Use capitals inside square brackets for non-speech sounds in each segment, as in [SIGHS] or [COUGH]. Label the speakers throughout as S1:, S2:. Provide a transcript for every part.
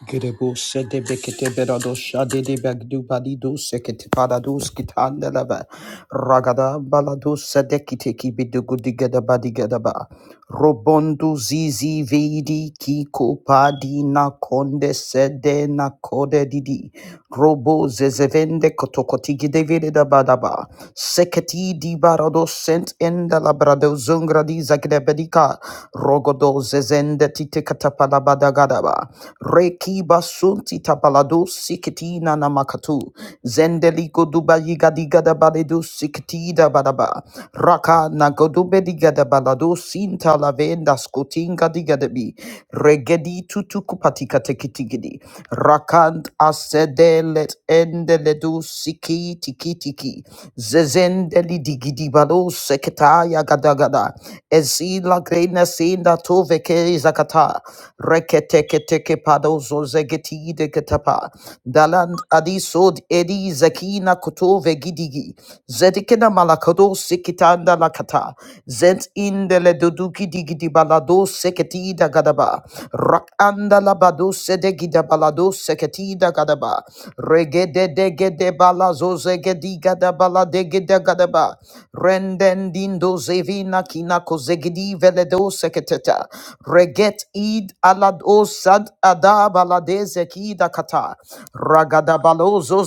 S1: Gerebo sede bekete berado shade de bagdu balido sekete parados kitanda lava ragada balado sede kiteki bidugudigada badigada ba robondo zizi vidi kiko padi na konde sede na kode didi robo zezevende kotokoti gidevede da badaba seketi di barado sent enda labrado zungradi zagrebedika rogodo zezende tite katapala Kadaba, Reki Basunti Tabalado Sikitina Namakatu, Zendeli Goduba Yigadigada Baledu Sikitida Badaba, Raka Nagodube Digada Balado Sinta Lavenda Scotinga Digadabi, Regedi Tutukupatika Tekitigidi, Rakant Asede Let Endeledu Siki Tiki Tiki, Zezendeli Digidi Balo Seketaya Gadagada, Ezila Grena Senda Toveke Zakata. Reketeketeke padozo zegeti de ketapa. Daland adisod edi zekina kutove gidigi. Zedikina malakado sikitanda lakata. Zent indele duduki digidi balado seketi da gadaba. Rak anda labado sedegida balado seketi da gadaba. Regede degede balazo zegedi gada baladegede gadaba. Rendendindo zevina kina kozegidi veledo seketeta. Reget id alado sad ada balade zeki da kata. Ragada balozo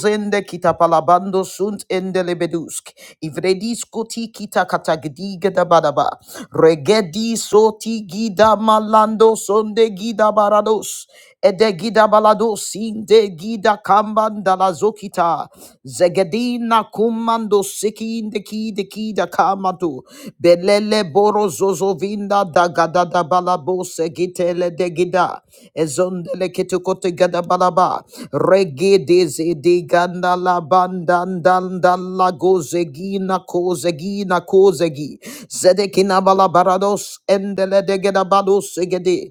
S1: palabando sunt endelebedusk. Ivredis koti kita katagdi da badaba. Regedi soti gida malando sonde gida barados. Ede gida balados inde gida kambanda la zokita. Zegedina kumando siki inde kide kida kamatu. Belele boro zozovinda da gada da balabo segitele de gida. Ezondele ketukote gada balaba. Regi Gedeze de gandala bandandandala gozegina kozegina kozegi. Zedekina balabarados endele de gedabados segede.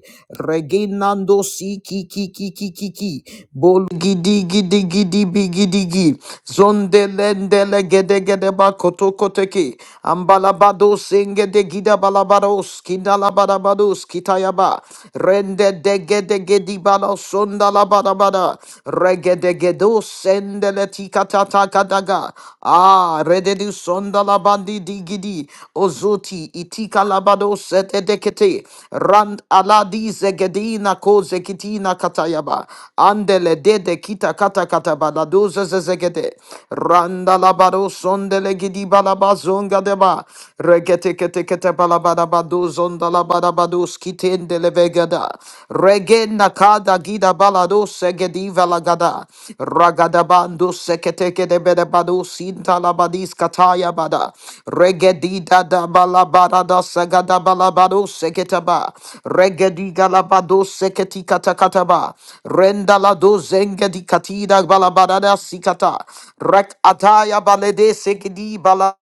S1: Reginando si ki ki ki ki ki ki. Bol gidi gidi gidi bigidigi. Zondelendele gede gede bakoto koteki. Ambalabados engede gida balabados kindala barabados kitayaba. Rende de gede gedi balos la bada bada. Regedegedo sendele tikata takadaga. Ah, rededu sonda la bandi digidi. Ozuti itika labado sete dekete. Rand aladi zegedina ko zekitina katayaba. Andele dede kita kata kata balado zezegede. Randa labado sondele gidi balaba zonga deba. Regete kete kete balabada bado zonda labada bado skitende levegada. Regena kada gida balado segedi velagada. Ragadabando seketeke de bedebado sinta labadis kataya bada. Regedi da da balabada da sagada balabado seketaba. Regedi galabado seketi katakataba. Renda la do zengedi katida balabada da sikata. Rek ataya balede sekedi bala.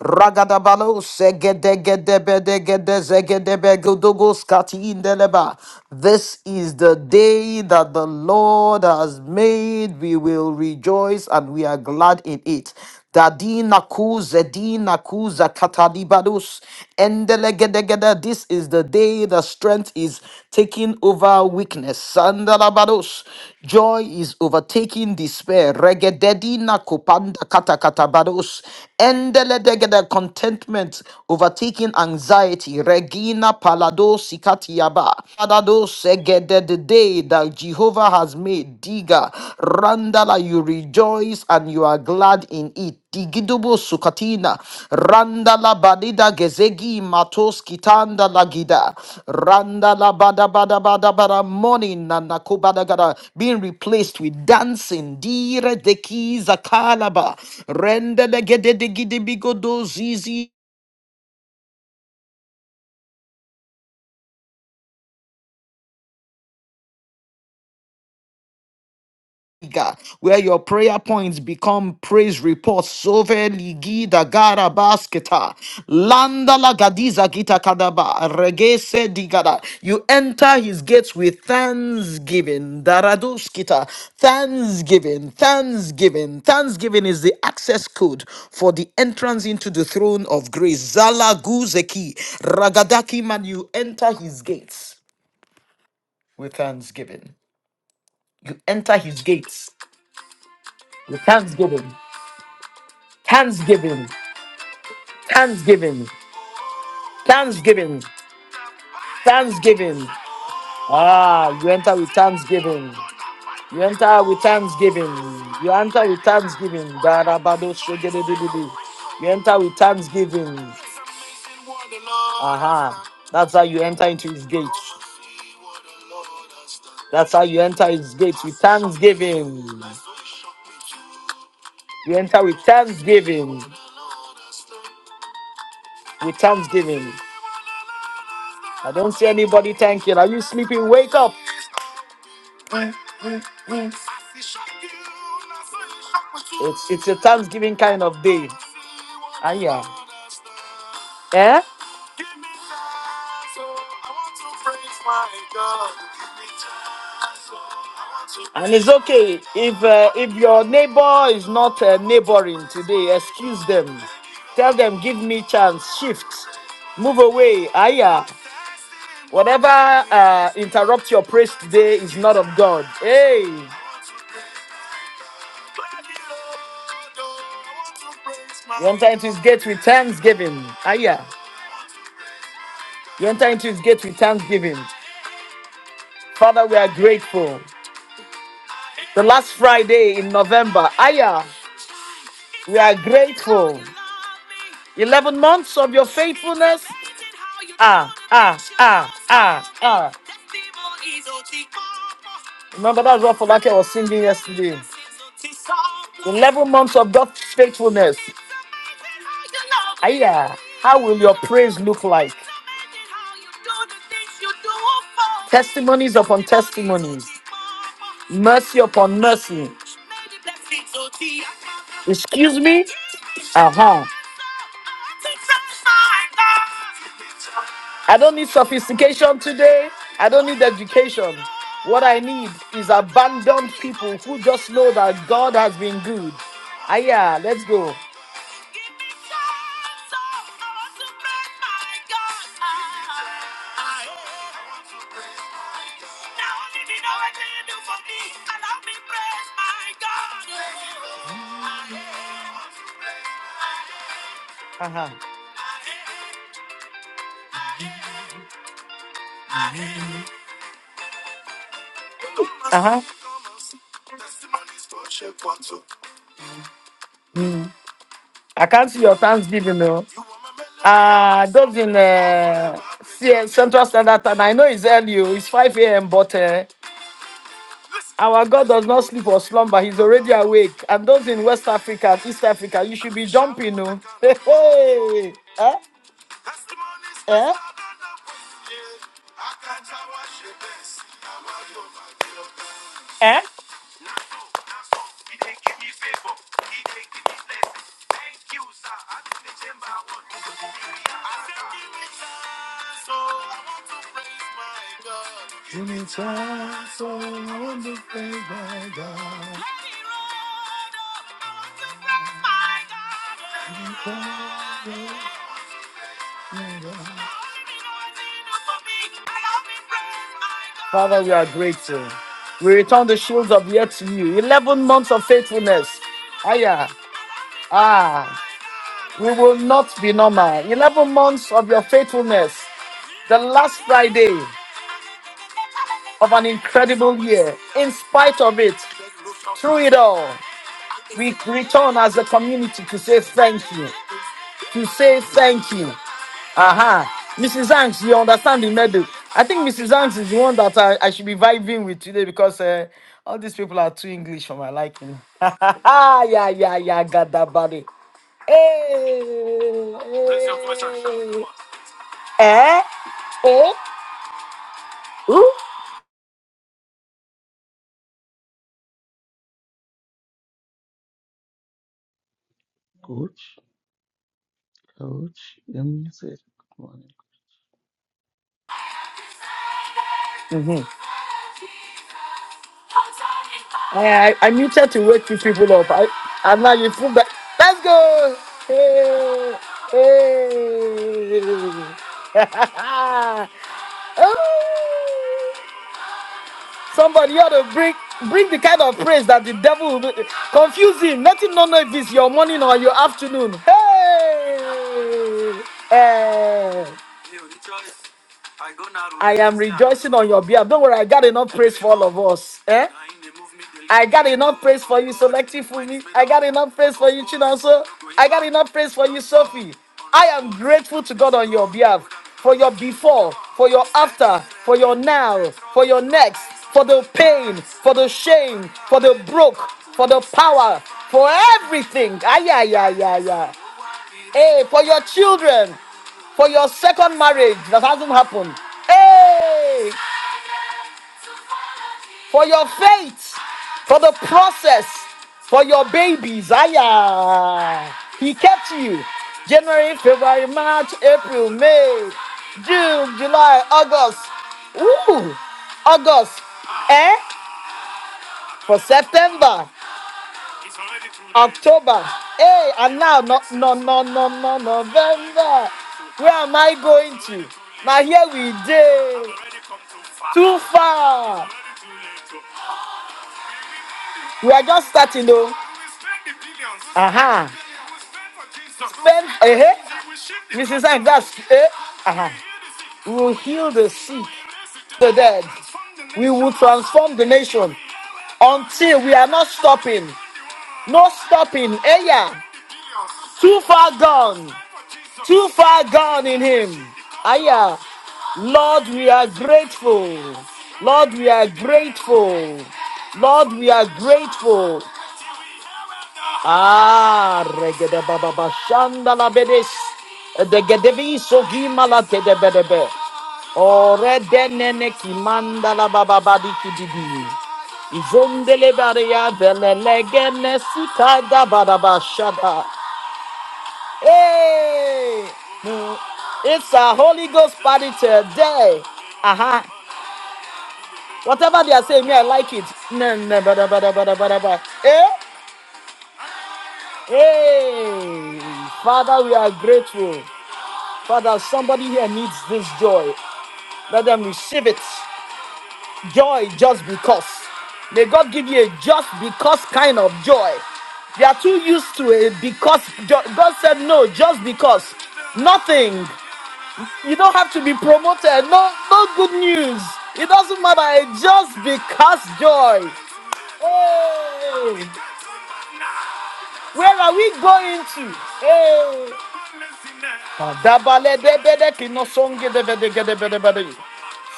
S1: Ragadabalo segedegedebedegedezegedebeguduguscatindeleba. This is the day that the Lord has made. We will rejoice and we are glad in it. Dadina kuzedina kuza katalibalus. Endelegedegede. This is the day the strength is taking over weakness. Sandalabados. Joy is overtaking despair. Regededina kopanda kata katabados. Endeledegede contentment overtaking anxiety. Regina palado sikatiaba. Palado segede the day that Jehovah has made. Diga. Randala, you rejoice and you are glad in it digidobo sukatina randa la badida gezegi matos kitanda la gida randa la bada bada bada bada morning nana kubada gada being replaced with dancing dire de kiza kalaba renda de gede de gidi bigodo zizi God, where your prayer points become praise reports. Sove ligida gara basketa. Landa la gadiza gita kadaba. Regese digada. You enter his gates with thanksgiving. Daradus kita. Thanksgiving. Thanksgiving. Thanksgiving is the access code for the entrance into the throne of grace. Zala guzeki. Ragadaki man, you enter his gates with thanksgiving. You enter his gates with thanksgiving. Thanksgiving, Thanksgiving, Thanksgiving, Thanksgiving. Ah, you enter with Thanksgiving. You enter with Thanksgiving. You enter with Thanksgiving. Darabado shogedededede. You enter with Thanksgiving. Aha. That's how you enter into his gates. That's how you enter his gates with Thanksgiving. You enter with Thanksgiving. With Thanksgiving. I don't see anybody thanking. Are you sleeping? Wake up. It's it's a Thanksgiving kind of day. Ah yeah. Eh? And it's okay if uh, if your neighbor is not uh, neighboring today. Excuse them. Tell them, give me chance. Shift, move away. Aya, whatever uh, interrupt your praise today is not of God. Hey, you enter into His gate with thanksgiving. Aya, you enter into His gate with thanksgiving. Father, we are grateful. The last Friday in November. Aya, we are grateful. 11 months of your faithfulness. Ah, ah, ah, ah, ah. Remember, that's what Falake was singing yesterday. 11 months of God's faithfulness. Aya, how will your praise look like? Testimonies upon testimonies, mercy upon mercy. Excuse me? Uh huh. I don't need sophistication today. I don't need education. What I need is abandoned people who just know that God has been good. Ah, yeah, let's go. Uh huh. Uh huh. I can't see your thanksgiving, though. Uh, those in uh, CS, Central Standard Time. I know it's early, oh, it's 5 a.m., but uh, our God does not sleep or slumber. He's already awake. And those in West Africa, East Africa, you should be jumping. No? [LAUGHS] Hey, hey. Eh? Eh? Eh? Father, we are grateful. We return the shields of yet to you. 11 months of faithfulness. Aya. Ah. We will not be normal. 11 months of your faithfulness. The last Friday of an incredible year. In spite of it, through it all, we return as a community to say thank you. to say thank you. Aha. Mrs. Hanks, you understand the medal. I think Mrs. Hanks is the one that I, I should be vibing with today because uh, all these people are too English for my liking. [LAUGHS] yeah, yeah, yeah, got that body. Hey, hey. Eh? Eh? Ooh.
S2: Coach, coach, Yemi said, Good morning.
S1: I, I, I muted to wake you people up. I, and now you feel that. Let's go. Hey, hey. [LAUGHS] Oh, Somebody ought to bring bring the kind of praise that the devil will be confusing. Let him not know if it's your morning or your afternoon. Hey, hey. I am rejoicing on your behalf. Don't worry, I got enough praise for all of us. Eh? I got enough praise for you, Selective Fumi. I got enough praise for you, Chinonso. I got enough praise for you, Sophie. I am grateful to God on your behalf for your before, for your after, for your now, for your next, for the pain, for the shame, for the broke, for the power, for everything. Ah, yeah, yeah, yeah, yeah. Hey, for your children, for your second marriage that hasn't happened. Hey, for your faith, for the process, for your babies. Aya, he kept you. January, February, March, April, May, June, July, August. Ooh, August. Eh? For September. October. Hey, and now no no no no no November. Where am I going to? Now here we day. Too far. We are just starting though. Aha. Pen eh. Mrs. Sang, that's eh. Aha. We will heal the sick, the dead. We will transform the nation until we are not stopping. No stopping. Eh yeah. Too far gone. Too far gone in him. Aya. Lord, we are grateful. Lord, we are grateful. Lord, we are grateful. Ah, regede baba bashanda la bedes. De gedevi sogi malate de bedebe. Ore de nene ki manda la baba badi kididi. Izondele bare ya belele gene sita da bada bashada. Hey! Mm. It's a Holy Ghost party today. Uh-huh. Whatever they are saying, me, I like it. No, no, bada, bada, bada, bada, bada. Eh? Hey! Father, we are grateful. Father, somebody here needs this joy. Let them receive it. Joy just because. May God give you a just because kind of joy. They are too used to it because jo- God said no, just because. Nothing. You don't have to be promoted. No, no good news. It doesn't matter. It just because joy. Hey, where are we going to? Hey. Adabaledebede kinosongedebedegedebedebede.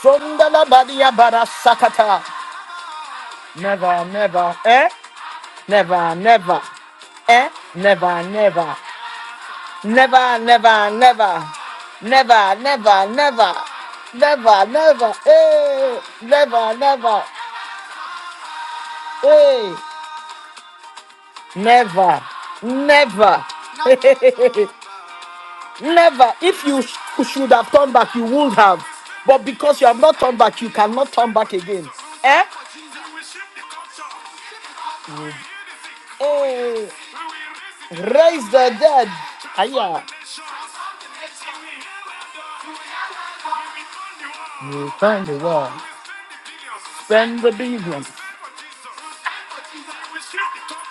S1: Sondalabadiabara sakata. Never, never, eh? Never, never, eh? Never, never, never, never, never, never, never, never. Never, never, eh, never, never. Hey, never, never, [LAUGHS] never. If you sh- should have turned back, you would have. But because you have not turned back, you cannot turn back again. Eh? Hey, raise the dead. Aya, you find the world, spend the billions.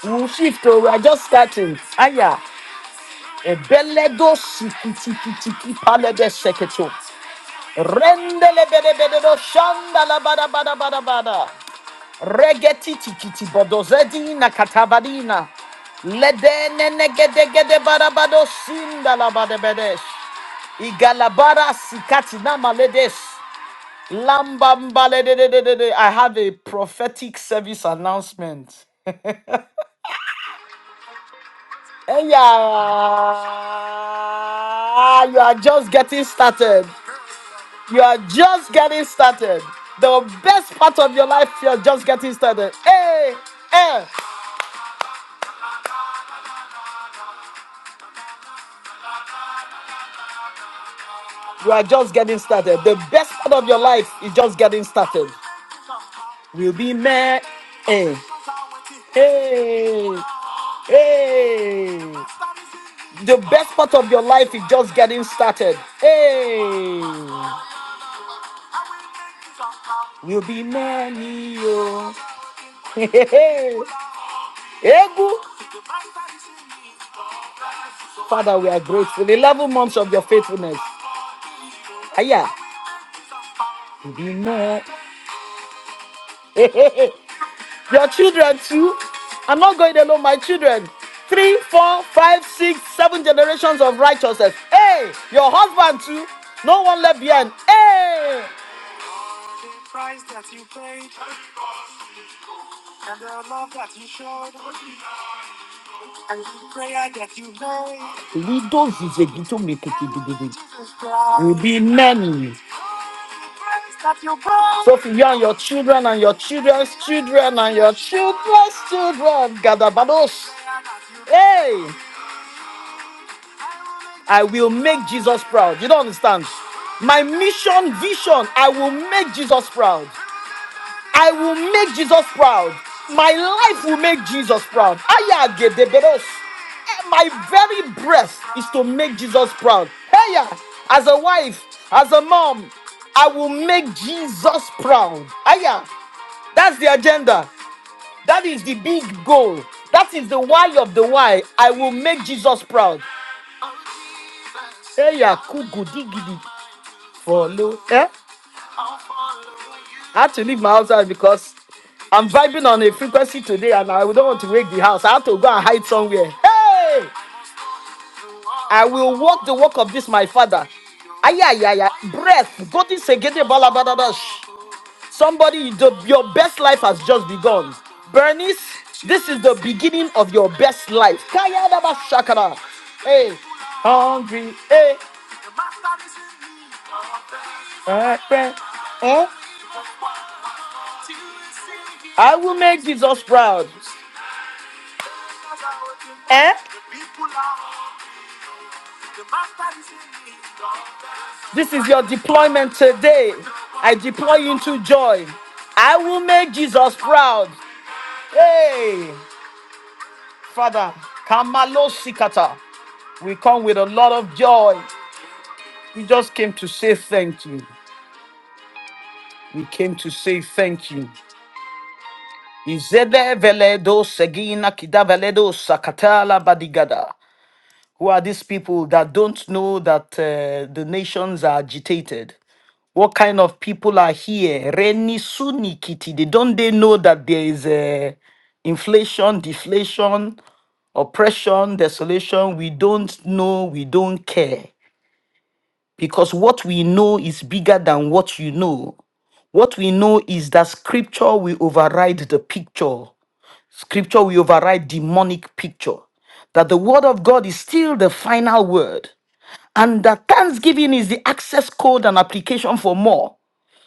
S1: We'll shift, oh, we are just starting. Aya, ebeledo sikitikitiki palede seketo. Rendele bede bede do shanda la bada bada bada bada. Regetiti bodozedina katabadina. Ledene negedegede barabado sinda labadebedes. Igalabara sikatina maledes. Lambamba ledededede. I have a prophetic service announcement. Hey, yeah. You are just getting started. You are just getting started. The best part of your life, you're just getting started. Hey, hey. You are just getting started. The best part of your life is just getting started. We'll be mad. Hey, hey, hey. The best part of your life is just getting started. Hey, we'll be many. oh. [LAUGHS] Hey, hey, hey. [LAUGHS] Egu. Father, we are grateful. 11 months of your faithfulness. Aya, we'll be mad. [LAUGHS] Your children too. I'm not going alone, my children. Three, four, five, six, seven generations of righteousness. Hey, your husband too. No one left behind. Hey. Lido zizegito mekekidigidi. Will be many. Sophie, you and your children and your children's children and your children's children. Gadabados. Hey, I will make Jesus proud. You don't understand. My mission, vision, I will make Jesus proud. I will make Jesus proud. My life will make Jesus proud. Aya gedeberos. Eh, My very breath is to make Jesus proud. Aya, as a wife, as a mom, I will make Jesus proud. Aya, that's the agenda. That is the big goal. That is the why of the why. I will make Jesus proud. Aya kugu digidi follow. Eh? I had to leave my house because I'm vibing on a frequency today and I don't want to wake the house. I have to go and hide somewhere. Hey! I will walk the walk of this, my father. Aya, ya, Breath. God is a gede bala Somebody, you your best life has just begun. Bernice, this is the beginning of your best life. Kaya da shakara. Hey, hungry. Hey, my friend. Eh? Huh? I will make Jesus proud. Eh? This is your deployment today. I deploy you into joy. I will make Jesus proud. Hey, Father, Kamalo Sikata. We come with a lot of joy. We just came to say thank you. We came to say thank you. Izede veledo segina kida veledo sakatala badigada. Who are these people that don't know that uh, the nations are agitated? What kind of people are here? Reni Suni Kitty. They don't they know that there is uh, inflation, deflation, oppression, desolation? We don't know. We don't care because what we know is bigger than what you know. What we know is that scripture will override the picture. Scripture will override demonic picture. That the word of God is still the final word. And that thanksgiving is the access code and application for more.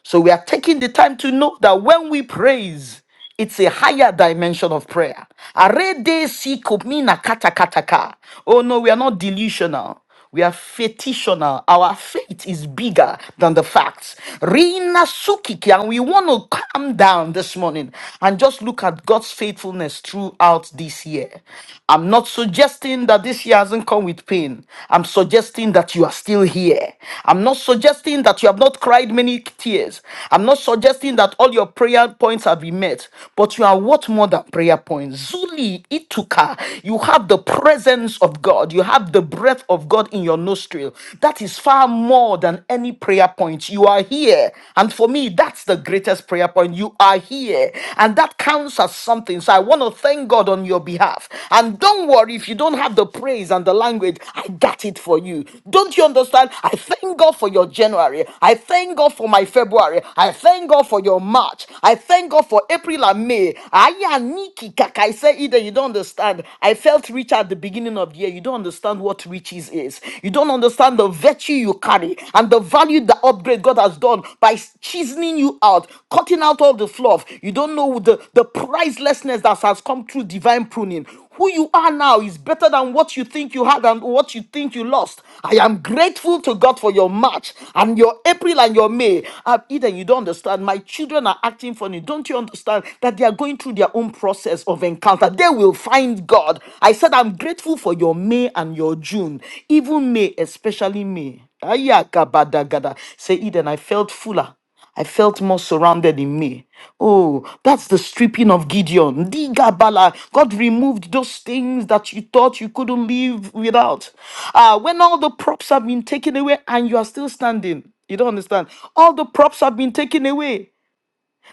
S1: So we are taking the time to know that when we praise, it's a higher dimension of prayer. Arede si kumina kata kata ka. Oh no, we are not delusional. We are fetitional. Our faith is bigger than the facts. Rina sukiki, and we want to calm down this morning and just look at God's faithfulness throughout this year. I'm not suggesting that this year hasn't come with pain. I'm suggesting that you are still here. I'm not suggesting that you have not cried many tears. I'm not suggesting that all your prayer points have been met, but you are what more than prayer points. Zuli Ituka, you have the presence of God. You have the breath of God in your nostril. That is far more than any prayer point. You are here. And for me, that's the greatest prayer upon you are here. And that counts as something. So I want to thank God on your behalf. And don't worry if you don't have the praise and the language, I got it for you. Don't you understand? I thank God for your January. I thank God for my February. I thank God for your March. I thank God for April and May. Aya niki kaka. I say either you don't understand. I felt rich at the beginning of the year. You don't understand what riches is. You don't understand the virtue you carry and the value the upgrade God has done by chiseling you out, cutting out all the fluff. You don't know the, the pricelessness that has come through divine pruning. Who you are now is better than what you think you had and what you think you lost. I am grateful to God for your March and your April and your May. Uh, Eden, you don't understand. My children are acting funny. Don't you understand that they are going through their own process of encounter? They will find kind God. I said, I'm grateful for your May and your June, even May, especially May. Ayakabadagada. Say, Eden, I felt fuller. I felt more surrounded in me. Oh, that's the stripping of Gideon. Digabala. God removed those things that you thought you couldn't live without. Ah, when all the props have been taken away and you are still standing, you don't understand. All the props have been taken away.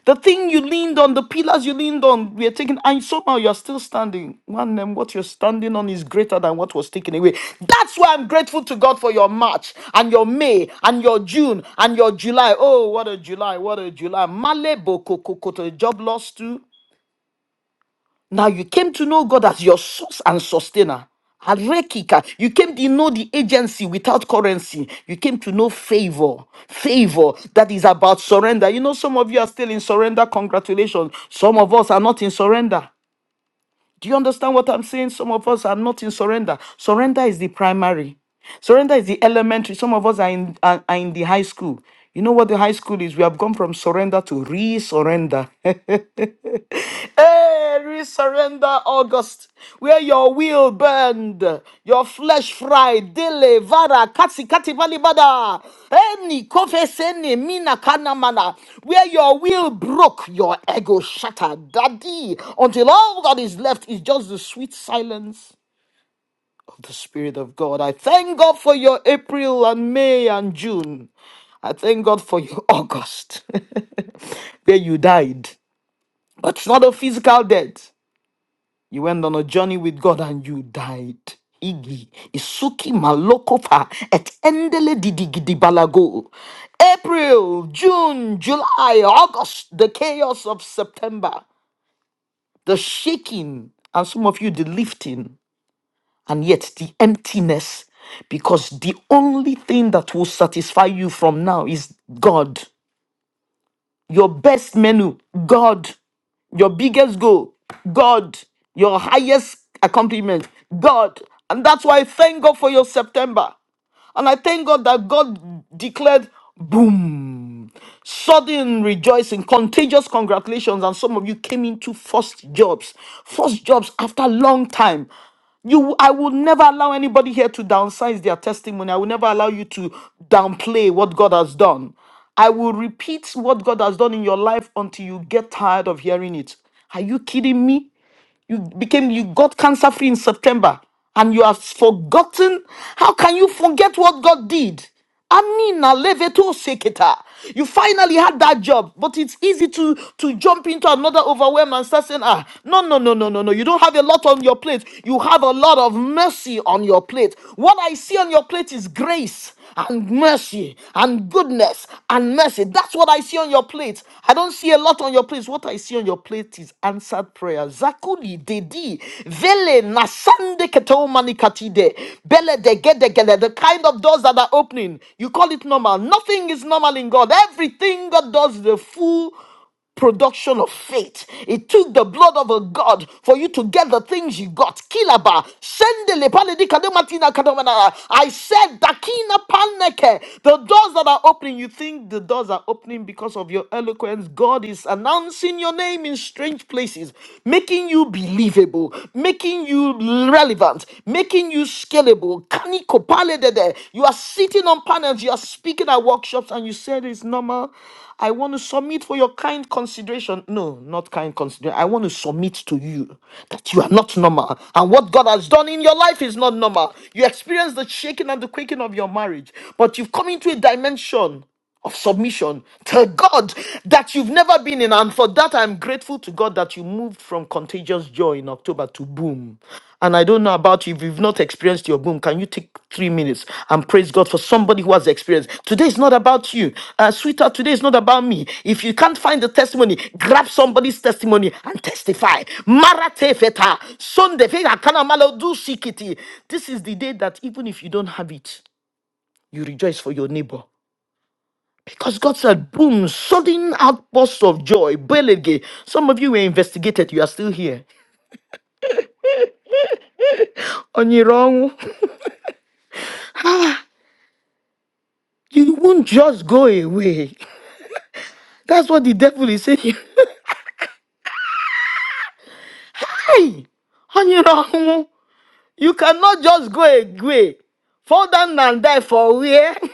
S1: The thing you leaned on, the pillars you leaned on, we are taken, and somehow you're still standing. Man, um, what you're standing on is greater than what was taken away. That's why I'm grateful to God for your March and your May and your June and your July. Oh, what a July, what a July. Male boko kokoto, job loss too. Now you came to know God as your source and sustainer. Arekika, you came to know the agency without currency. You came to know favor. Favor that is about surrender. You know, some of you are still in surrender. Congratulations. Some of us are not in surrender. Do you understand what I'm saying? Some of us are not in surrender. Surrender is the primary. Surrender is the elementary. Some of us are in are, are in the high school. You know what the high school is? We have gone from surrender to re-surrender. [LAUGHS] hey, re-surrender August where your will burned, your flesh fried, dele, vara, katsi, kati, vali, bada, any, confess, any, mina, kana, mana, where your will broke, your ego shattered, daddy, until all that is left is just the sweet silence of the Spirit of God. I thank God for your April and May and June. I thank God for your August, [LAUGHS] where you died. But it's not a physical death. You went on a journey with God and you died. Igi, Isuki Malokofa, et endele didigidi balago. April, June, July, August, the chaos of September, the shaking, and some of you the lifting, and yet the emptiness. Because the only thing that will satisfy you from now is God. Your best menu, God. Your biggest goal, God. Your highest accomplishment, God. And that's why thank God for your September. And I thank God that God declared boom, sudden rejoicing, contagious congratulations. And some of you came into first jobs, first jobs after a long time. You, I will never allow anybody here to downsize their testimony. I will never allow you to downplay what God has done. I will repeat what God has done in your life until you get tired of hearing it. Are you kidding me? You became, you got cancer free in September and you have forgotten. How can you forget what God did? Amina leveto seketa. You finally had that job, but it's easy to to jump into another overwhelm and start saying, ah, no, no, no, no, no, no. You don't have a lot on your plate. You have a lot of mercy on your plate. What I see on your plate is grace and mercy and goodness and mercy. That's what I see on your plate. I don't see a lot on your plate. What I I see on your plate is answered prayer. Zakuli dedi vele nasande keto manikatide bele de gede gele the kind of doors that are opening. You call it normal. Nothing is normal in God. Everything God does is the full production of faith. It took the blood of a God for you to get the things you got. Kilaba, sendele paledi kadematina kadomanara. I said, dakina paneke. The doors that are opening, you think the doors are opening because of of your eloquence, God is announcing your name in strange places, making you believable, making you relevant, making you scalable. Kani kopale dede. You are sitting on panels, you are speaking at workshops, and you said it's normal. I want to submit for your kind consideration. No, not kind consideration. I want to submit to you that you are not normal. And what God has done in your life is not normal. You experience the shaking and the quaking of your marriage, but you've come into a dimension of submission. Tell God that you've never been in. And for that, I'm grateful to God that you moved from contagious joy in October to boom. And I don't know about you. If you've not experienced your boom, can you take three minutes and praise God for somebody who has experienced? Today is not about you. Uh, sweetheart, today is not about me. If you can't find the testimony, grab somebody's testimony and testify. Marate feta, Sunday feta, kanamalo du sikiti. This is the day that even if you don't have it, you rejoice for your neighbor. Because God said, boom, sudden outbursts of joy. Belege. Some of you were investigated, you are still here. On your own, you won't just go away. That's what the devil is saying. [LAUGHS] Hey, on your own, you cannot just go away. Fall down and die for where? [LAUGHS]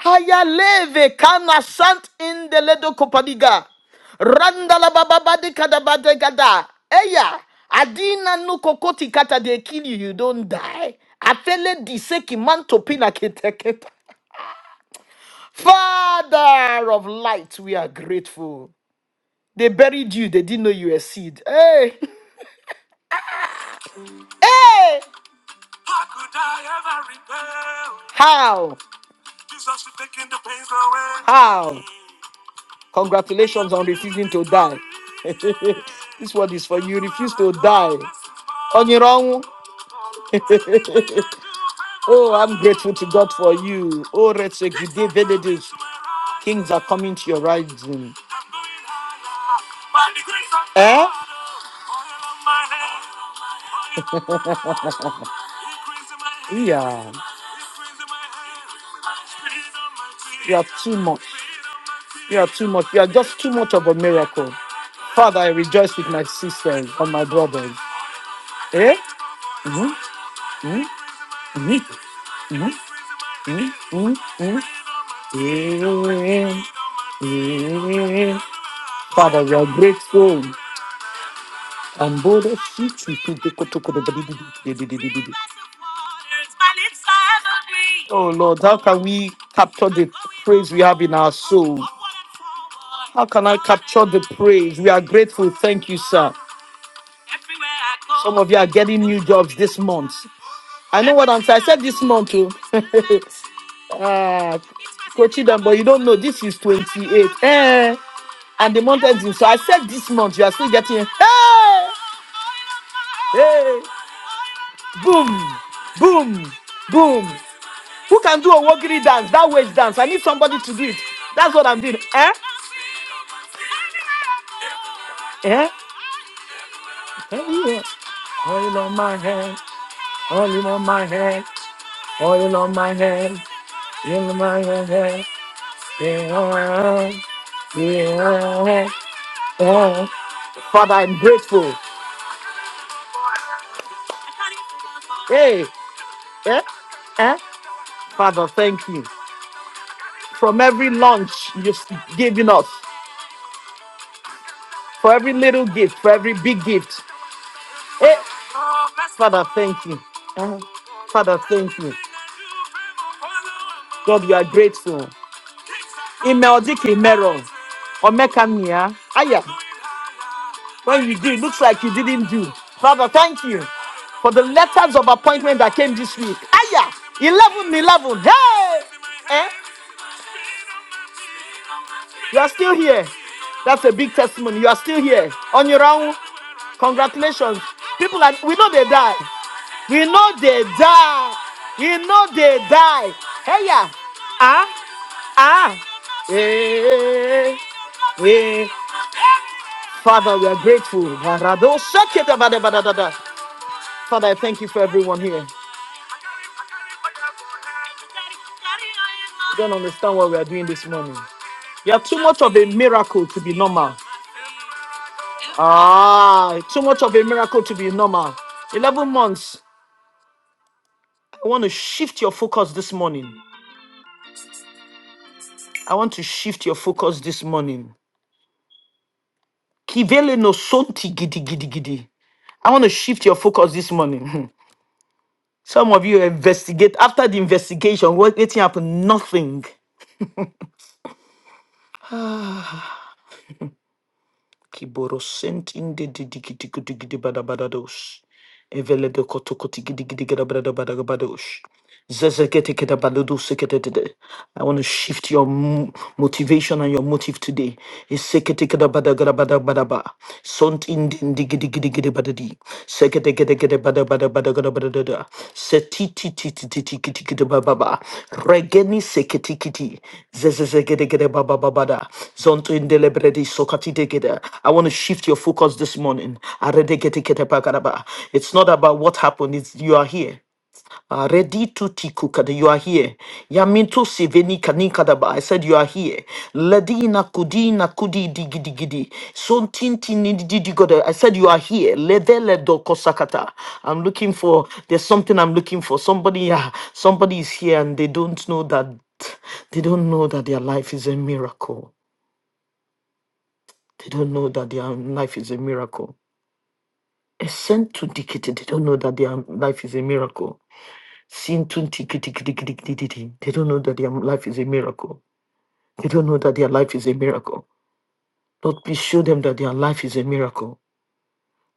S1: Hayaleve kana sant in the ledo kopadiga. Randala bababadi gada. Eya, adina no kokoti kata they kill you, you don't die. Afele diseki manto pina keteketa. Father of light, we are grateful. They buried you, they didn't know you were seed. Hey, [LAUGHS] hey, how? How? Congratulations on refusing to die. [LAUGHS] this word is for you. Refuse to die. On your own. [LAUGHS] oh, I'm grateful to God for you. Oh, Retsegide Benedict. Kings are coming to your rising. Eh? Yeah. You are too much. You are too much. You are just too much of a miracle. Father, I rejoice with my sisters and my brothers. Eh? Mhm, mhm, mhm, mhm, mhm, mhm, mhm. Eh, eh, eh. Father, we are grateful. And both of you to to- to- to- to- to- to- to- to- to- Oh Lord, how can we capture the praise we have in our soul? How can I capture the praise? We are grateful. Thank you, sir. Some of you are getting new jobs this month. I know what I'm saying. I said this month, too. [LAUGHS] ah, coaching them, but you don't know this is 28. Eh? and the month ends in. So I said this month you are still getting hey, hey, boom, boom, boom. Who can do a wogiri dance? That wage dance. I need somebody to do it. That's what I'm doing. Eh? Eh? Eh, yeah. Oil on my head, oil on my head. Eh? Father, I'm grateful. Hey, eh? Eh? Father, thank you. From every lunch you've given us, for every little gift, for every big gift. Hey, Father, thank you. Father, thank you. God, we are grateful. Imeldi Meron. Omekamia. Aya. When you do, it looks like you didn't do. Father, thank you for the letters of appointment that came this week. Aya. 11, 11, Hey! Eh? You are still here. That's a big testimony. You are still here. On your own. Congratulations. People are, we know they die. We know they die. We know they die. Hey, yeah. Ah. Eh, eh, eh, eh. Father, we are grateful. Barado shaketa bada bada dada. Father, I thank you for everyone here. You don't understand what we are doing this morning. You are too much of a miracle to be normal. Ah, too much of a miracle to be normal. 11 months. I want to shift your focus this morning. I want to shift your focus this morning. Kivele no sonti gidi gidi gidi. I want to shift your focus this morning. [LAUGHS] Some of you investigate after the investigation, what waiting happened? Nothing. Kiboro sent in the digitigidibadabadados. Evelede kotokotigidigidigidabadabadabados. I want to shift your mo- motivation and your motive today. Iseketekedabadagadabadabadaba. Sunt in the Seketeketeketepadabadabadagadabadadada. Setitititititikitikitibababa. Regeni seketikiti. Zezezegedekedebabababada. Zontoindelebredi sokatigede. I want to shift your focus this morning. Aredeketeketepakadaba. It's not about what happened, it's you are here. Ah, Reditu tikuka you are here. Yamintu siveni kanika daba. I said you are here. Ladina kudina kudi digidi digi di. Son tinti nidi goda. I said you are here. Ledele do kosakata. I'm looking for. There's something I'm looking for. Somebody, ah, somebody is here and they don't know that. They don't know that their life is a miracle. They don't know that their life is a miracle. A sent to dictate. They don't know that their life is a miracle. Sintun tiki tiki tiki tiki tiki tiki. They don't know that their life is a miracle. They don't know that their life is a miracle. Lord, please show them that their life is a miracle.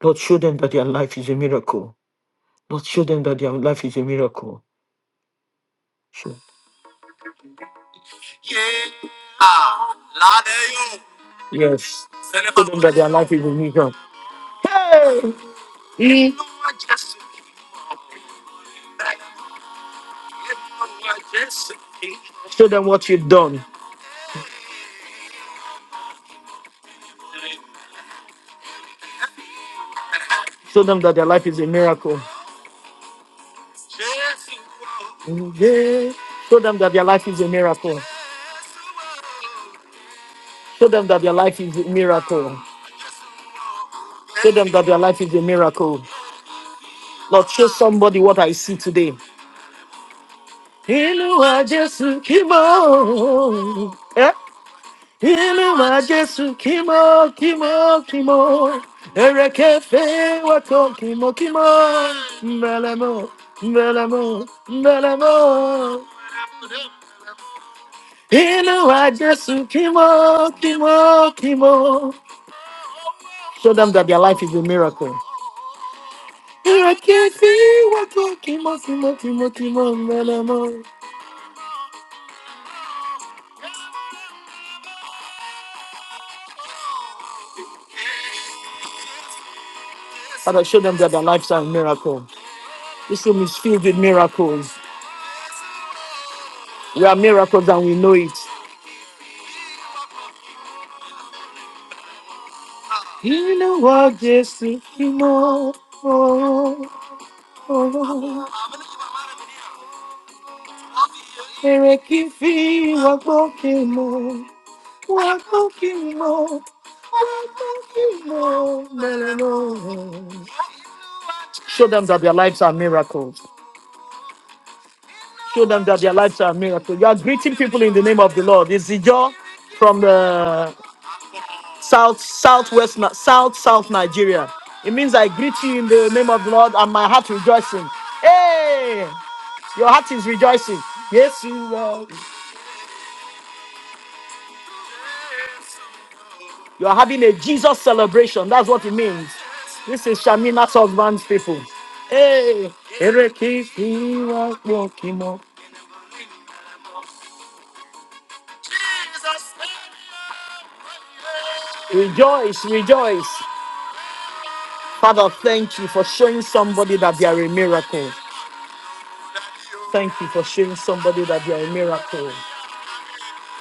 S1: Lord, show them that their life is a miracle. Lord, show them that their life is a miracle. Show. Yes. Show them that their life is a miracle. Show them what you've done. Show them that their life is a miracle. Yeah. Show them that their life is a miracle. Show them that their life is a miracle. Show them that their life is a miracle. Lord, show somebody what I see today. Show them that their life is a miracle. Father, show them that their lives are a miracle. This room is filled with miracles. We are miracles and we know it. Show them that their lives are miracles. Show them that their lives are miracles. You are greeting people in the name of the Lord. It's the joy from the South, Southwest, South, South Nigeria. It means I greet you in the name of the Lord and my heart rejoicing. Hey, your heart is rejoicing. Yes, you are. You are having a Jesus celebration. That's what it means. This is Shamina's husband's people. Hey, Ereke Fiwa Kwokimo. rejoice, rejoice. Father, thank you for showing somebody that they are a miracle. Thank you for showing somebody that they are a miracle.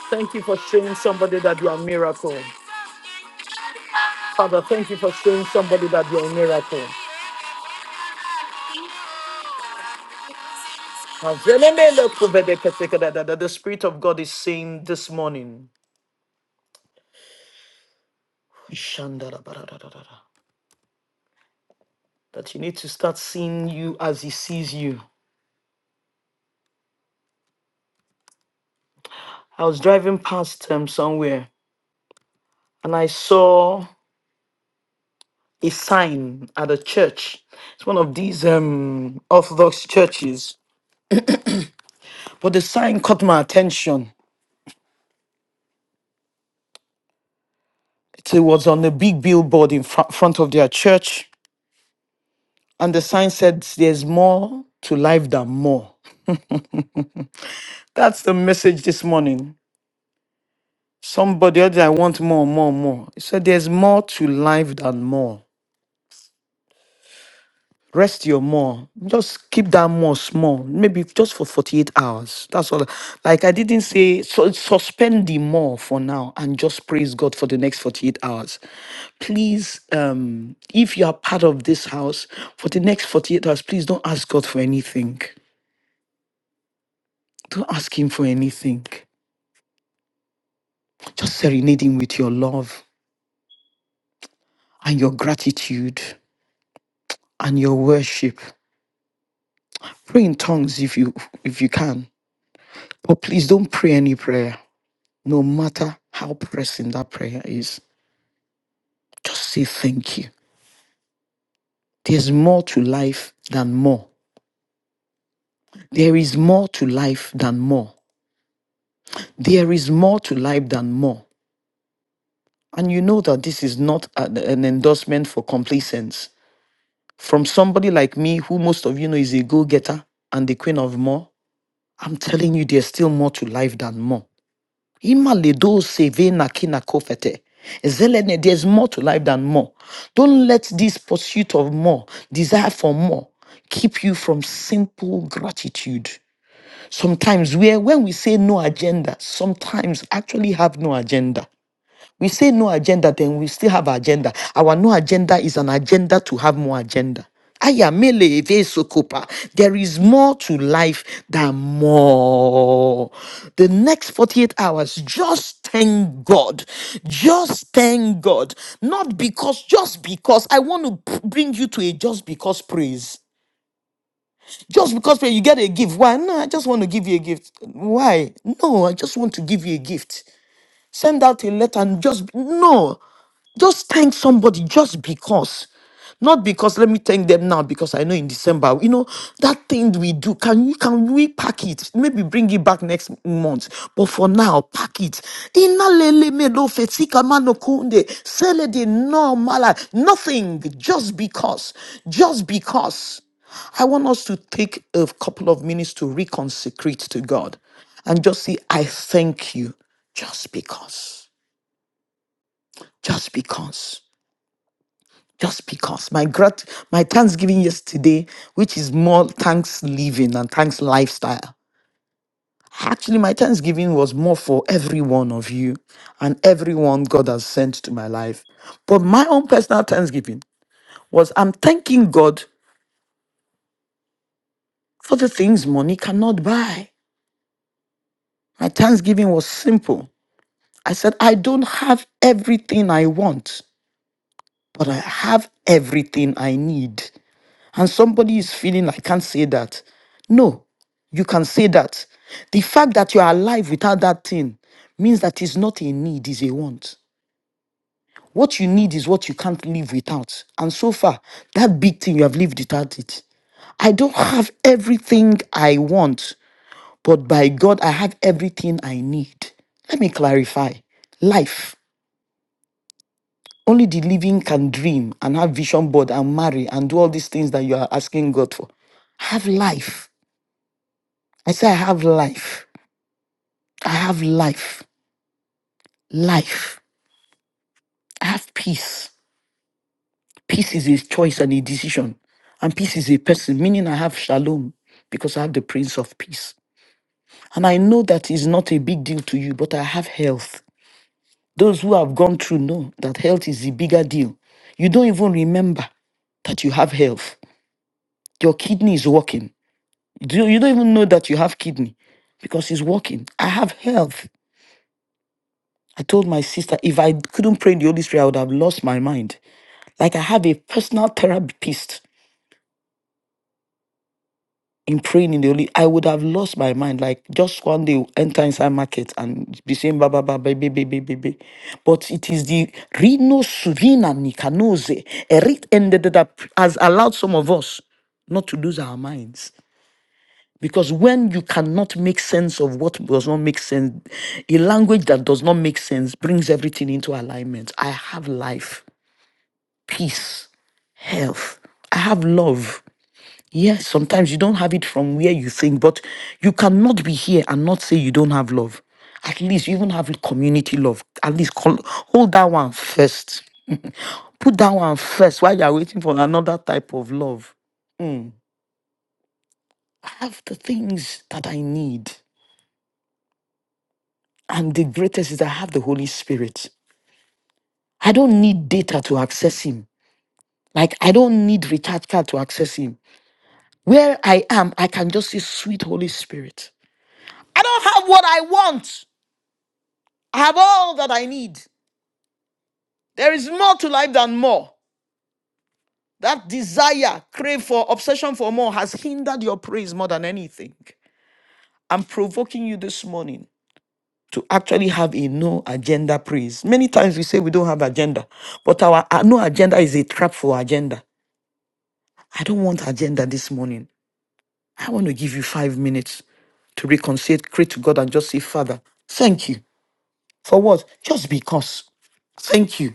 S1: Thank you for showing somebody that you are a miracle. Father, thank you for showing somebody that you are a miracle. That the Spirit of God is saying this morning that you need to start seeing you as He sees you. I was driving past um, somewhere and I saw a sign at a church. It's one of these um, Orthodox churches, but the sign caught my attention. It was on a big billboard in fr- front of their church And the sign said, There's more to life than more. That's the message this morning. Somebody else, I want more, more, more. He said, There's more to life than more. Rest your more. Just keep that more small, maybe just for 48 hours. That's all. Like I didn't say, so suspend the more for now and just praise God for the next 48 hours. Please, um, if you are part of this house, for the next 48 hours, please don't ask God for anything. Don't ask Him for anything. Just serenading with your love and your gratitude and your worship. Pray in tongues if you if you can. But please don't pray any prayer, no matter how pressing that prayer is. Just say thank you. There's more to life than more. There is more to life than more. There is more to life than more. And you know that this is not an an endorsement for complacence. From somebody like me, who most of you know is a go getter and the queen of more, I'm telling you, there's still more to life than more. Imaledo sevena kina kofete. Zelene, there's more to life than more. Don't let this pursuit of more, desire for more, keep you from simple gratitude. Sometimes we, when we say no agenda, sometimes actually have no agenda. We say no agenda, then we still have agenda. Our no agenda is an agenda to have more agenda. Aya mele eve sokopa. There is more to life than more. The next 48 hours, just thank God. Just thank God. Not because, just because. I want to p- bring you to a just because praise. Just because when you get a gift, why? No, I just want to give you a gift. Why? No, I just want to give you a gift. Send out a letter and just no. Just thank somebody just because. Not because let me thank them now because I know in December, you know, that thing we do, can you can we pack it? Maybe bring it back next month. But for now, pack it. Inalele me lo fetika mano kunde, selede no mala. Nothing. Just because. Just because. I want us to take a couple of minutes to reconsecrate to God and just say, I thank you. Just because. Just because. Just because. My grat my Thanksgiving yesterday, which is more thanks living and thanks lifestyle. Actually, my Thanksgiving was more for every one of you and everyone God has sent to my life. But my own personal Thanksgiving was I'm thanking God for the things money cannot buy. My Thanksgiving was simple. I said, I don't have everything I want, but I have everything I need. and somebody is feeling, I can't say that. No, you can say that. The fact that you are alive without that thing means that it's not a need, it's a want. What you need is what you can't live without. And so far, that big thing, you have lived without it. I don't have everything I want, but by God, I have everything I need. Let me clarify. Life. Only the living can dream and have vision board and marry and do all these things that you are asking God for. Have life. I say, I have life. I have life. Life. I have peace. Peace is a choice and a decision. And peace is a person, meaning I have shalom because I have the Prince of Peace. And I know that is not a big deal to you, but I have health. Those who have gone through know that health is the bigger deal. You don't even remember that you have health. Your kidney is working. Do- You don't even know that you have kidney because it's working. I have health. I told my sister, if I couldn't pray in the Holy Spirit, I would have lost my mind. Like I have a personal therapist in praying in the Holy. I would have lost my mind. Like just one day enter inside market and be saying ba ba ba ba ba ba ba ba. ba." But it is the Rino Suvina Nikanose Eric ended that has allowed some of us not to lose our minds. Because when you cannot make sense of what does not make sense, a language that does not make sense brings everything into alignment. I have life. peace, health. I have love. Yes, sometimes you don't have it from where you think, but you cannot be here and not say you don't have love. At least you even have community love. At least call, hold that one first. [LAUGHS] Put that one first while you're waiting for another type of love. Mm. I have the things that I need. And the greatest is I have the Holy Spirit. I don't need data to access Him. Like, I don't need recharge card to access Him. Where I am, I can just see sweet Holy Spirit. I don't have what I want. I have all that I need. There is more to life than more. That desire, crave for, obsession for more has hindered your praise more than anything. I'm provoking you this morning to actually have a no agenda praise. Many times we say we don't have agenda, but our uh, no agenda is a trap for agenda. I don't want agenda this morning. I want to give you five minutes to reconcile, pray to God, and just say, Father, thank you. For what? Just because. Thank you.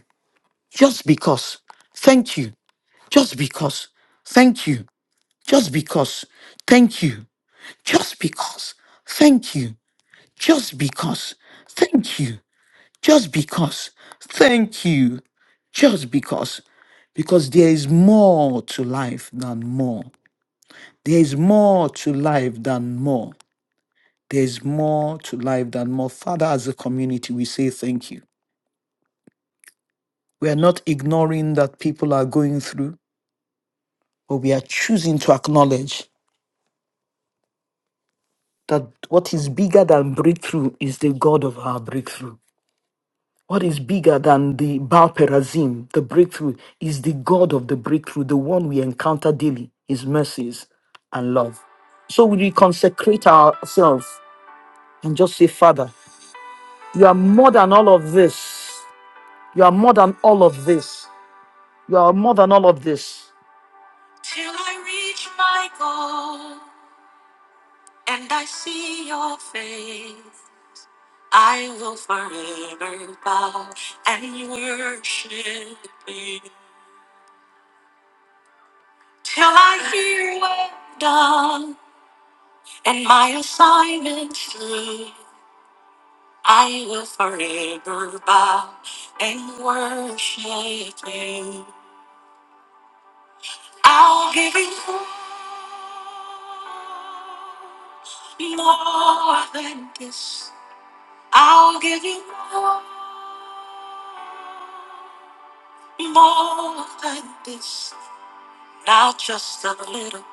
S1: Just because. Thank you. Just because. Thank you. Just because. Thank you. Just because. Thank you. Just because. Thank you. Just because. Thank you. Just because. Because there is more to life than more. There is more to life than more. There is more to life than more. Father, as a community, we say thank you. We are not ignoring that people are going through, but we are choosing to acknowledge that what is bigger than breakthrough is the God of our breakthrough. What is bigger than the Baal Perazim, the breakthrough, is the God of the breakthrough, the one we encounter daily, his mercies and love. So we consecrate ourselves and just say, Father, you are more than all of this. You are more than all of this. You are more than all of this. Till I reach my goal. and I see your face, I will forever bow and worship you till I hear well done and my assignment through. I will forever bow and worship you. I'll give you more than this. I'll give you more. More than this, not just a little,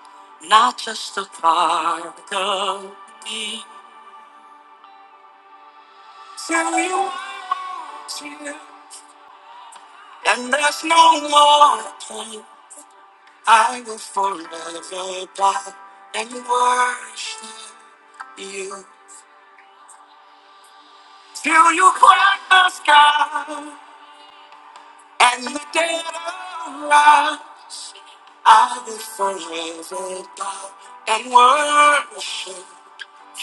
S1: not just a part of me. Tell me what you and there's no more pain. I will forever bow and worship you. Till you cry the sky and the dead arise, I will forever bow and worship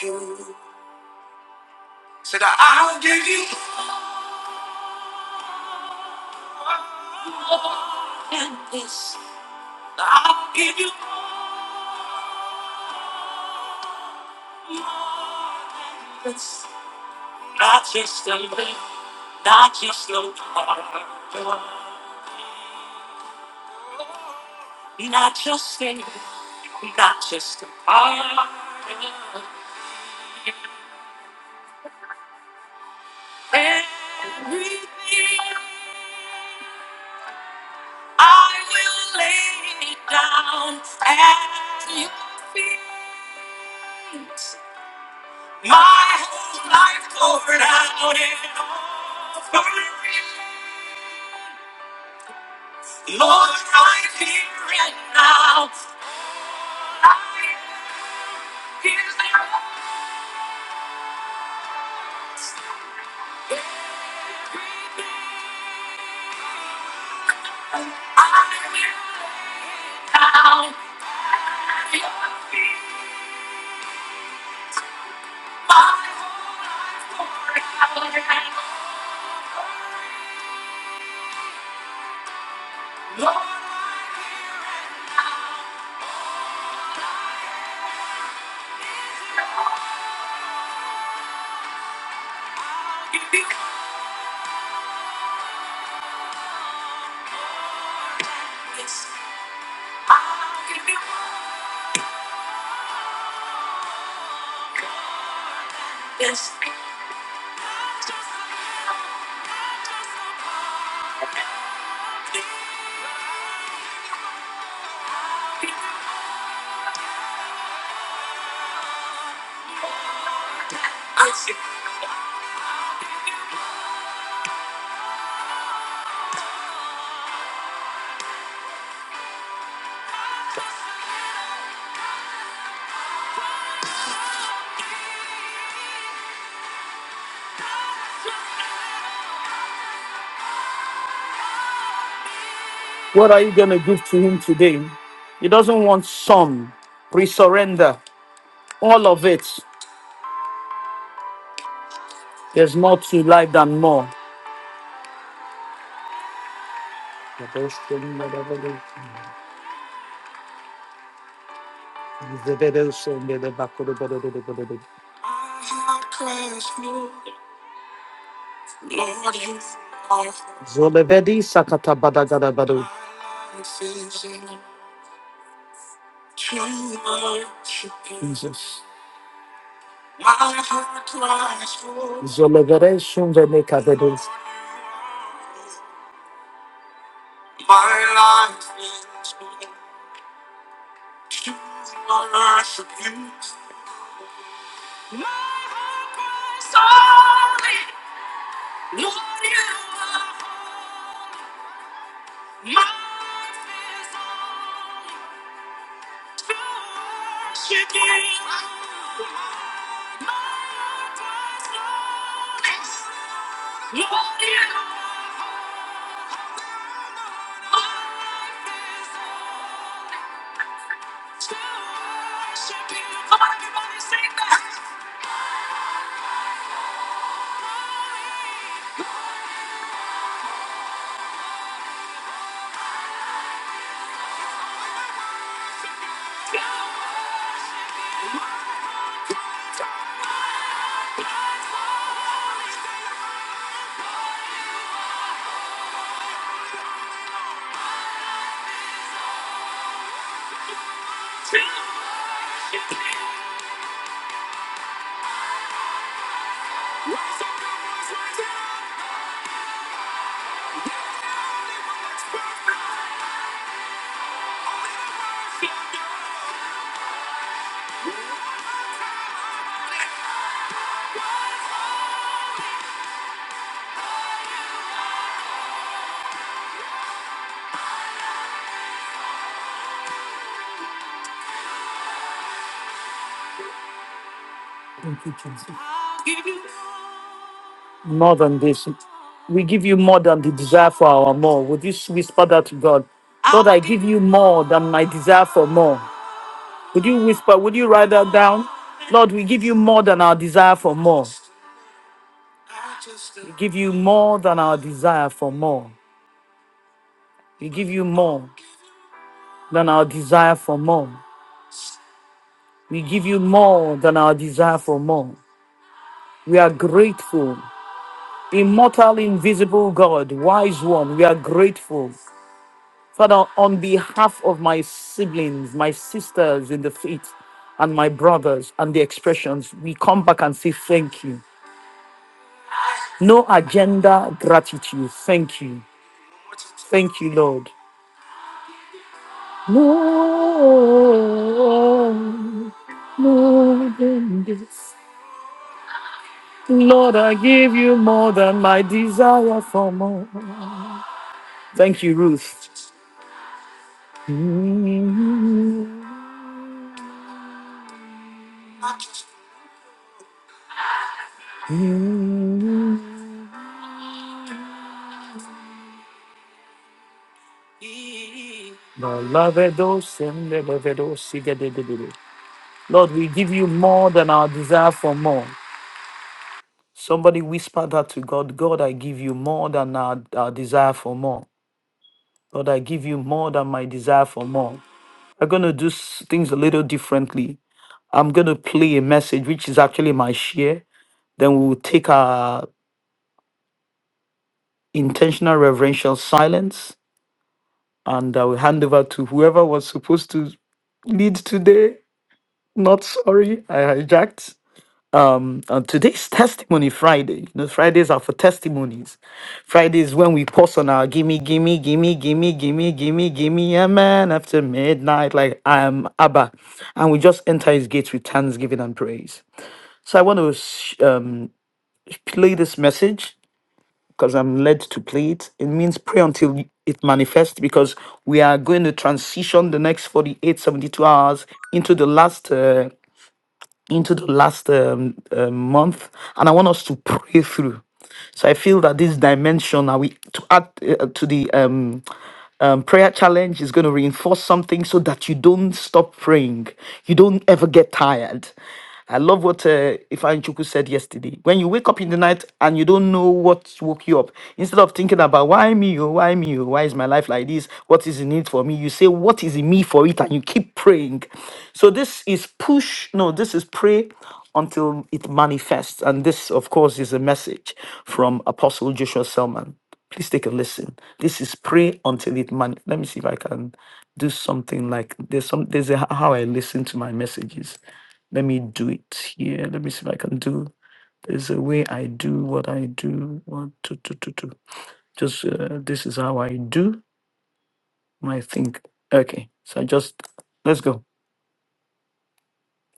S1: you. Said, that I'll give you and this. That I'll give you more than this. Not just a little, not just a part, not just a, not just a part. Everything I will lay it down at your feet. My whole life poured out in offering. Lord, right here and now. I am here, I am here now. Feel my whole life poured out in offering, Lord, I give you this. I give you this. I just, I just, I just, What are you going to give to him today? He doesn't want some. Pre surrender. All of it. There's more to life than more. Zolevedi sakata badagada badu. Jesus. Zolevede shunvenekabedu. My heart cries to worship that. Thank you, Jesus. more than this. We give you more than the desire for our more. Would you whisper that to God? Lord, I give you more than my desire for more. Would you whisper? Would you write that down? Lord, we give you more than our desire for more. We give you more than our desire for more. We give you more than our desire for more. We give you more than our desire for more. We are grateful. Immortal, invisible God, wise one, we are grateful. Father, on behalf of my siblings, my sisters in the faith, and my brothers and the expressions, we come back and say thank you. No agenda, gratitude. Thank you. Thank you, Lord. Oh, more than this. Lord, I give you more than my desire for more. Thank you, Ruth. Lord, we give you more than our desire for more. Somebody whispered that to God God, I give you more than our, our desire for more. God, I give you more than my desire for more. I'm going to do s- things a little differently. I'm going to play a message, which is actually my share. Then we will take our intentional reverential silence and I will hand over to whoever was supposed to lead today. Not sorry, I hijacked. Uh, today's testimony Friday. You know, Fridays are for testimonies. Fridays when we pause on our gimme, gimme, gimme, gimme, gimme, gimme, gimme, amen after midnight, like I am Abba. And we just enter his gates with thanksgiving and praise. So I want to sh- um, play this message because I'm led to play it. It means pray until it manifests because we are going to transition the next 48, 72 hours into the last. Uh, into the last um, uh, month, and I want us to pray through. So I feel that this dimension, and we to add uh, to the um um, prayer challenge is going to reinforce something so that you don't stop praying. You don't ever get tired. I love what uh, Ifan Chuku said yesterday. When you wake up in the night and you don't know what woke you up, instead of thinking about why me, oh, why me, oh, why is my life like this? What is in it for me? You say, what is in me for it? And you keep praying. So this is push, no, this is pray until it manifests. And this, of course, is a message from Apostle Joshua Selman. Please take a listen. This is pray until it man. Let me see if I can do something like there's some there's a, h- how I listen to my messages. Let me do it here. Let me see if I can do. There's a way I do what I do. One, two, two, two, two. Just uh, this is how I do my thing. Okay, so I just let's go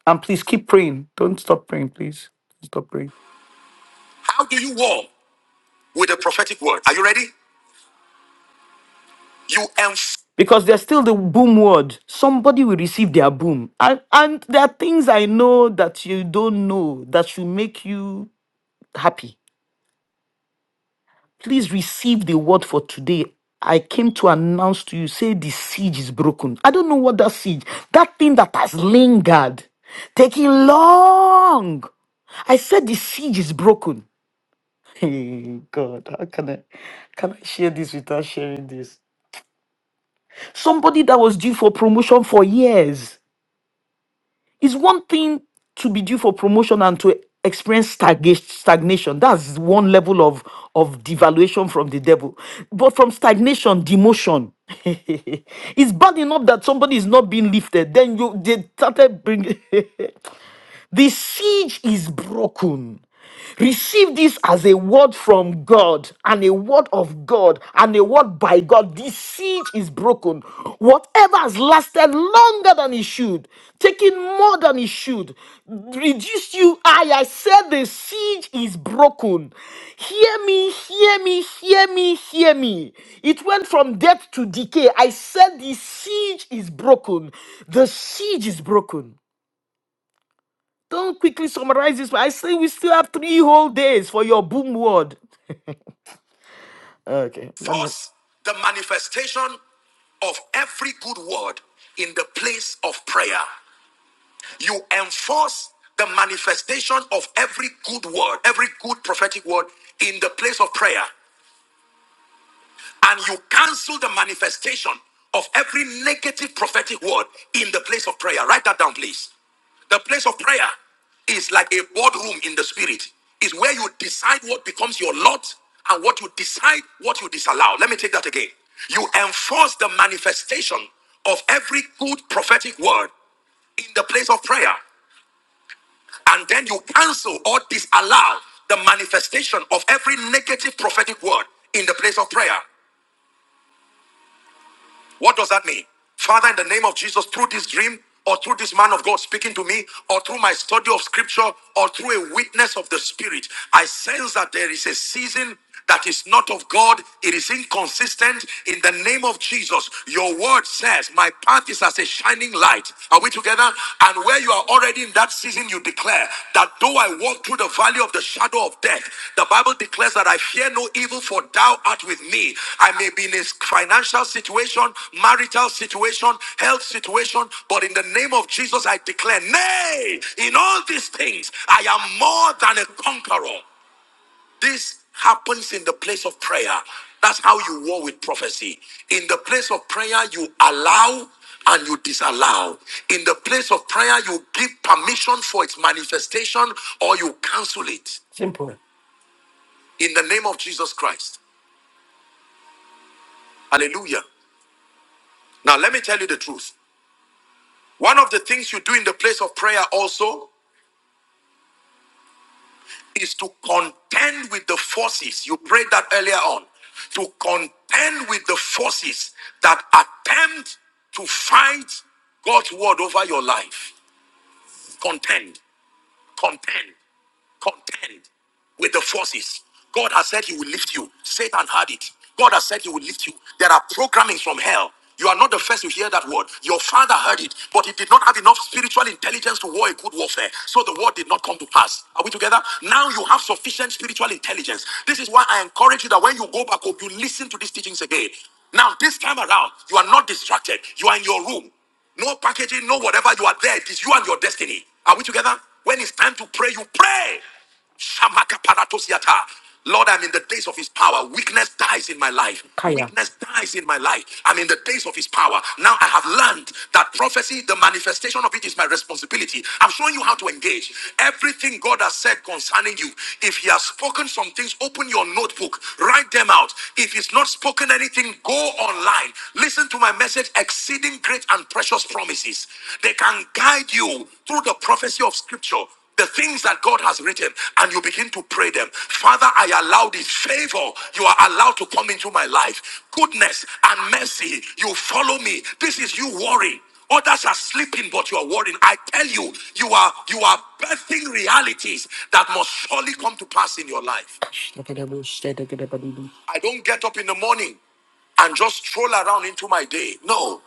S1: and please keep praying. Don't stop praying, please. Don't Stop praying. because there's still the boom word. Somebody will receive their boom. And, and there are things I know that you don't know that should make you happy. Please receive the word for today. I came to announce to you, say the siege is broken. I don't know what that siege, that thing that has lingered, taking long. I said the siege is broken. [LAUGHS] Hey God, how can I can I share this without sharing this? Somebody that was due for promotion for years It's one thing to be due for promotion and to experience stagga- stagnation. That's one level of, of devaluation from the devil. But from stagnation, demotion. [LAUGHS] it's bad enough that somebody is not being lifted. Then you they started bringing. [LAUGHS] The siege is broken. Receive this as a word from God and a word of God and a word by God. This siege is broken. Whatever has lasted longer than it should, taking more than it should, reduced you. I, I said the siege is broken. Hear me, hear me, hear me, hear me. It went from death to decay. I said the siege is broken. The siege is broken. Don't quickly summarize this. I say we still have three whole days for your boom word. Okay, let me. of every good word in the place of prayer. You enforce the manifestation of every good word, every good prophetic word in the place of prayer. and you cancel the manifestation of every negative prophetic word in the place of prayer. Write that down, please. The place of prayer is like a boardroom in the spirit, is where you decide what becomes your lot and what you decide what you disallow. Let me take that again. You enforce the manifestation of every good prophetic word in the place of prayer, and then you cancel or disallow the manifestation of every negative prophetic word in the place of prayer. What does that mean? Father, in the name of Jesus, through this dream or through this man of God speaking to me or through my study of scripture or through a witness of the spirit, I sense that there is a season that is not of God. It is inconsistent. In the name of Jesus, your word says, My path is as a shining light. Are we together? And where you are already in that season, you declare that though I walk through the valley of the shadow of death, the Bible declares that I fear no evil, for thou art with me. I may be in a financial situation, marital situation, health situation, but in the name of Jesus, I declare, nay, in all these things, I am more than a conqueror. This happens in the place of prayer. That's how you war with prophecy. In the place of prayer, you allow and you disallow. In the place of prayer, you give permission for its manifestation or you cancel it. Simple. In the name of Jesus Christ. Hallelujah. Now, let me tell you the truth. One of the things you do in the place of prayer also is to contend with the forces. You prayed that earlier on. To contend with the forces that attempt to fight God's word over your life. Contend. Contend. Contend with the forces. God has said he will lift you. Satan had it. God has said he will lift you. There are programmings from hell. You are not the first to hear that word. Your father heard it, but he did not have enough spiritual intelligence to war a good warfare. So the word did not come to pass. Are we together? Now you have sufficient spiritual intelligence. This is why I encourage you that when you go back home, you listen to these teachings again. Now, this time around, you are not distracted. You are in your room. No packaging, no whatever. You are there. It is you and your destiny. Are we together? When it's time to pray, you pray. Shamaka paratosiata. Lord, I'm in the days of his power. Weakness dies in my life. Kaya. Weakness dies in my life. I'm in the days of his power. Now I have learned that prophecy, the manifestation of it is my responsibility. I'm showing you how to engage. Everything God has said concerning you, if he has spoken some things, open your notebook, write them out. If he's not spoken anything, everything, go online. Listen to my message, exceeding great and precious promises. They can guide you through the prophecy of scripture, the things that God has written, and you begin to pray them. Father, I allow this favor. You are allowed to come into my life. Goodness and mercy, you follow me. This is you worry. Others are sleeping, but you are worrying. I tell you, you are you are birthing realities that must surely come to pass in your life. I don't get up in the morning and just stroll around into my day. No.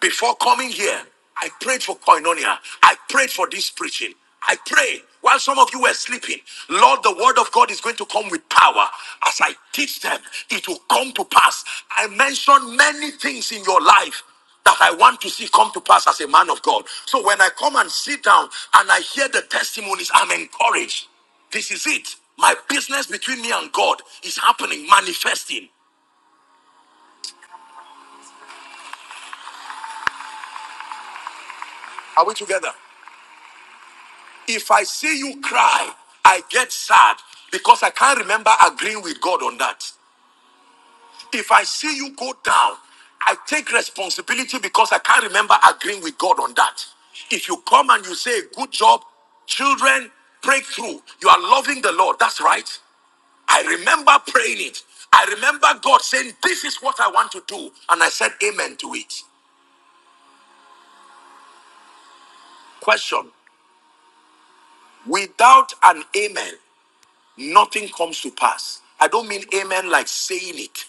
S1: Before coming here, I prayed for koinonia. I prayed for this preaching. I pray while some of you were sleeping, Lord, the word of God is going to come with power. As I teach them, it will come to pass. I mentioned many things in your life that I want to see come to pass as a man of God. So when I come and sit down and I hear the testimonies, I'm encouraged. This is it. My business between me and God is happening, manifesting. Are we together? If I see you cry, I get sad because I can't remember agreeing with God on that. If I see you go down, I take responsibility because I can't remember agreeing with God on that. If you come and you say, Good job, children, breakthrough, you are loving the Lord, that's right. I remember praying it. I remember God saying, This is what I want to do. And I said, Amen to it. Question Without an amen, nothing comes to pass. I don't mean amen like saying it,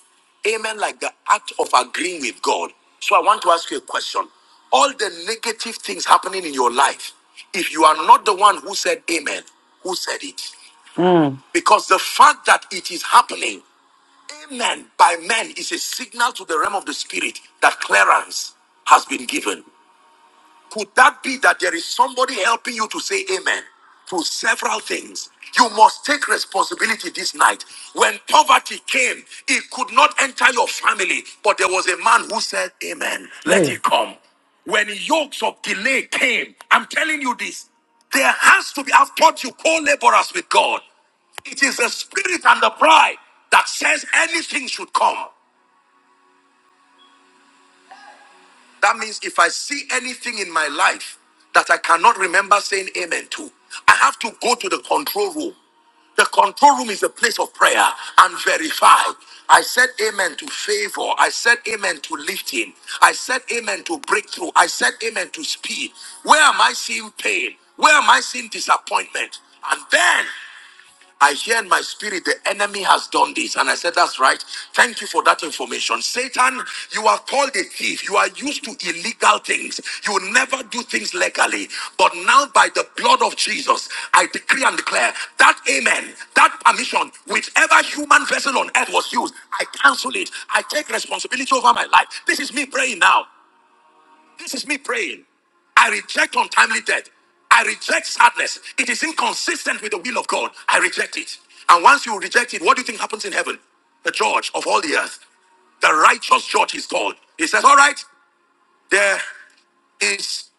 S1: amen like the act of agreeing with God. So I want to ask you a question. All the negative things happening in your life, if you are not the one who said amen, who said it? Because the fact that it is happening, amen, by men is a signal to the realm of the spirit that clearance has been given. Could that be that there is somebody helping you to say amen to several things? You must take responsibility this night. When poverty came, it could not enter your family, but there was a man who said, Amen, let Hey. it come. When yokes of delay came, I'm telling you this, there has to be, I've taught you co laborers with God. It is the spirit and the pride that says anything should come. That means if I see anything in my life that I cannot remember saying amen to, I have to go to the control room. The control room is a place of prayer and verify. I said amen to favor. I said amen to lifting. I said amen to breakthrough. I said amen to speed. Where am I seeing pain? Where am I seeing disappointment? And then I hear in my spirit the enemy has done this. And I said, That's right. Thank you for that information. Satan, you are called a thief. You are used to illegal things. You will never do things legally. But now, by the blood of Jesus, I decree and declare that amen, that permission, whichever human vessel on earth was used, I cancel it. I take responsibility over my life. This is me praying now. This is me praying. I reject untimely death. I reject sadness. It is inconsistent with the will of God. I reject it. And once you reject it, what do you think happens in heaven? The judge of all the earth. The righteous judge is called. He says, All right. There is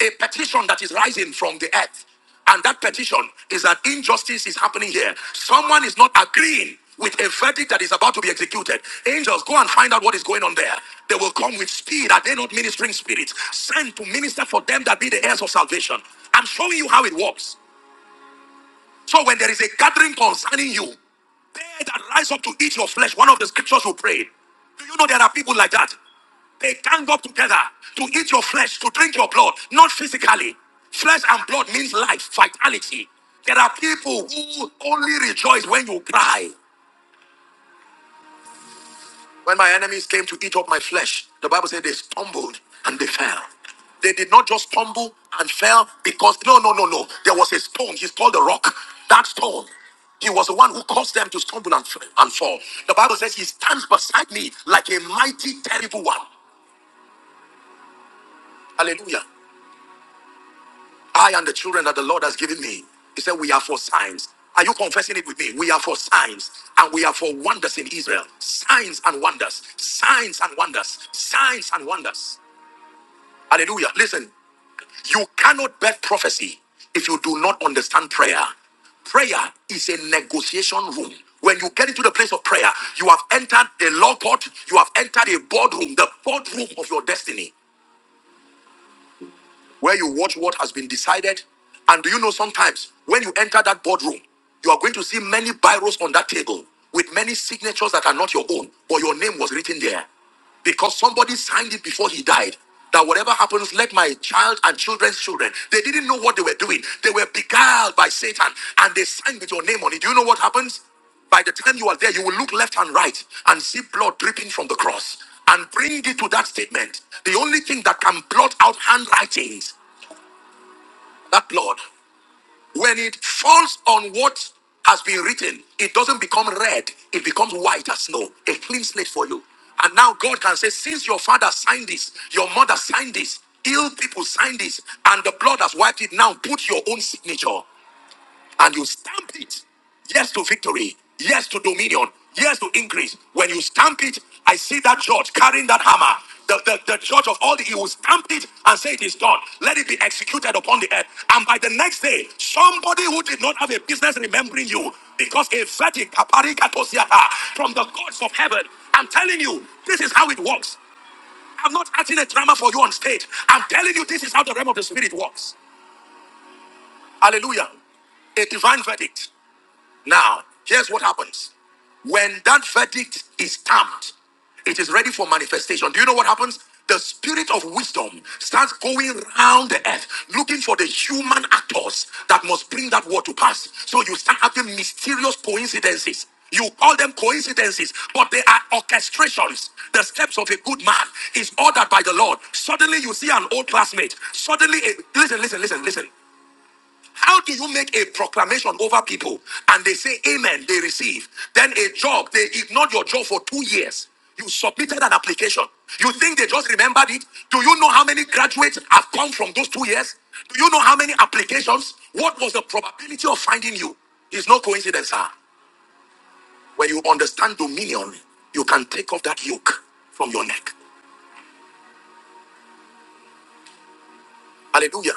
S1: a petition that is rising from the earth. And that petition is that injustice is happening here. Someone is not agreeing with a verdict that is about to be executed. Angels, go and find out what is going on there. They will come with speed. Are they not ministering spirits? Sent to minister for them that be the heirs of salvation. I'm showing you how it works. So when there is a gathering concerning you, they that rise up to eat your flesh, one of the scriptures you prayed. Do you know there are people like that? They gang up together to eat your flesh, to drink your blood, not physically. Flesh and blood means life, vitality. There are people who only rejoice when you cry. When my enemies came to eat up my flesh, the Bible said they stumbled and they fell. They did not just stumble and fell because, no, no, no, no. There was a stone. He's called a rock. That stone, he was the one who caused them to stumble and, f- and fall. The Bible says he stands beside me like a mighty, terrible one. Hallelujah. I and the children that the Lord has given me. He said, We are for signs. Are you confessing it with me? We are for signs and we are for wonders in Israel. Signs and wonders. Signs and wonders. Signs and wonders. Hallelujah. Listen, you cannot bet prophecy if you do not understand prayer. Prayer is a negotiation room. When you get into the place of prayer, you have entered a law court, you have entered a boardroom, the boardroom of your destiny where you watch what has been decided. And do you know sometimes when you enter that boardroom, you are going to see many biros on that table with many signatures that are not your own, but your name was written there because somebody signed it before he died. That whatever happens, let my child and children's children. They didn't know what they were doing. They were beguiled by Satan and they signed with your name on it. Do you know what happens? By the time you are there, you will look left and right and see blood dripping from the cross and bring it to that statement. The only thing that can blot out handwritings, that blood, when it falls on what has been written, it doesn't become red, it becomes white as snow, a clean slate for you. And now God can say, since your father signed this, your mother signed this, ill people signed this, and the blood has wiped it, now put your own signature and you stamp it. Yes to victory. Yes to dominion. Yes to increase. When you stamp it, I see that judge carrying that hammer. The, the, the judge of all the, he will stamp it and say it is done. Let it be executed upon the earth. And by the next day, somebody who did not have a business remembering you, because a verdict aparikatosiata, from the gods of heaven, I'm telling you, this is how it works. I'm not acting a drama for you on stage. I'm telling you, this is how the realm of the spirit works. Hallelujah. A divine verdict. Now, here's what happens. When that verdict is stamped, it is ready for manifestation. Do you know what happens? The spirit of wisdom starts going round the earth looking for the human actors that must bring that word to pass. So you start having mysterious coincidences. You call them coincidences, but they are orchestrations. The steps of a good man is ordered by the Lord. Suddenly you see an old classmate. Suddenly, a, listen, listen, listen, listen. How do you make a proclamation over people and they say amen, they receive? Then a job, they ignored your job for two years. You submitted an application. You think they just remembered it? Do you know how many graduates have come from those two years? Do you know how many applications? What was the probability of finding you? It's no coincidence, sir. When you understand dominion, you can take off that yoke from your neck. Hallelujah.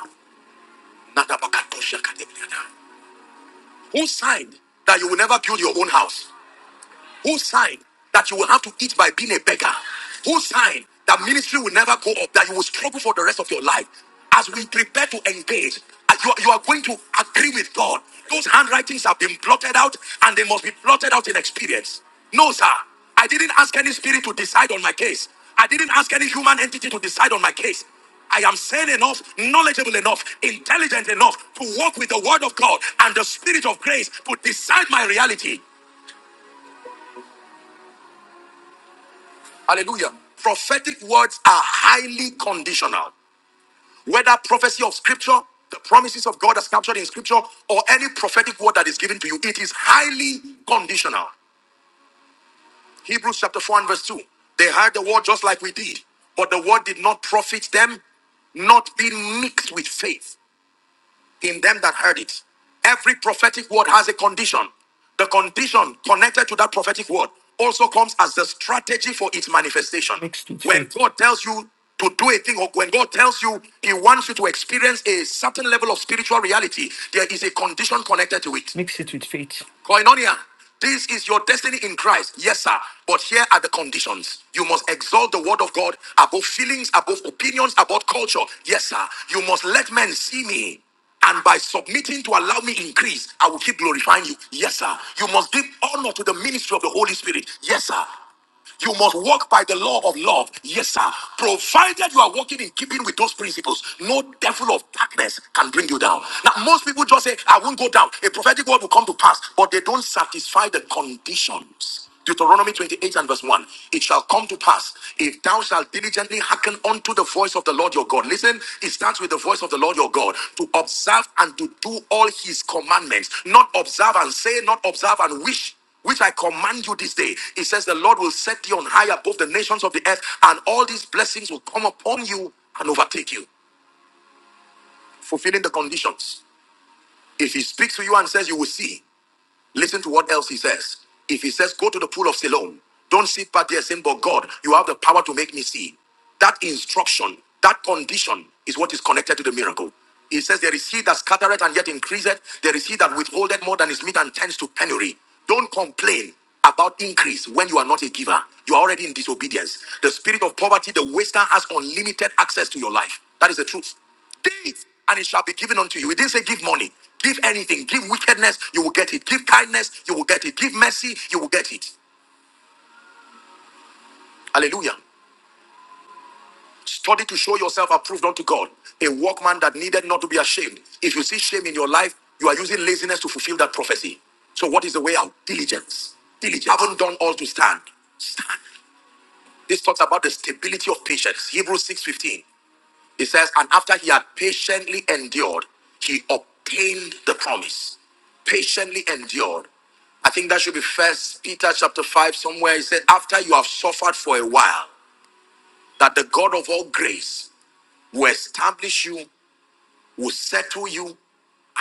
S1: Nadabakatoshakadebiyada. Who signed that you will never build your own house? Who signed that you will have to eat by being a beggar? Who signed that ministry will never go up, that you will struggle for the rest of your life? As we prepare to engage, uh, you, are- you are going to agree with God. Those handwritings have been blotted out and they must be blotted out in experience. No, sir. I didn't ask any spirit to decide on my case. I didn't ask any human entity to decide on my case. I am sane enough, knowledgeable enough, intelligent enough to walk with the word of God and the spirit of grace to decide my reality. Hallelujah. Prophetic words are highly conditional. Whether prophecy of scripture, the promises of God as captured in scripture, or any prophetic word that is given to you, it is highly conditional. Hebrews chapter 4 and verse 2. They heard the word just like we did, but the word did not profit them, not being mixed with faith in them that heard it. Every prophetic word has a condition. The condition connected to that prophetic word also comes as the strategy for its manifestation. When God tells you to do a thing, or when God tells you He wants you to experience a certain level of spiritual reality, there is a condition connected to it. Mix it with faith. Koinonia, this is your destiny in Christ. Yes, sir. But here are the conditions. You must exalt the word of God above feelings, above opinions, above culture. Yes, sir. You must let men see me. And by submitting to allow me increase, I will keep glorifying you. Yes, sir. You must give honor to the ministry of the Holy Spirit. Yes, sir. You must walk by the law of love. Yes, sir. Provided you are walking in keeping with those principles, no devil of darkness can bring you down. Now, most people just say, I won't go down. A prophetic word will come to pass, but they don't satisfy the conditions. Deuteronomy 28 and verse 1. It shall come to pass if thou shalt diligently hearken unto the voice of the Lord your God. Listen, it starts with the voice of the Lord your God to observe and to do all his commandments, not observe and say, not observe and wish which I command you this day. It says, The Lord will set you on high above the nations of the earth, and all these blessings will come upon you and overtake you, fulfilling the conditions. If He speaks to you and says, You will see, Listen to what else he says. If he says, Go to the pool of Siloam, don't sit back there saying, But God, you have the power to make me see. That instruction, that condition is what is connected to the miracle. He says, There is he that scattereth and yet increaseth. There is he that withholdeth more than is meet and tends to penury. Don't complain about increase when you are not a giver. You are already in disobedience. The spirit of poverty, the waster, has unlimited access to your life. That is the truth. Days, and it shall be given unto you. It didn't say give money, give anything, give wickedness, you will get it. Give kindness, you will get it. Give mercy, you will get it. Hallelujah. Study to show yourself approved unto God, a workman that needed not to be ashamed. If you see shame in your life, you are using laziness to fulfill that prophecy. So, what is the way out? Diligence. Diligence. Haven't done all to stand. Stand. This talks about the stability of patience. Hebrews 6:15. It says, and after he had patiently endured, he obtained the promise. Patiently endured. I think that should be first Peter chapter 5, somewhere. He said, After you have suffered for a while, that the God of all grace will establish you will settle you,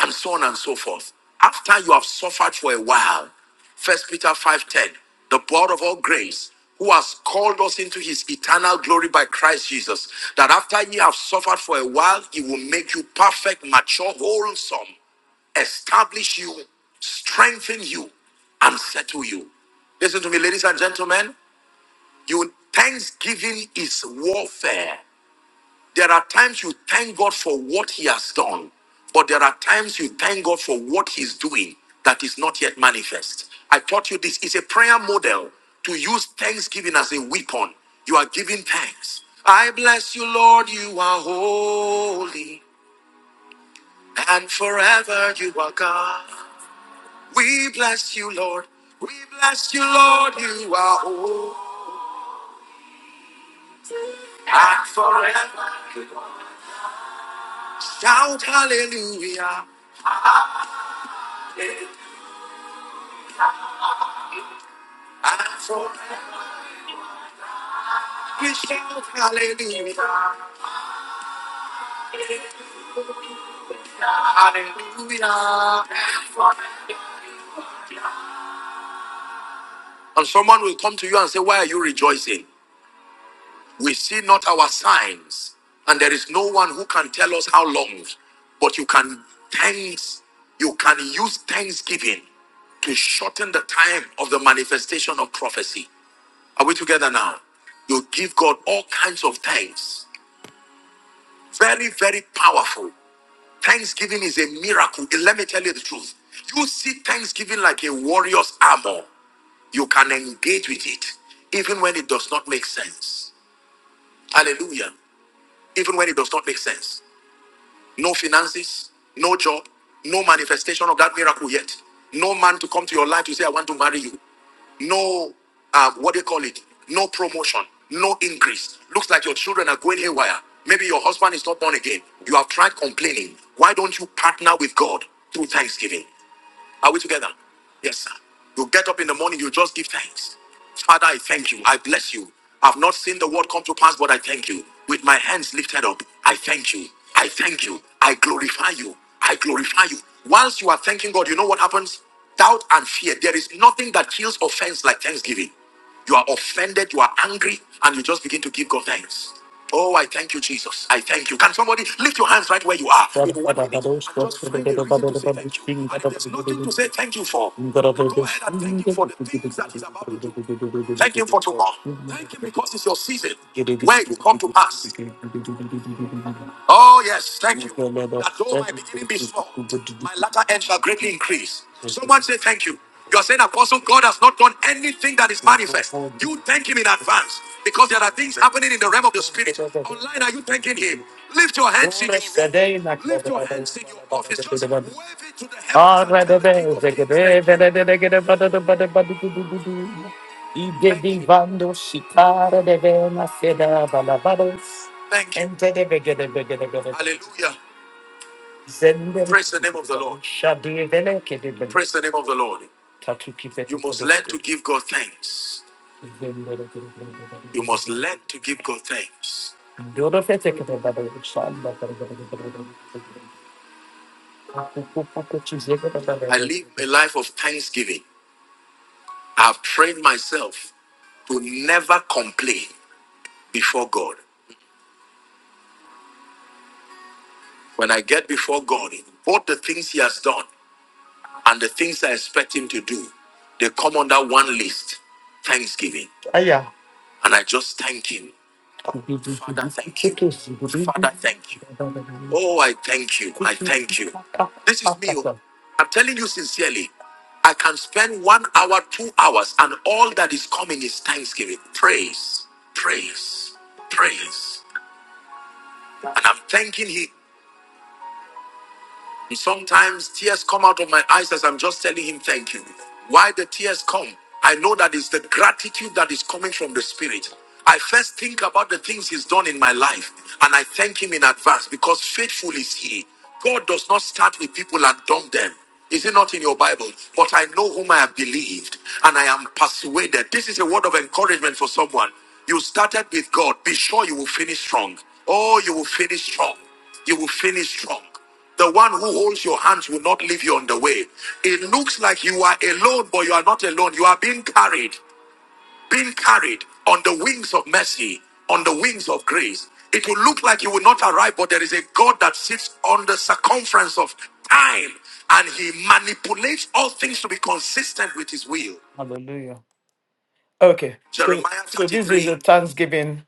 S1: and so on and so forth. After you have suffered for a while, First Peter 5:10, the God of all grace, who has called us into his eternal glory by Christ Jesus, that after ye have suffered for a while, he will make you perfect, mature, wholesome, establish you, strengthen you, and settle you. Listen to me, ladies and gentlemen. You thanksgiving is warfare. There are times you thank God for what He has done, but there are times you thank God for what He's doing that is not yet manifest. I taught you this is a prayer model to use thanksgiving as a weapon. You are giving thanks. I bless you, Lord, you are holy, and forever you are God. We bless you, Lord. We bless you, Lord, you are holy, and forever. Shout hallelujah, and forever. We shout hallelujah, hallelujah. And someone will come to you and say, Why are you rejoicing? We see not our signs, and there is no one who can tell us how long. But you can thanks, you can use thanksgiving to shorten the time of the manifestation of prophecy. Are we together now? You give God all kinds of thanks. Very, very powerful. Thanksgiving is a miracle. Let me tell you the truth. You see Thanksgiving like a warrior's armor. You can engage with it even when it does not make sense. Hallelujah. Even when it does not make sense no finances, no job, no manifestation of that miracle yet. No man to come to your life to say, I want to marry you. No, uh, what do you call it? No promotion, no increase. Looks like your children are going haywire. Maybe your husband is not born again. You have tried complaining. Why don't you partner with God through thanksgiving? Are we together? Yes, sir. You get up in the morning, you just give thanks. Father, I thank you. I bless you. I've not seen the word come to pass, but I thank you. With my hands lifted up, I thank you. I thank you. I glorify you. I glorify you. Whilst you are thanking God, you know what happens? Doubt and fear. There is nothing that kills offense like thanksgiving. You are offended, you are angry, and you just begin to give God thanks. Oh, I thank you, Jesus. I thank you. Can somebody lift your hands right where you are in one minute and just find a reason to say thank you? And if there's nothing to say thank you for, then go ahead and thank Him for the things that He's about to do. Thank Him for tomorrow. Thank Him because it's your season where it will come to pass. Oh, yes, thank you. That though my beginning be small, my latter end shall greatly increase. Someone say Thank you. You are saying, Apostle, God has not done anything that is manifest. You thank Him in advance because there are things happening in the realm of the Spirit. Online, are you thanking Him? Lift your hands in your room. Lift your hands in your office. Just wave it to the heavens and tell the King of Kings, thank you. Thank you. Thank you. Hallelujah. Praise the name of the Lord. Praise the name of the Lord. You must learn to give God thanks. You must learn to give God thanks. I live a life of thanksgiving. I've trained myself to never complain before God. When I get before God, what the things He has done, and the things I expect him to do, they come under one list Thanksgiving. Aya. And I just thank him. Father, thank you. Father, thank you. Oh, I thank you. I thank you. This is me. oh. I'm telling you sincerely, I can spend one hour, two hours, and all that is coming is thanksgiving. Praise, praise, praise. And I'm thanking him. And sometimes tears come out of my eyes as I'm just telling him thank you. Why the tears come? I know that it's the gratitude that is coming from the Spirit. I first think about the things he's done in my life and I thank him in advance because faithful is he. God does not start with people and dump them. Is it not in your Bible? But I know whom I have believed and I am persuaded. This is a word of encouragement for someone. You started with God. Be sure you will finish strong. Oh, you will finish strong. You will finish strong. The one who holds your hands will not leave you on the way. It looks like you are alone, but you are not alone. You are being carried, being carried on the wings of mercy, on the wings of grace. It will look like you will not arrive, but there is a God that sits on the circumference of time and he manipulates all things to be consistent with his will. Hallelujah. Okay, so Jeremiah so this is 33, a Thanksgiving.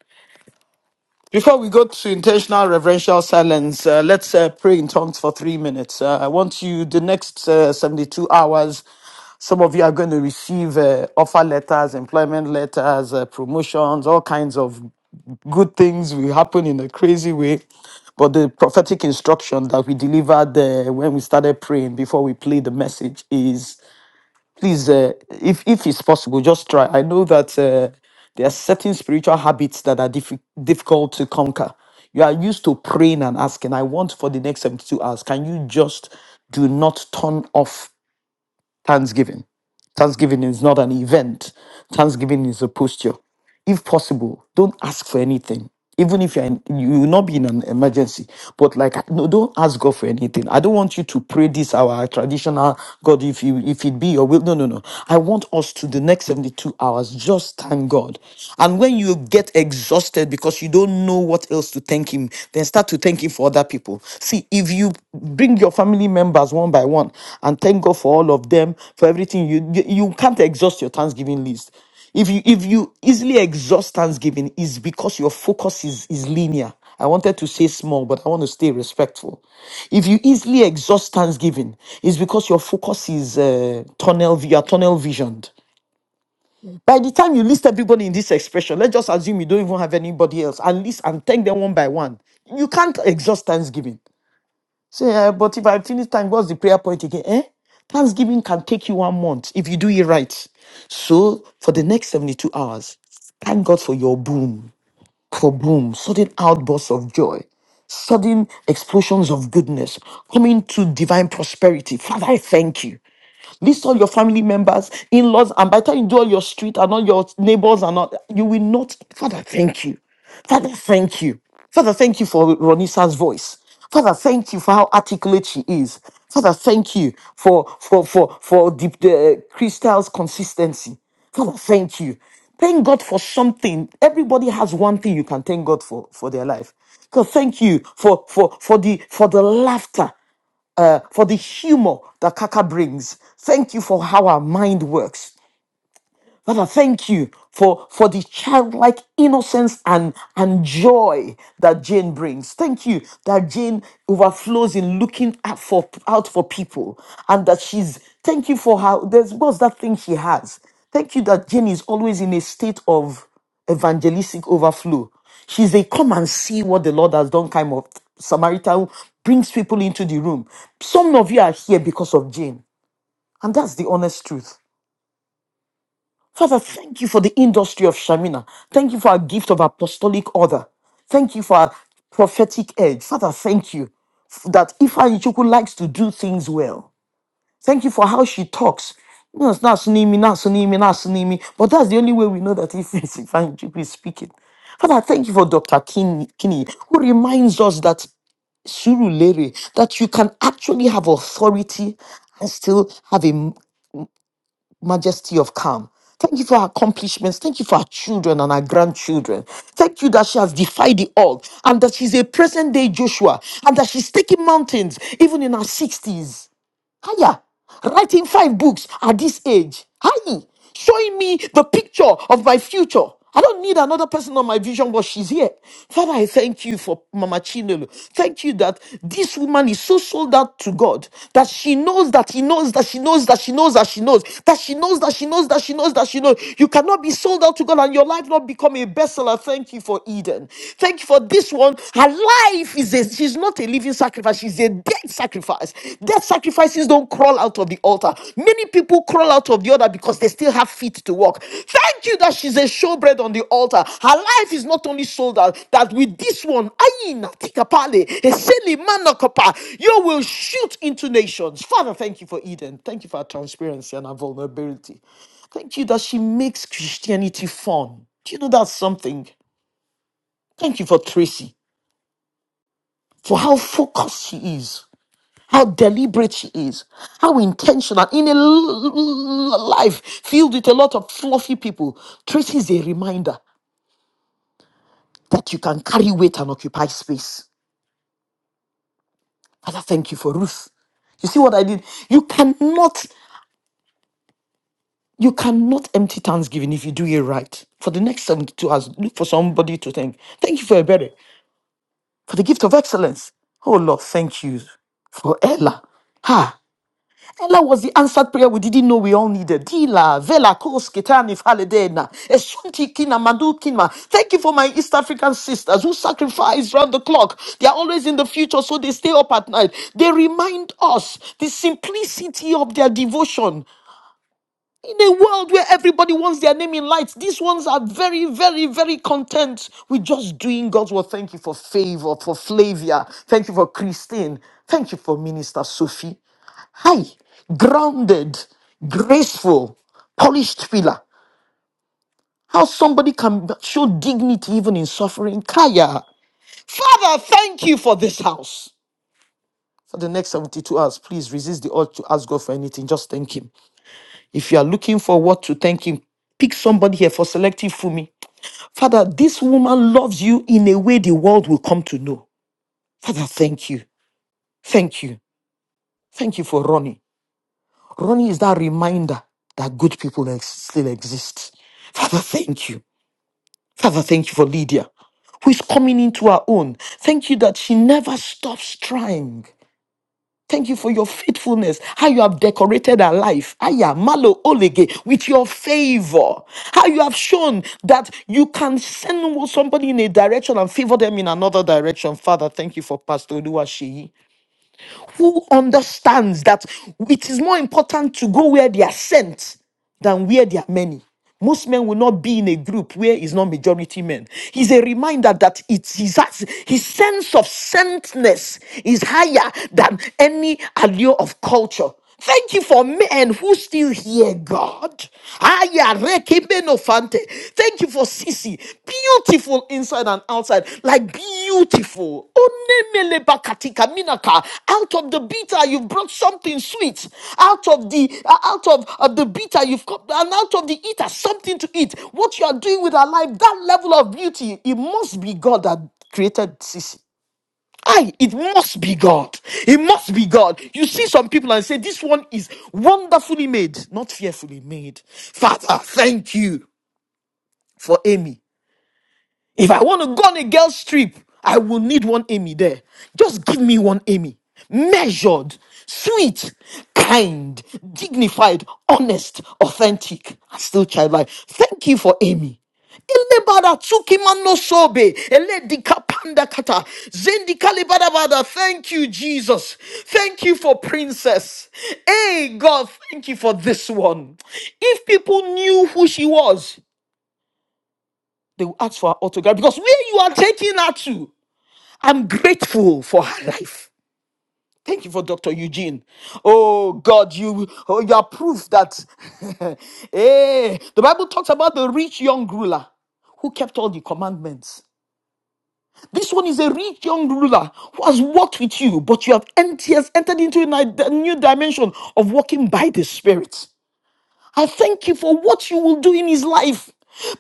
S1: Before we go to intentional reverential silence, uh, let's uh, pray in tongues for three minutes. Uh, I want you, the next uh, 72 hours, some of you are going to receive uh, offer letters, employment letters, uh, promotions, all kinds of good things will happen in a crazy way. But the prophetic instruction that we delivered uh, when we started praying before we played the message is please uh, if if it's possible just try i know that uh, there are certain spiritual habits that are diffi- difficult to conquer you are used to praying and asking i want for the next 72 hours can you just do not turn off thanksgiving Thanksgiving is not an event, Thanksgiving is a posture. If possible, don't ask for anything. Even if you're in, you will not be in an emergency, but like no, don't ask God for anything. I don't want you to pray this our traditional God if you if it be your will. No, no, no. I want us to the next 72 hours just thank God. And when you get exhausted because you don't know what else to thank him, then start start to thank Him for other people. See, if you bring your family members one by one and thank God for all of them for everything, you you you can't exhaust your Thanksgiving list. If you if you easily exhaust Thanksgiving, is because your focus is is linear. I wanted to say small, but I want to stay respectful. If you easily exhaust Thanksgiving, it's because your focus is uh, tunnel. You are tunnel visioned. By the time you list everybody in this expression, let's just assume you don't even have anybody else and list and thank them one by one. You can't exhaust Thanksgiving. Say, "Eh, but if I finish time, what's the prayer point again? Eh? Thanksgiving can take you one month if you do it right. So for the next 72 hours, thank God for your boom, for boom, sudden outbursts of joy sudden explosions of goodness coming to divine prosperity. Father, I thank you. List all your family members, in laws, and by the time you do all your street and all your neighbors and all, you will not. Father, thank you. Father, thank you. Father, thank you for Ronisa's voice. Father, thank you for how articulate she is. Father, thank you for for for for the, the crystal's consistency. Father, thank you. Thank God for something. Everybody has one thing you can thank God for for their life. God, thank you for for for the for the laughter uh, for the humor that Kaka brings. Thank you for how our mind works. Father, thank you for, for the childlike innocence and, and joy that Jane brings. Thank you that Jane overflows in looking out for, out for people and that she's, thank you for how, there's, what's that thing she has? Thank you that Jane is always in a state of evangelistic overflow. She's a come and see what the Lord has done kind of Samaritan who brings people into the room. Some of you are here because of Jane. And that's the honest truth. Father, thank you for the industry of Shamina. Thank you for our gift of apostolic order. Thank you for our prophetic edge. Father, thank you f- that Ifeanyi Chuku likes to do things well. Thank you for how she talks. You know, it's not Sunimi, not Sunimi, not Sunimi, but that's the only way we know that if [LAUGHS] it's Ifeanyi Chuku is speaking. Father, thank you for Dr. Kinney, Kinney, who reminds us that Surulere, that you can actually have authority and still have a majesty of calm. Thank you for her accomplishments. Thank you for her children and her grandchildren. Thank you that she has defied the odds and that she's a present day Joshua and that she's taking mountains even in her 60s. Hiya. Writing five books at this age. Hi. Showing me the picture of my future. I don't need another person on my vision, but she's here. Father, I thank you for Mama Chinelo. Thank you that this woman is so sold out to God that she knows that he knows that she knows that she knows that she knows that she knows that she knows that she knows that she knows. You cannot be sold out to God and your life not become a bestseller. Thank you for Eden. Thank you for this one. Her life is a She's not a living sacrifice, she's a dead sacrifice. Dead sacrifices don't crawl out of the altar. Many people crawl out of the altar because they still have feet to walk. Thank you that she's a showbread on the altar. Her life is not only sold out, that with this one, ayi na tika pale, eseli manakapa, you will shoot into nations. Father, thank you for Eden. Thank you for her transparency and her vulnerability. Thank you that she makes Christianity fun. Do you know that's something? Thank you for Tracy, for how focused she is how deliberate she is, how intentional. In a l- l- life filled with a lot of fluffy people, Tracy is a reminder that you can carry weight and occupy space. Father, thank you for Ruth. You see what I did? You cannot, you cannot empty Thanksgiving if you do it right. For the next 72 hours, look for somebody to thank. Thank you for Ebere, for the gift of excellence. Oh Lord, thank you for Ella. Ha! Ella was the answered prayer we didn't know we all needed. Dila, Vela, Kos, Ketani, Faledena, Esunti, Kina, Madu, Kina. Thank you for my East African sisters who sacrifice round the clock. They are always in the future, so they stay up at night. They remind us the simplicity of their devotion in a world where everybody wants their name in lights, these ones are very, very, very content with just doing God's word. Thank you for favor, for Flavia. Thank you for Christine. Thank you for Minister Sophie. Hi, grounded, graceful, polished pillar. How somebody can show dignity even in suffering. Kaya, Father, thank you for this house. For the next 72 hours, please resist the urge to ask God for anything. Just thank Him. If you are looking for what to thank him, pick somebody here for selective Fumi. Father, this woman loves you in a way the world will come to know. Father, thank you. Thank you. Thank you for Ronnie. Ronnie is that reminder that good people ex- still exist. Father, thank you. Father, thank you for Lydia, who is coming into her own. Thank you that she never stops trying. Thank you for your faithfulness, how you have decorated our life. Aya, malo, olege, with your favor. How you have shown that you can send somebody in a direction and favor them in another direction. Father, thank you for Pastor Oluwaseyi who understands that it is more important to go where they are sent than where they are many. Most men will not be in a group where is not majority men. He's a reminder that it's his, his sense of sentness is higher than any allure of culture. Thank you for men who still hear God. Aya, reke, benofante. Thank you for Sisi beautiful inside and outside, like beautiful. Onemelebakatika minaka. Out of the bitter, you've brought something sweet. Out of the uh, out of uh, the bitter, you've got and out of the eater, something to eat. What you are doing with our life, that level of beauty, it must be God that created Sisi. I, it must be God. It must be God. You see some people and say, This one is wonderfully made, not fearfully made. Father, thank you for Amy. If I want to go on a girl's trip, I will need one Amy there. Just give me one Amy. Measured, sweet, kind, dignified, honest, authentic, and still childlike. Thank you for Amy. Elebada tsukimano sobe, eledika pandakata, bada. bada. Thank you, Jesus. Thank you for Princess. Hey, God, thank you for this one. If people knew who she was, they will ask for her autograph because where you are taking her to, I'm grateful for her life. Thank you for Dr. Eugene. Oh God, you oh, you are proof that [LAUGHS] hey, the Bible talks about the rich young ruler who kept all the commandments. This one is a rich young ruler who has walked with you, but you have ent- he has entered into a ni- a new dimension of walking by the Spirit. I thank you for what you will do in his life.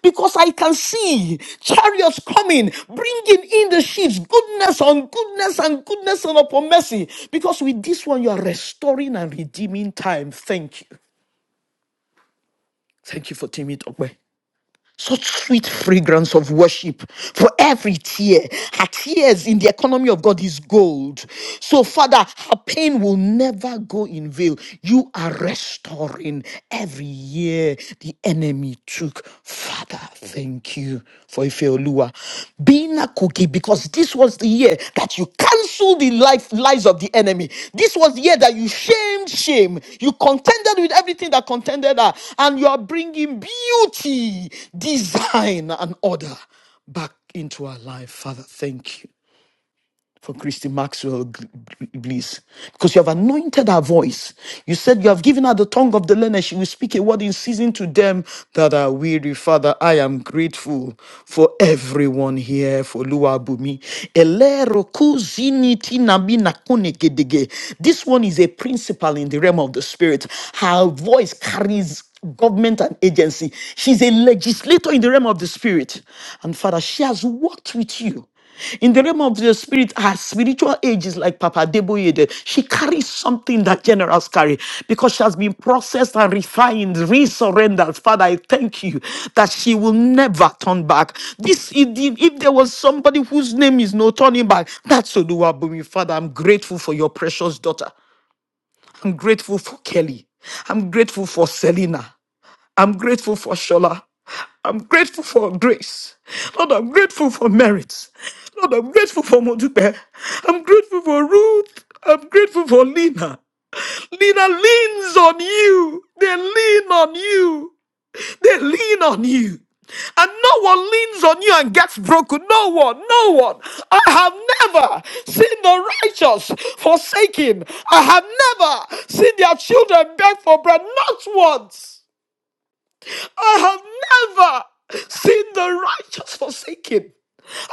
S1: Because I can see chariots coming, bringing in the sheaves, goodness on goodness and goodness and upon mercy. Because with this one, you are restoring and redeeming time. Thank you. Thank you for teaming it Tokwe such sweet fragrance of worship for every tear. Her tears in the economy of God is gold. So, Father, her pain will never go in vain. You are restoring every year the enemy took. Father, thank you for Ifeoluwa. Joshua, being a cookie, because this was the year that you canceled the life lies of the enemy. This was the year that you shamed shame. You contended with everything that contended her, and you are bringing beauty, design, and order back into our life. Father, thank you for Christy Maxwell Gl- Gl- Bliss because you have anointed her voice. You said you have given her the tongue of the learner. She will speak a word in season to them that are weary. Father, I am grateful for everyone here for Luabumi. Elero kuzini tinabi nakune gedege. This one is a principal in the realm of the spirit. Her voice carries government and agency. She's a legislator in the realm of the spirit. And Father, she has worked with you. In the realm of the spirit, her spiritual age is like Papa Deboye. did. She carries something that generals carry because she has been processed and refined, resurrendered. Father, I thank you that she will never turn back. This, if if there was somebody whose name is no turning back, that's Oluwabumi. Father, I'm grateful for your precious daughter. I'm grateful for Kelly. I'm grateful for Selena. I'm grateful for Shola. I'm grateful for grace. Lord, I'm grateful for merits. Lord, I'm grateful for Modupe. I'm grateful for Ruth. I'm grateful for Lena. Lena leans on you. They lean on you. They lean on you. And no one leans on you and gets broken. No one, no one. I have never seen the righteous forsaken. I have never seen their children beg for bread. Not once. I have never seen the righteous forsaken.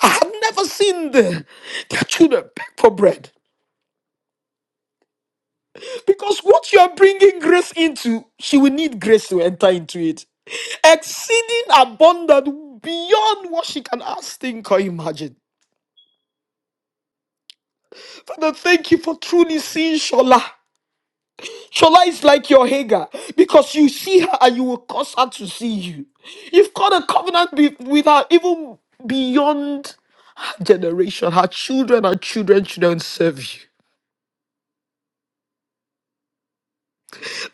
S1: I have never seen the, their children beg for bread. Because what you are bringing grace into, she will need grace to enter into it. Exceeding abundant beyond what she can ask, think, or imagine. Father, thank you for truly seeing Shola. Shola is like your Hagar because you see her and you will cause her to see you. You've got a covenant be- with her even beyond. generation, her children, her children, children serve you.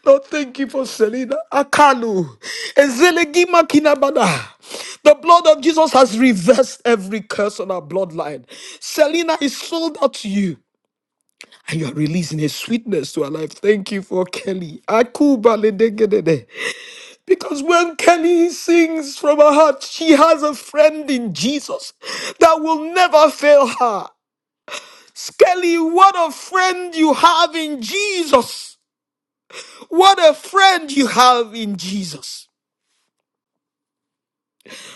S1: Lord, thank you for Selena Akalu. Ezelegima Kinabada. The blood of Jesus has reversed every curse on our bloodline. Selena is sold out to you. And you are releasing a sweetness to her life. Thank you for Kelly. Akuba ledegedede. Because when Kelly sings from her heart, she has a friend in Jesus that will never fail her. Skelly, what a friend you have in Jesus. What a friend you have in Jesus.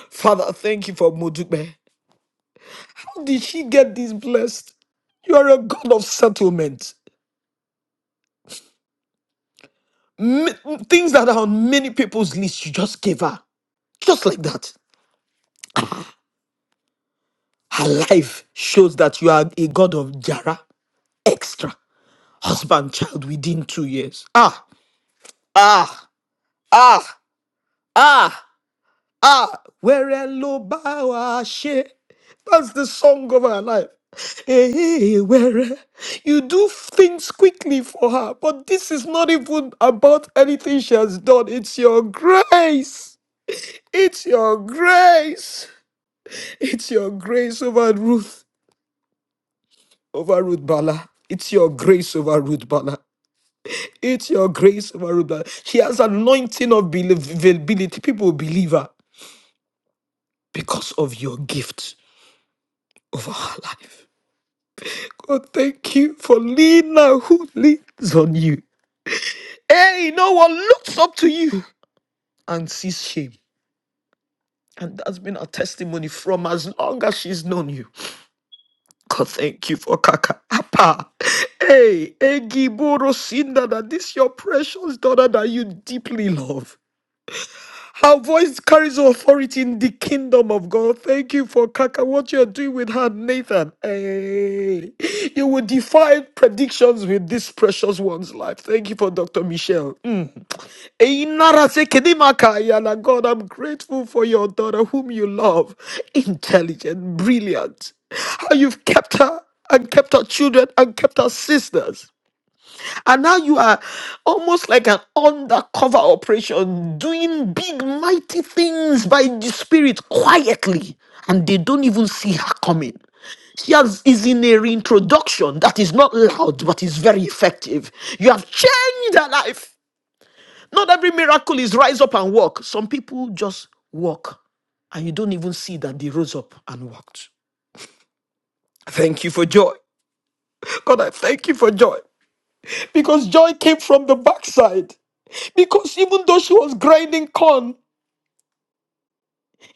S1: Father, thank you for Mudugbe. How did she get this blessed? You are a God of settlement. M- things that are on many people's list, you just gave her. Just like that. Her life shows that you are a God of Jara. Extra. Husband, child within two years. Ah, ah, ah, ah. Ah, where lo bow she. That's the song of her life. Hey, where you do things quickly for her, but this is not even about anything she has done. It's your grace. It's your grace. It's your grace over Ruth, over Ruth Bala. It's your grace over Ruth Bala. It's your grace over Ruth Bala. She has anointing of believability. People will believe her because of your gift over her life. God, thank you for Lena who leans on you. Hey, no one looks up to you and sees shame. And that's been her testimony from as long as she's known you. God, thank you for Kaka. Appa. Hey, Egiboro Sinda, that this your precious daughter that you deeply love. Her voice carries authority in the kingdom of God. Thank you for Kaka, what you're doing with her, Nathan. Hey, you will defy predictions with this precious one's life. Thank you for Dr. Michelle. Mm. Hey, Nara Sekedimaka, Ayala. God, I'm grateful for your daughter, whom you love. Intelligent, brilliant. How you've kept her and kept her children and kept her sisters. And now you are almost like an undercover operation, doing big, mighty things by the Spirit quietly. And they don't even see her coming. She has, is in a reintroduction that is not loud, but is very effective. You have changed her life. Not every miracle is rise up and walk. Some people just walk, and you don't even see that they rose up and walked. Thank you for joy. God, I thank you for joy. Because joy came from the backside. Because even though she was grinding corn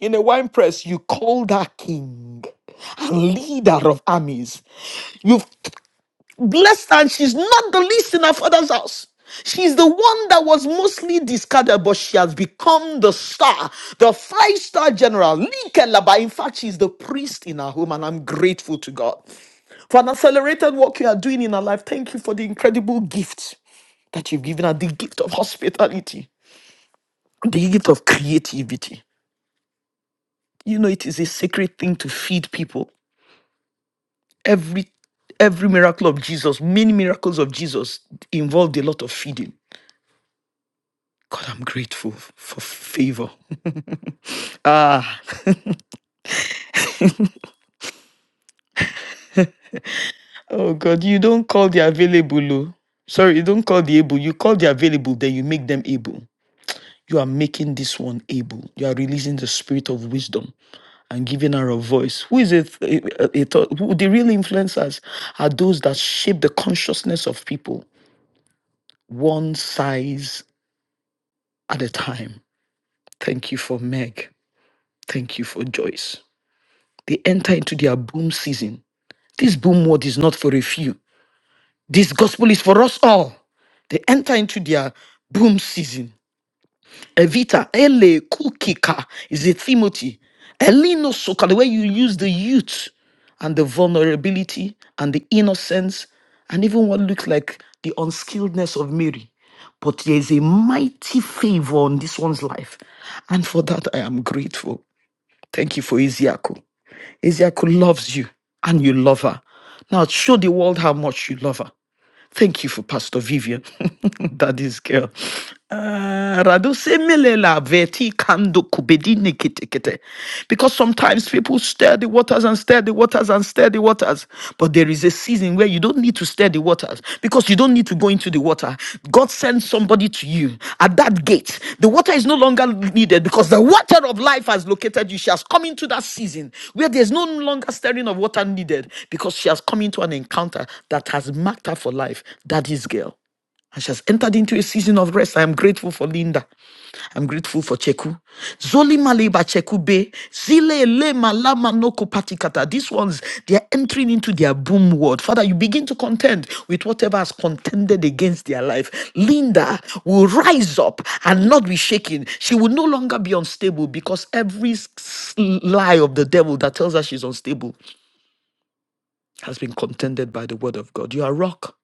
S1: in a wine press, you called her king and leader of armies. You've blessed her, and she's not the least in her father's house. She's the one that was mostly discarded, but she has become the star, the five star general. Likelaba. In fact, she's the priest in her home, and I'm grateful to God for an accelerated work you are doing in her life. Thank you for the incredible gift that you've given her the gift of hospitality, the gift of creativity. You know, it is a sacred thing to feed people. Every every miracle of Jesus, many miracles of Jesus involved a lot of feeding. God, I'm grateful f- for favor. Ah, oh God, you don't call the available. oh. Sorry, you don't call the able. You call the available, then you make them able. You are making this one able. You are releasing the spirit of wisdom and giving her a voice. Who is it? a- a- a who- The real influencers are those that shape the consciousness of people. One size at a time. Thank you for Meg. Thank you for Joyce. They enter into their boom season. This boom word is not for a few. This gospel is for us all. They enter into their boom season Evita, Ele, Kuki,ka is a Timothy. Elino Soka, the way you use the youth and the vulnerability and the innocence and even what looks like the unskilledness of Mary. But there is a mighty favor on this one's life. And for that, I am grateful. Thank you for Iziaku. Iziaku loves you and you love her. Now show the world how much you love her. Thank you for Pastor Vivian, [LAUGHS] daddy's girl. Ah, Rado semelela veti kando kubedini kete kete. Because sometimes people stir the waters and stir the waters and stir the waters. But there is a season where you don't need to stir the waters because you don't need don't need to go into the water. God sends somebody to you at that gate. The water is no longer needed because the water of life has located you. She has come into that season where there's no longer stirring of water needed because she has come into an encounter that has marked her for life. That is girl. And she has entered into a season of rest. I am grateful for Linda. I'm grateful for Cheku. Zoli Maleba Cheku Be. Zile Le Malama Noko Patikata. These ones, they are entering into their boom world. Father, you begin to contend with whatever has contended against their life. Linda will rise up and not be shaken. She will no longer be unstable because every s- lie of the devil that tells her she's unstable has been contended by the word of God. You are rock.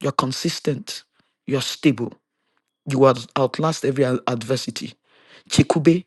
S1: You're consistent. You're stable. You will outlast every ad- adversity. Chikube,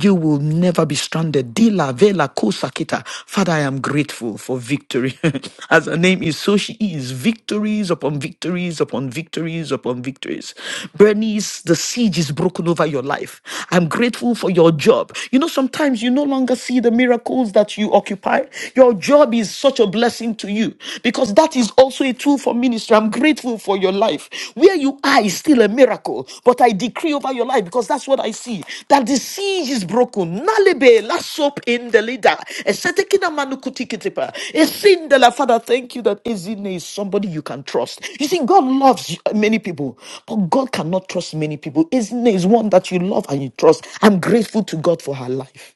S1: you will never be stranded. Dila Vela Kosakita. Father, I am grateful for victory. [LAUGHS] As her name is, so she is. Victories upon victories upon victories upon victories. Bernice, the siege is broken over your life. I'm grateful for your job. You know, sometimes you no longer see the miracles that you occupy. Your job is such a blessing to you because that is also a tool grateful for ministry. I'm grateful for your life. Where you are is still a miracle, but I decree over your life because that's what I see that the siege is broken. Nalebe, la soap in the leader. Esetekina manukutikitipa. Esindela. Father, thank you that Ezine is somebody you can trust. You see, God loves many people, but God cannot trust many people. Ezine is one that you love and you trust. I'm grateful to God for her life.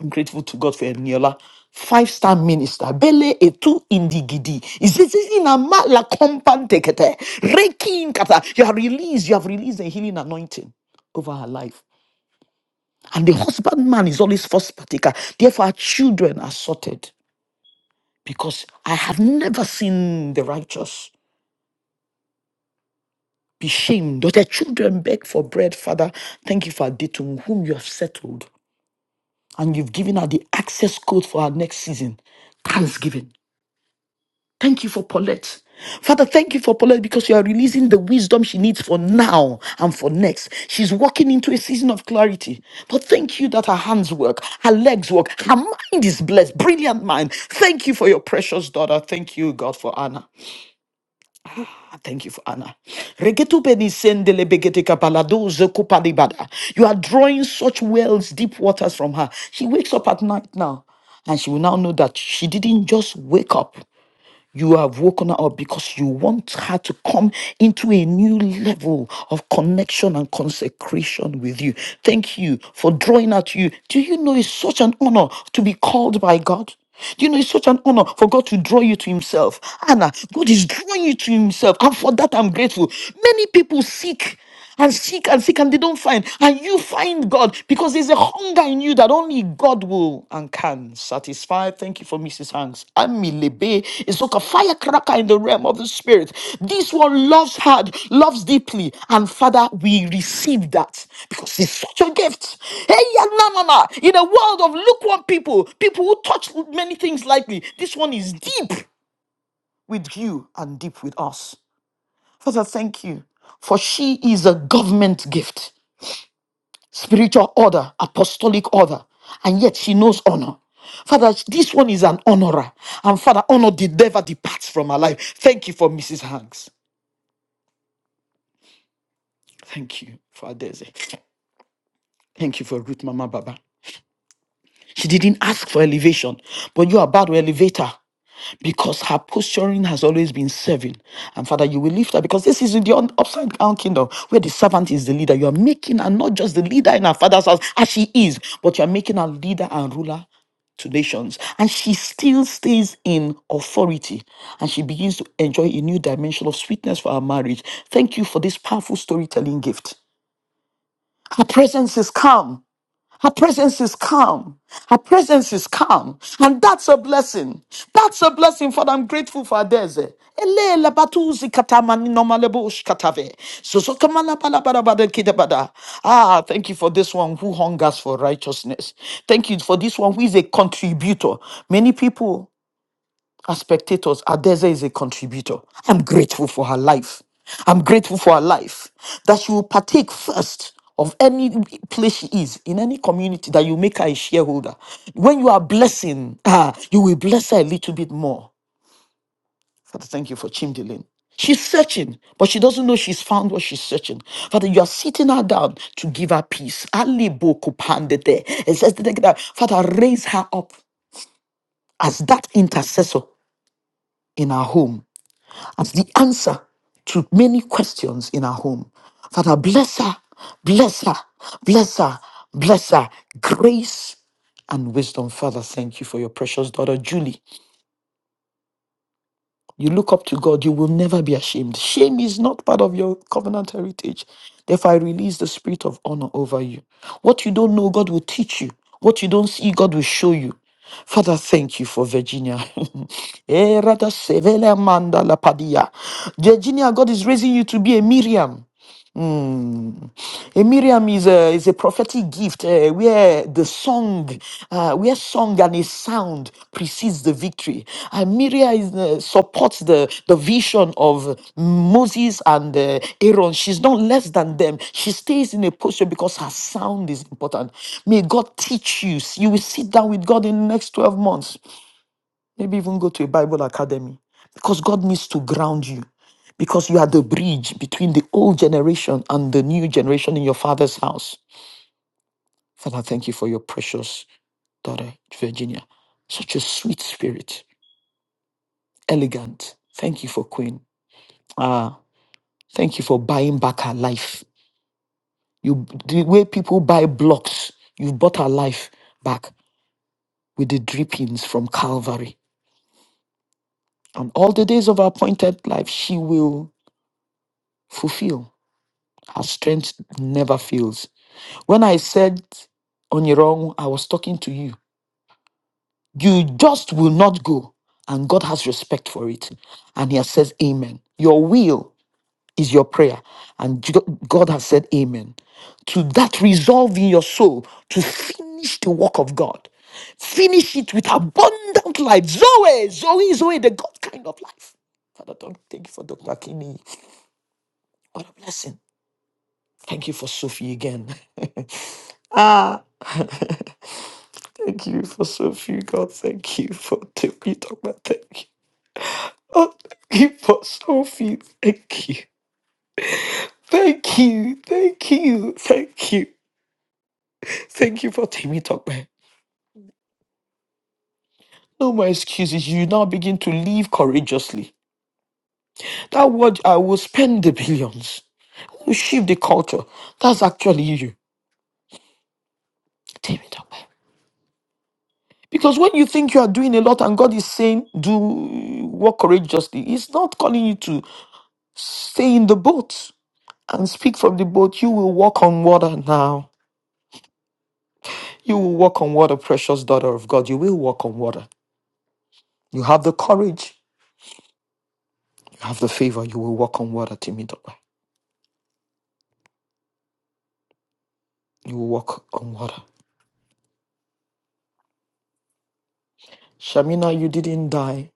S1: I'm grateful to God for Eniola. Five star minister, Bele etu indigidi. Izizizinama la kompantekete. Rekin kata. You have released, you have released a healing anointing over her life. And the husbandman is always first partaker. Therefore, our children are sorted because I have never seen the righteous be shamed or their children beg for bread. Father, thank you for Aditum, whom you have settled, and you've given her the access code for her next season. Thanksgiving. Thank you for Paulette. Father, thank you for Paulette because you are releasing the wisdom she needs for now and for next. She's walking into a season of clarity. But thank you that her hands work, her legs work, her mind is blessed. Brilliant mind. Thank you for your precious daughter. Thank you, God, for Anna. Thank you for Anna. Regetu beni sendele begete kapalado zeko palibada. You are drawing such wells, deep waters from her. She wakes up at night now. And she will now know that she didn't just wake up. You have woken her up because you want her to come into a new level of connection and consecration with you. Thank you for drawing her to you. Do you know it's such an honor to be called by God? Do you know it's such an honor for God to draw you to Himself? Anna, God is drawing you to Himself, and for that I'm grateful. Many people seek and seek and seek and they don't find. And you find God because there's a hunger in you that only God will and can satisfy. Thank you for Mrs. Hanks. Ami Lebe is like a firecracker in the realm of the spirit. This one loves hard, loves deeply. And Father, we receive that because it's such a gift. Hey, ya na na na. in a world of lukewarm people, people who touch many things lightly, this one is deep with you and deep with us. Father, thank you, for she is a government gift spiritual order, apostolic order, and yet she knows honor. Father, this one is an honorer. And Father, honor did never depart from her life. Thank you for Mrs. Hanks. Thank you for Adeze. Thank you for Ruth Mama Baba. She didn't ask for elevation, but you are about to elevate her. because her posturing has always been serving. And Father, you will lift her because this is in the un- upside down kingdom where the servant is the leader. You are making her not just the leader in her father's house as she is, but you are making her leader and ruler to nations. And she still stays in authority and she begins to enjoy a new dimension of sweetness for her marriage. Thank you for this powerful storytelling gift. Her presence is calm. Her presence is calm. Her presence is calm. And that's a blessing. That's a blessing, Father. I'm grateful for Adeze. Ele la batuzi katamani nomalebo ushkatave. Sosokamala balabarabada kidabada. Ah, thank you for this one who hungers for righteousness. Thank you for this one who is a contributor. Many people as spectators. Adeze is a contributor. I'm grateful for her life. I'm grateful for her life that she will partake first of any place she is in any community that you make her a shareholder. When you are blessing her, you will bless her a little bit more. Father, thank you for Chimdilin. She's searching, but she doesn't know she's found what she's searching. Father, you are sitting her down to give her peace. Ali bo kupandete. It says that Father, raise her up as that intercessor in her home as the answer to many questions in our home. Father, bless her, bless her, bless her, bless her. Grace and wisdom. Father, thank you for your precious daughter, Julie. You look up to God, you will never be ashamed. Shame is not part of your covenant heritage. Therefore, I release the spirit of honor over you. What you don't know, God will teach you. What you don't see, God will show you. Father, thank you for Virginia. [LAUGHS] Eh, rada sevele manda la padia. Virginia, God is raising you to be a Miriam. Mm. A Miriam is a, is a prophetic gift uh, where the song, uh, where song and a sound precedes the victory. And Miriam is, uh, supports the, the vision of Moses and uh, Aaron. She's not less than them. She stays in a posture because her sound is important. May God teach you. You will sit down with God in the next 12 months maybe even go to a Bible academy because God needs to ground you because you are the bridge between the old generation and the new generation in your father's house. Father, thank you for your precious daughter, Virginia. Such a sweet spirit, elegant. Thank you for Queen. Ah, thank you for buying back her life. You, the way people buy blocks, you bought her life back with the drippings from Calvary. And all the days of her appointed life, she will fulfill. Our strength never fails. When I said on your own, I was talking to you. You just will not go. And God has respect for it. And He has says, Amen. Your will is your prayer. And G- God has said, Amen. To that resolve in your soul to finish the work of God. Finish it with abundant life. Zoe, Zoe, Zoe, the God kind of life. Father, don't thank you for Dr. Kinney. What a blessing. Thank you for Sophie again. [LAUGHS] Ah, [LAUGHS] thank you for so few, God. Thank you for t- you talk about thank you. Oh, thank you for so few. Thank you. Thank you. Thank you. Thank you. Thank you for Timmy Talkman. No more excuses. You now begin to live courageously. That word, I will spend the billions. You shift the culture. That's actually you. Timmy Talkman. Because when you think you are doing a lot and God is saying, do work courageously, He's not calling you to stay in the boat. and speak from the boat. You will walk on water now. You will walk on water, precious daughter of God. You will walk on water. You have the courage. You have the favor. You will walk on water, Timidola. You will walk on water. Shamina, you didn't die.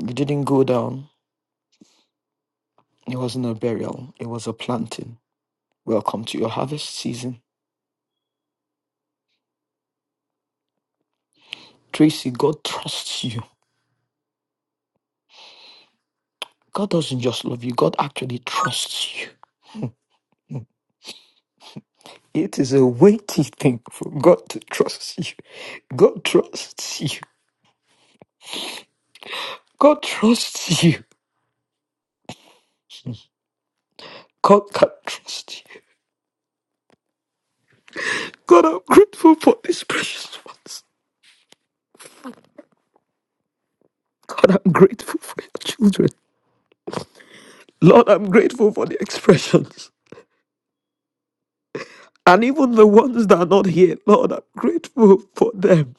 S1: You didn't go down. It wasn't a burial. It was a planting. Welcome to your harvest season. Tracy, God trusts you. God doesn't just love you. God actually trusts you. It is a weighty thing for God to trust you. God trusts you. God trusts you. God can trust you. God, I'm grateful for these precious ones. God, I'm grateful for your children. Lord, I'm grateful for the expressions. And even the ones that are not here, Lord, I'm grateful for them.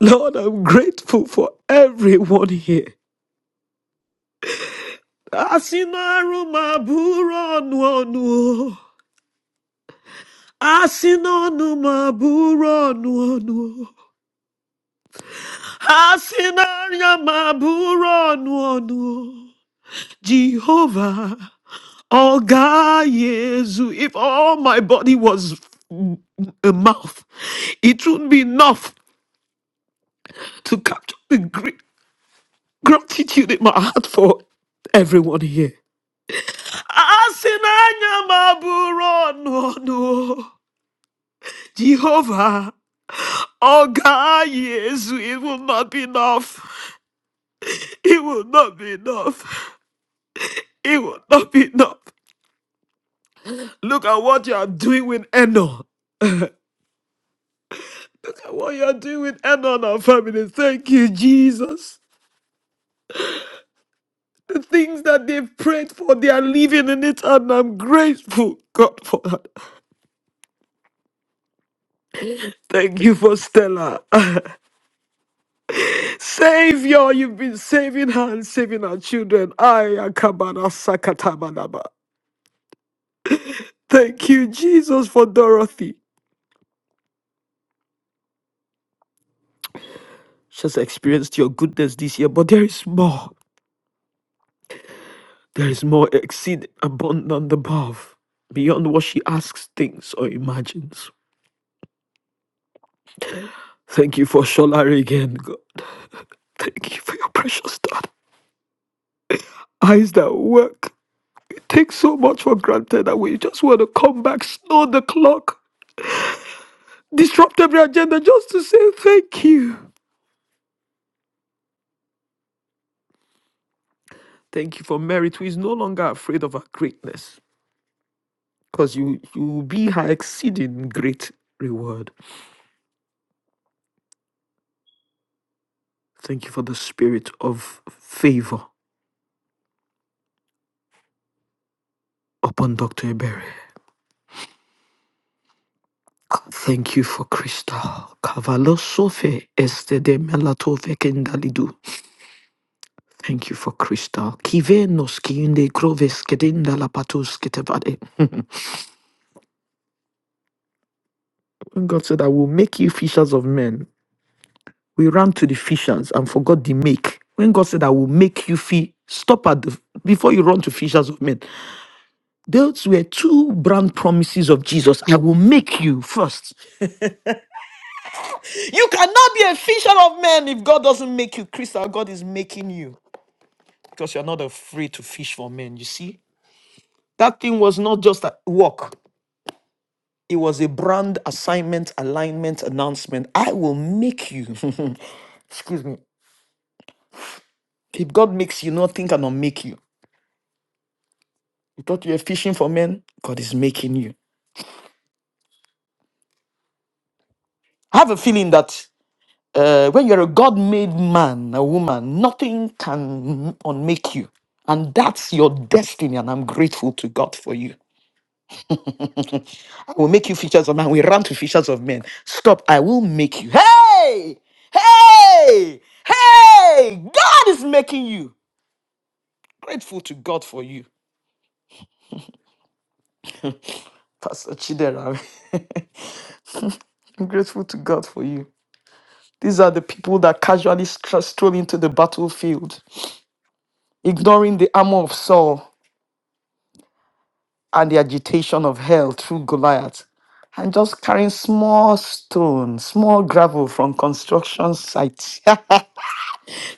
S1: Lord, I'm grateful for everyone here. Asinaru maburo nuonu. Asinonu maburo nuonu. Asinanya maburo nuonu. Jehovah, oh God, Yesu, if all my body was a mouth, it would not be enough to capture the greed. It would not be enough. Not be enough. Look at what you are doing with Enon. You are doing with Enon and our family. Thank you, Jesus. The things that they've prayed for, they are living in it, and I'm grateful, God, for that. Thank you for Stella. [LAUGHS] Savior, you've been saving her and saving our children. I Akabana Sakatabanaba. Thank you, Jesus, for Dorothy. She has experienced your goodness this year, but there is more. There is more exceed abundant above, beyond what she asks, thinks, or imagines. Thank you for Sholari again, God. Thank you for your precious daughter. Eyes that work. We take so much for granted that we just want to come back, snow the clock, disrupt every agenda just to say thank you. Thank you for merit who is no longer afraid of our greatness, because you, you will be her exceeding great reward. Thank you for the spirit of favor upon Dr. Ebere. Thank you for Crystal. Cavallo sofe este de melatove kendalidu. Thank you for Crystal. Kive noski in de groves kedenda la patos ketevade. When God said, I will make you fishers of men. We ran to the fishers and forgot the make. When God said, I will make you feel, stop at the, before you run to fishers of men. Those were two brand promises of Jesus. I will make you first. You cannot be a fisher of men if God doesn't make you. Crystal, God is making you because you're not afraid to fish for men. You see? That thing was not just a work. It was a brand assignment, alignment, announcement. I will make you. [LAUGHS] Excuse me. If God makes you, nothing cannot make you. You thought you were fishing for men? God is making you. I have a feeling that uh, when you're a God made man, a woman, nothing can unmake you. And that's your destiny. And I'm grateful to God for you. I will make you fishers of men. We run to fishers of men. Stop. I will make you. Hey! Hey! Hey! God is making you. Grateful to God for you. Pastor Chidera, [LAUGHS] I'm grateful to God for you. These are the people that casually stra- stroll into the battlefield ignoring the armor of Saul and the agitation of hell through Goliath, and just carrying small stone, small gravel from construction site, [LAUGHS]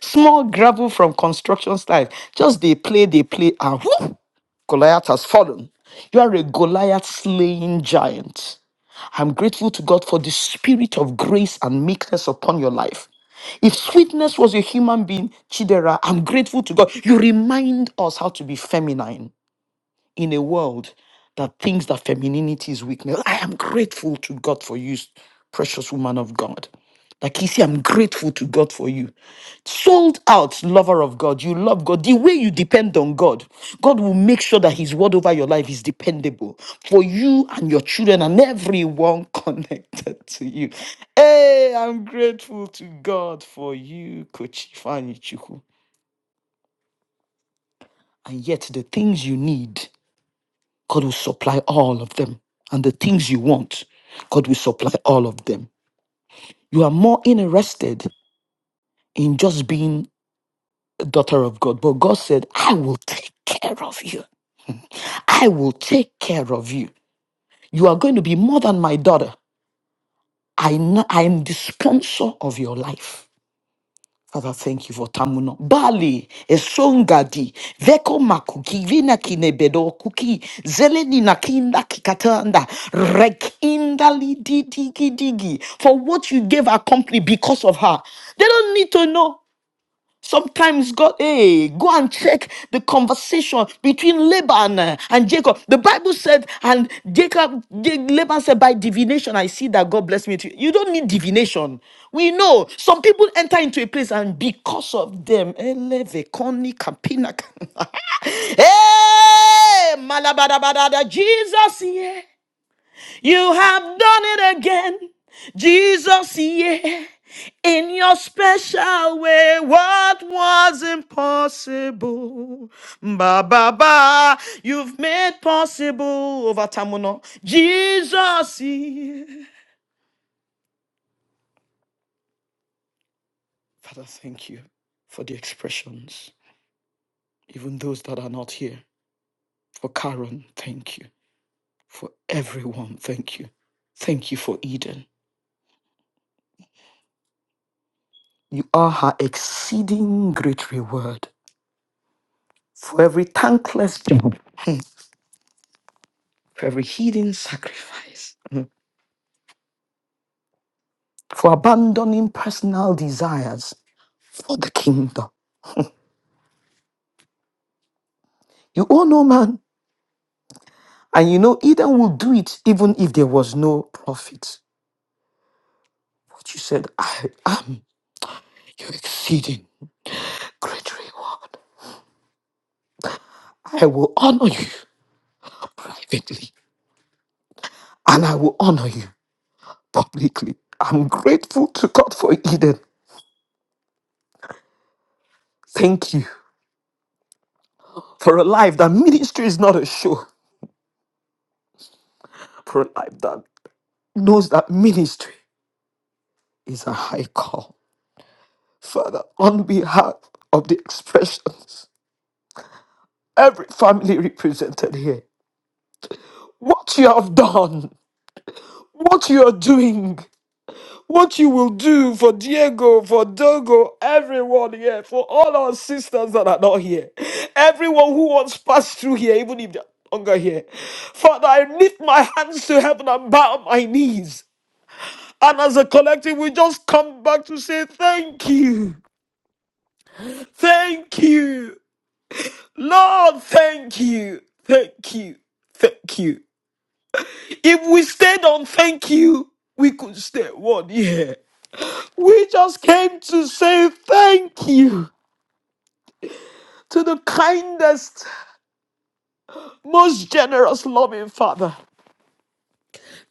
S1: small gravel from construction site. Just they play, they play, and whoop, Goliath has fallen. You are a Goliath slaying giant. I'm grateful to God for the spirit of grace and meekness upon your life. If sweetness was a human being, Chidera, I'm grateful to God. You remind us how to be feminine. in a world that thinks that femininity is weakness. I am grateful to God for you, precious woman of God. Like you see, I'm grateful to God for you. Sold out lover of God. You love God. The way you depend on God, God will make sure that His word over your life is dependable for you and your children and everyone [LAUGHS] connected to you. Hey, I'm grateful to God for you, Kochi Fanichuku. And yet, the things you need God will supply all of them. And the things you want, God will supply all of them. You are more interested in just being a daughter of God. But God said, I will take care of you. I will take care of you. You are going to be more than my daughter. I kn- I am the sponsor of your life. Father, thank you for Tamuno. Bali, Esongadi, Veko Makuki, Vina Kinebedo Kuki, Zeleni Nakinda Kikatanda, Rekindali Digi Digi, for what you gave our company because of her. They don't need to know. Sometimes God, hey, go and check the conversation between Laban uh, and Jacob. The Bible said, and Jacob, Ja- Laban said, by divination, I see that God bless me. too." You don't need divination. We know some people enter into a place, and because of them, eleve, koni, kapina, [LAUGHS] hey, malabadabadada, Jesus, yeah. You have done it again, Jesus, yeah. In your special way, what was impossible? Ba ba ba, you've made possible over Tamuno. Jesus, yeah. Father, thank you for the expressions, even those that are not here. For Karen, thank you. For everyone, thank you. Thank you for Eden. You are her exceeding great reward. for every thankless job, hmm, for every hidden sacrifice, for abandoning personal desires for the kingdom. You owe no man, and you know Eden will do it even if there was no profit. But you said, I am your exceeding great reward. I will honor you privately, and I will honor you publicly. I'm grateful to God for Eden. Thank you for a life that ministry is not a show, for a life that knows that ministry is a high call. Father, on behalf of the expressions, every family represented here, what you have done, what you are doing, what you will do for Diego, for Dogo, everyone here, for all our sisters that are not here, everyone who once passed through here, even if they're no longer here. Father, I lift my hands to heaven and bow my knees. And as a collective, we just come back to say thank you. Thank you. No, thank you. Thank you. Thank you. If we stayed on thank you, we could stay one year. We just came to say thank you to the kindest, most generous, loving Father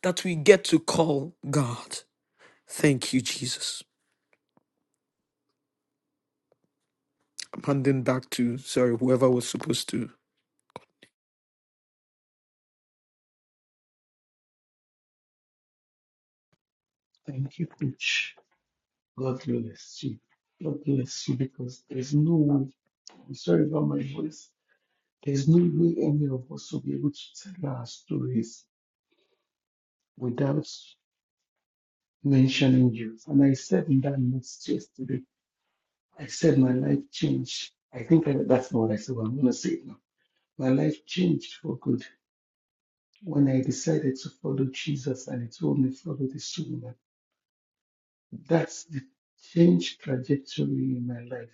S1: that we get to call God. Thank you, Jesus. I'm handing back to, sorry, whoever was supposed to.
S2: Thank you, coach. God bless you. God bless you because there's no way, I'm sorry about my voice, there's no way any of us will be able to tell our stories without mentioning you. And I said in that notes yesterday, I said my life changed. I think I, that's not what I said, but I'm going to say it now. My life changed for good when I decided to follow Jesus and he told me, follow this woman. That's the change trajectory in my life.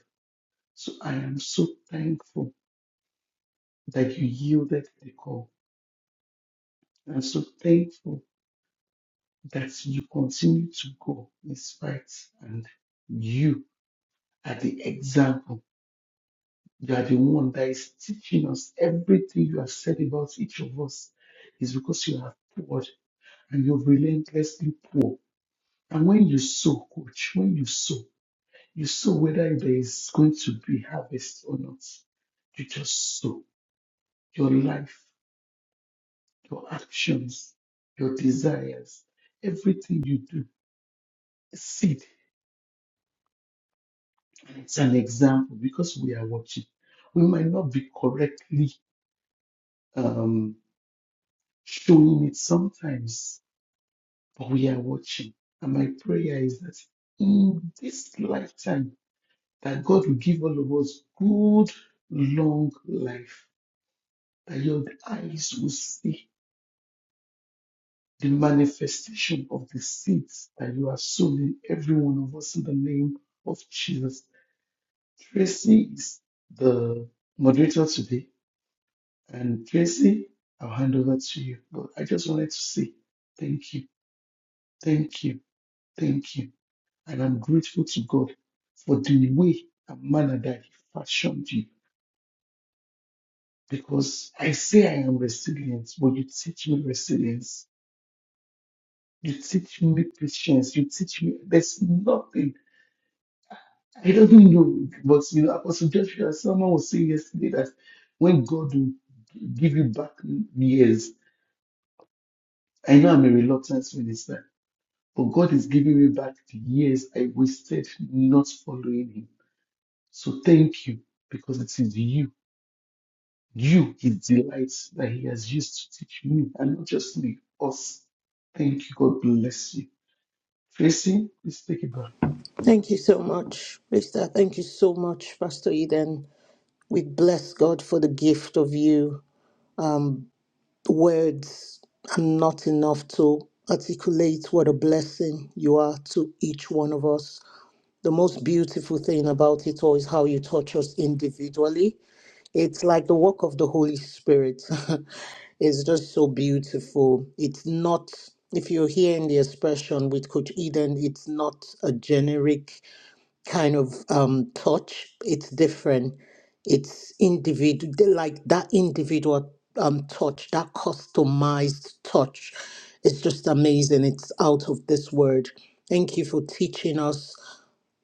S2: So I am so thankful that you yielded to the call. I'm so thankful that you continue to go in spite and you are the example. You are the one that is teaching us everything you have said about each of us is because you have poured and you've relentlessly poured. And when you sow, coach, when you sow, You sow whether there is going to be harvest or not. You just sow your life, your actions, your desires, everything you do. Seed is an example because we are watching. We might not be correctly um, showing it sometimes, but we are watching. And my prayer is that in this lifetime, that God will give all of us good, long life, that your eyes will see the manifestation of the seeds that you are sown in every one of us in the name of Jesus. Tracy is the moderator today, and Tracy, I'll hand over to you. But I just wanted to say thank you, thank you, thank you. And I'm grateful to God for the way and manner that He fashioned you. Because I say I am resilient, but you teach me resilience. You teach me patience. You teach me there's nothing I don't even know, but you know, Apostle Joshua, someone was saying yesterday that when God will give you back years, I know I'm a reluctant minister, but God is giving me back the years I wasted not following Him. So thank you, because it is you, you, His delights that He has used to teach me, and not just me, us. Thank you. God bless you. Tracy, please take it back.
S3: Thank you so much, Mister. Thank you so much, Pastor Eden. We bless God for the gift of you. Um, words are not enough to articulate what a blessing you are to each one of us. The most beautiful thing about it all is how you touch us individually. It's like the work of the Holy Spirit. [LAUGHS] it's just so beautiful. It's not, if you're hearing the expression with Coach Eden, it's not a generic kind of um, touch. It's different. It's individual, like that individual um, touch, that customized touch. It's just amazing. It's out of this world. Thank you for teaching us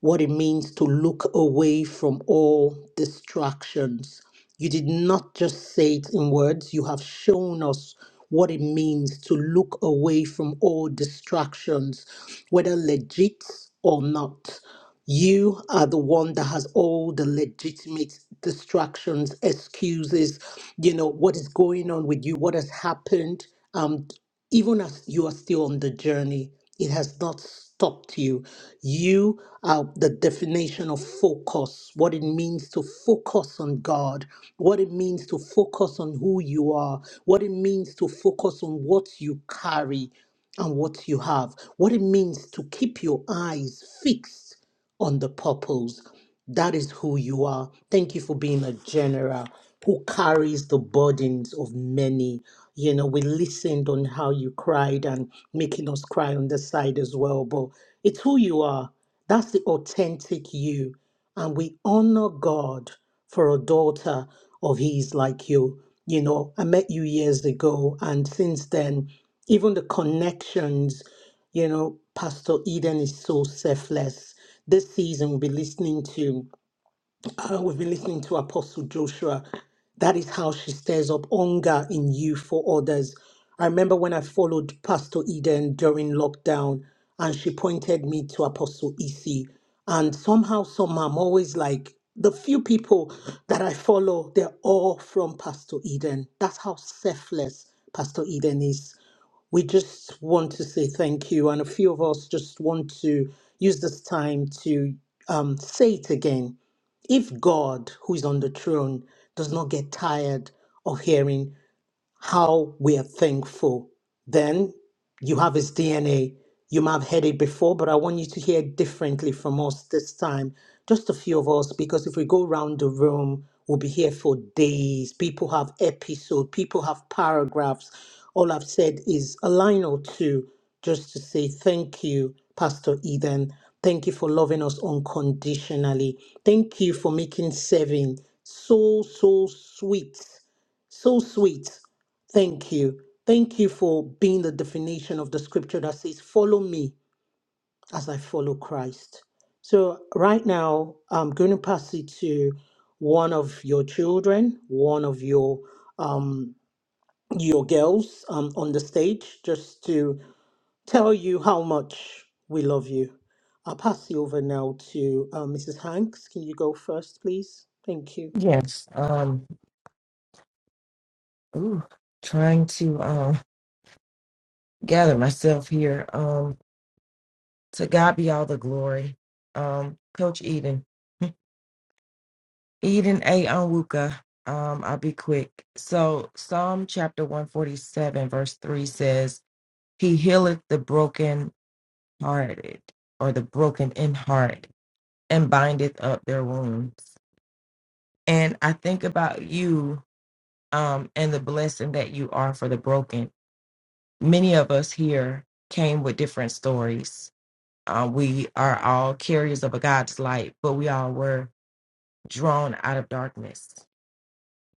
S3: what it means to look away from all distractions. You did not just say it in words, you have shown us what it means to look away from all distractions, whether legit or not. You are the one that has all the legitimate distractions, excuses, you know, what is going on with you, what has happened. Um even as you are still on the journey, it has not stopped you. You are the definition of focus, what it means to focus on God, what it means to focus on who you are, what it means to focus on what you carry and what you have, what it means to keep your eyes fixed on the purpose. That is who you are. Thank you for being a general who carries the burdens of many. You know, we listened on how you cried and making us cry on the side as well. But it's who you are. That's the authentic you. And we honor God for a daughter of His like you. You know, I met you years ago, and since then, even the connections, you know, Pastor Eden is so selfless. This season, we'll be listening to uh, we've been listening to Apostle Joshua. That is how she stirs up hunger in you for others. I remember when I followed Pastor Eden during lockdown, and she pointed me to Apostle EC. And somehow, somehow, I'm always like, the few people that I follow, they're all from Pastor Eden. That's how selfless Pastor Eden is we just want to say thank you. And a few of us just want to use this time to um, say it again if God, who is on the throne, does not get tired of hearing how we are thankful. Then you have his DNA. You might have heard it before, but I want you to hear differently from us this time. Just a few of us, because if we go around the room, we'll be here for days. People have episodes, people have paragraphs. All I've said is a line or two just to say thank you, Pastor Eden. Thank you for loving us unconditionally. Thank you for making serving so, so sweet so sweet. Thank you. Thank you for being the definition of the scripture that says, Follow me as I follow Christ. So, right now, I'm going to pass it to one of your children, one of your um, your girls um, on the stage, just to tell you how much we love you. I'll pass you over now to uh, Mrs. Hanks. Can you go first, please? Thank you.
S4: Yes. Um. Ooh, trying to um gather myself here. Um. To God be all the glory. Um. Coach Eden. [LAUGHS] Eden A. Onwuka. Um. I'll be quick. So Psalm chapter one forty seven verse three says, "He healeth the broken hearted, or the broken in heart, and bindeth up their wounds." And I think about you. Um, and the blessing that you are for the broken many of us here came with different stories. Uh, we are all carriers of a God's light, but we all were drawn out of darkness.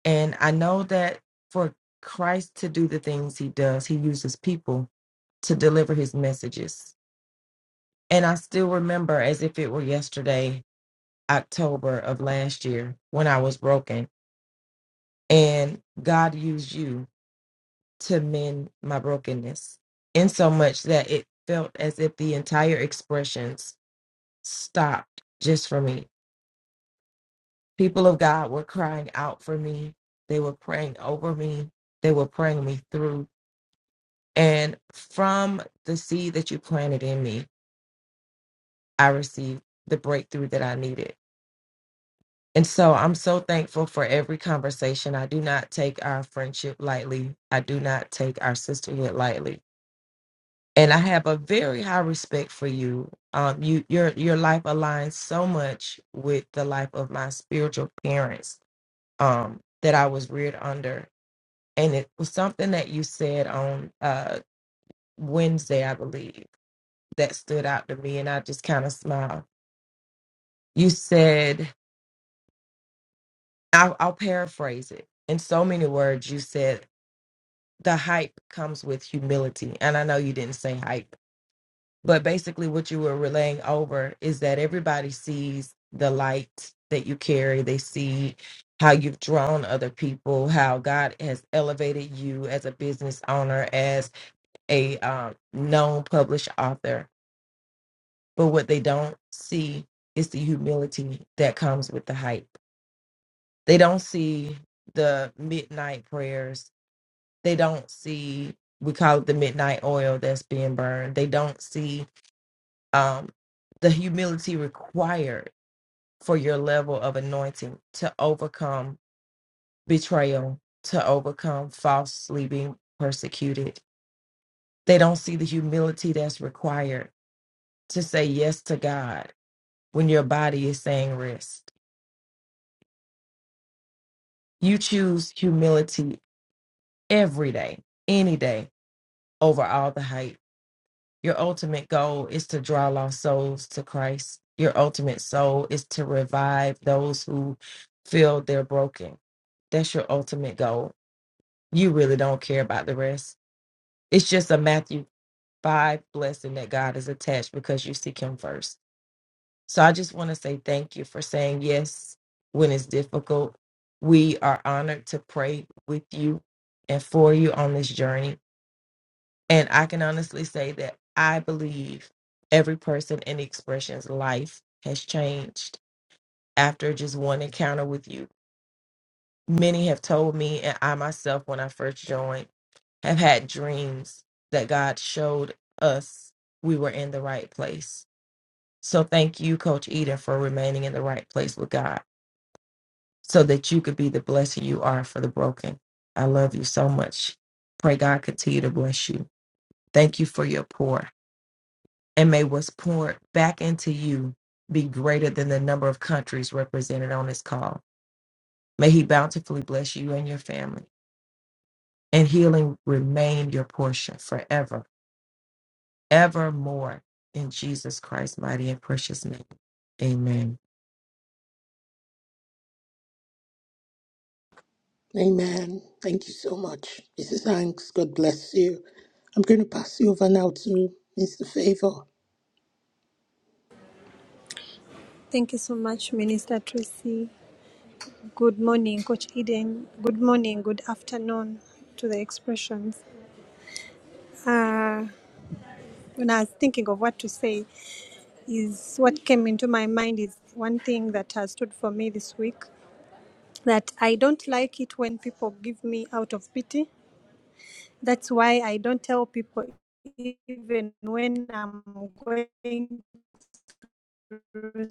S4: And I know that for Christ to do the things he does, he uses people to deliver his messages. And I still remember as if it were yesterday, October of last year, when I was broken, and God used you to mend my brokenness, insomuch that it felt as if the entire expressions stopped just for me. People of God were crying out for me, they were praying over me, they were praying me through. And from the seed that you planted in me, I received the breakthrough that I needed. And so I'm so thankful for every conversation. I do not take our friendship lightly. I do not take our sisterhood lightly. and I have a very high respect for you. Um, you your your life aligns so much with the life of my spiritual parents um, that I was reared under, and it was something that you said on uh, Wednesday, I believe, that stood out to me, and I just kind of smiled. You said, I'll, "I'll paraphrase it in so many words." You said, "The hype comes with humility," and I know you didn't say hype But basically, what you were relaying over is that everybody sees the light that you carry. They see how you've drawn other people, how God has elevated you as a business owner, as a um, known published author. But what they don't see is the humility that comes with the hype. They don't see the midnight prayers. They don't see, we call it the midnight oil that's being burned. They don't see um, the humility required for your level of anointing to overcome betrayal, to overcome falsely being persecuted. They don't see the humility that's required to say yes to God when your body is saying rest. You choose humility every day, any day, over all the hype Your ultimate goal is to draw lost souls to Christ. Your ultimate soul is to revive those who feel they're broken. That's your ultimate goal. You really don't care about the rest. It's just a Matthew 5 blessing that God is attached because you seek Him first. So I just want to say thank you for saying yes when it's difficult. We are honored to pray with you and for you on this journey. And I can honestly say that I believe every person in Expression's life has changed after just one encounter with you. Many have told me, and I myself, when I first joined, have had dreams that God showed us we were in the right place. So thank you, Coach Eden, for remaining in the right place with God so that you could be the blessing you are for the broken. I love you so much. Pray God continue to bless you. Thank you for your pour. and may what's poured back into you be greater than the number of countries represented on this call. May He bountifully bless you and your family, and healing remain your portion forever, evermore. In Jesus Christ's mighty and precious name. Amen.
S3: Amen. Thank you so much, Mrs. Hanks. God bless you. I'm going to pass you over now to Mr. Favor.
S5: Thank you so much, Minister Tracy. Good morning, Coach Eden. Good morning, good afternoon to the expressions. Uh, when I was thinking of what to say, is what came into my mind is one thing that has stood for me this week that I don't like it when people give me out of pity. That's why I don't tell people even when I'm going through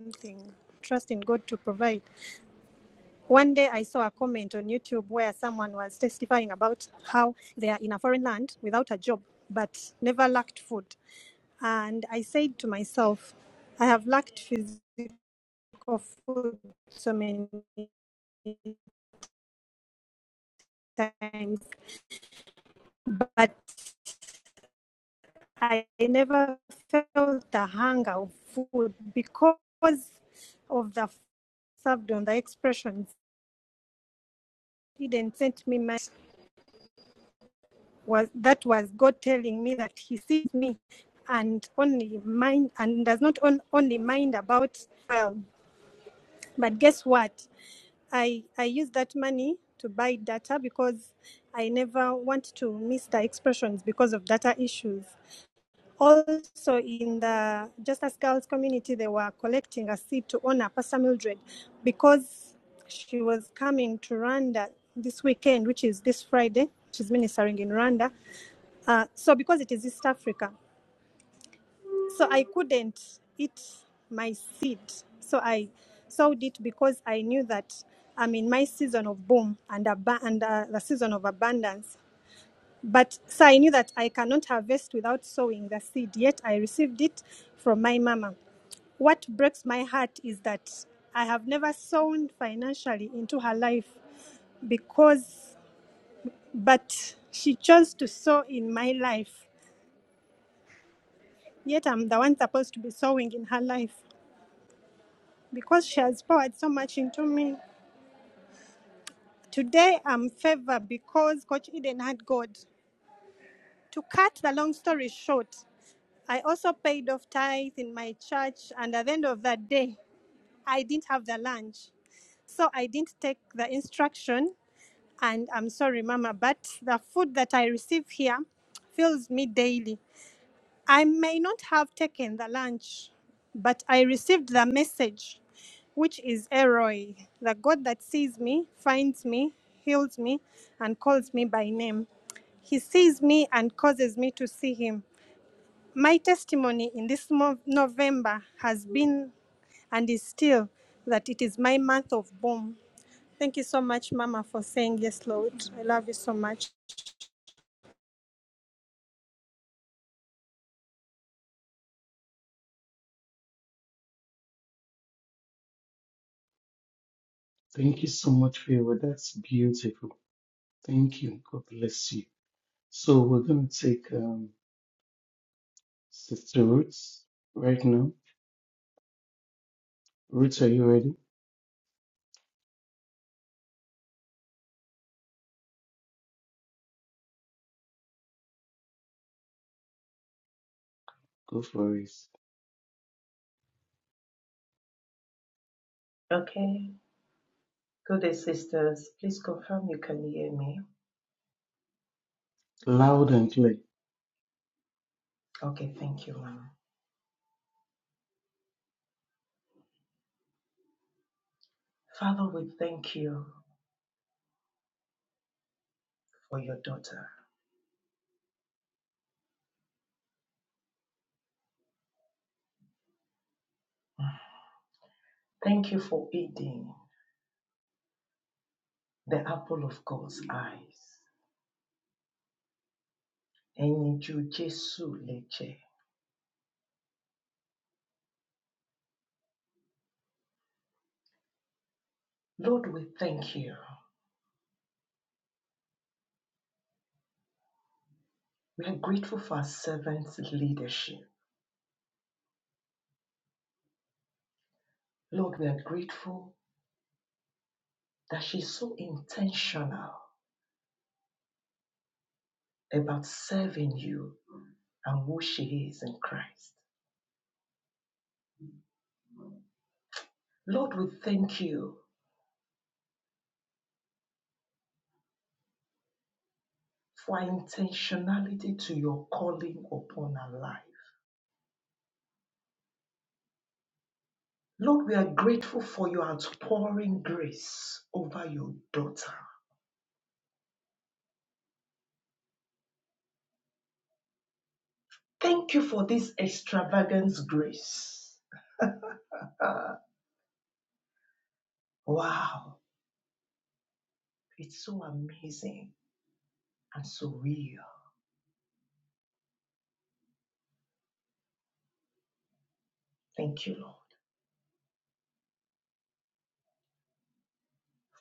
S5: something. Trust in God to provide. One day I saw a comment on YouTube where someone was testifying about how they are in a foreign land without a job but never lacked food. And I said to myself, I have lacked physical food so many times, but I never felt the hunger of food because of the served on the expressions. He didn't send me money was that was God telling me that He sees me, and only mind and does not on, only mind about well. But guess what? I I used that money to buy data because I never want to miss the expressions because of data issues. Also, in the Justice Girls community, they were collecting a seed to honor Pastor Mildred because she was coming to Rwanda this weekend, which is this Friday. She's ministering in Rwanda. Uh, so because it is East Africa, so I couldn't eat my seed. So I sowed it because I knew that I'm in my season of boom and, ab- and uh, the season of abundance. But so I knew that I cannot harvest without sowing the seed. Yet I received it from my mama. What breaks my heart is that I have never sown financially into her life because, but she chose to sow in my life Yet I'm the one supposed to be sowing in her life because she has poured so much into me. Today I'm favored because Coach Eden had God. To cut the long story short, I also paid off tithe in my church, and at the end of that day, I didn't have the lunch. So I didn't take the instruction. And I'm sorry, Mama, but the food that I receive here fills me daily. I may not have taken the lunch, but I received the message, which is Eroi, the God that sees me, finds me, heals me, and calls me by name. He sees me and causes me to see him. My testimony in this mo- November has been and is still that it is my month of boom. Thank you so much, Mama, for saying yes, Lord. I love you so much.
S2: Thank you so much for your word. That's beautiful. Thank you. God bless you. So we're going to take um, Sister Roots right now. Roots, are you ready? Go for it.
S6: Okay. Good sisters. Please confirm you can hear me.
S2: Loud and clear.
S6: Okay, thank you, Mama. Father, we thank you for your daughter. Thank you for eating the apple of God's eyes. Ẹyin ju Jésù lè Lord, we thank you. We are grateful for our servant's leadership. Lord, we are grateful that she's so intentional about serving you and who she is in Christ. Lord, we thank you for intentionality to your calling upon our life. Lord, we are grateful for your outpouring grace over your daughter. Thank you for this extravagant grace. Uh, wow, it's so amazing and so real. Thank you, Lord.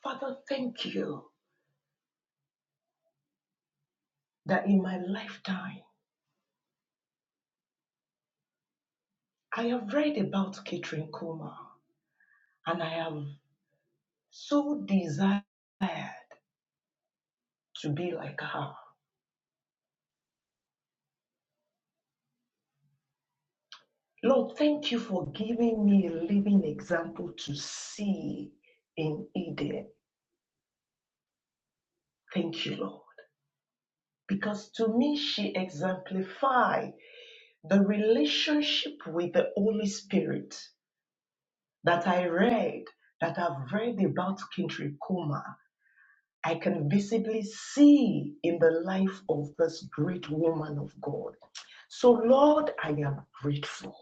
S6: Father, thank you that in my lifetime I have read about Catherine Kuma and I have so desired to be like her. Lord, thank you for giving me a living example to see in Eden. Thank you, Lord. Because to me, she exemplified the relationship with the Holy Spirit that I read, that I've read about Kintri Kuma. I can visibly see in the life of this great woman of God. So, Lord, I am grateful.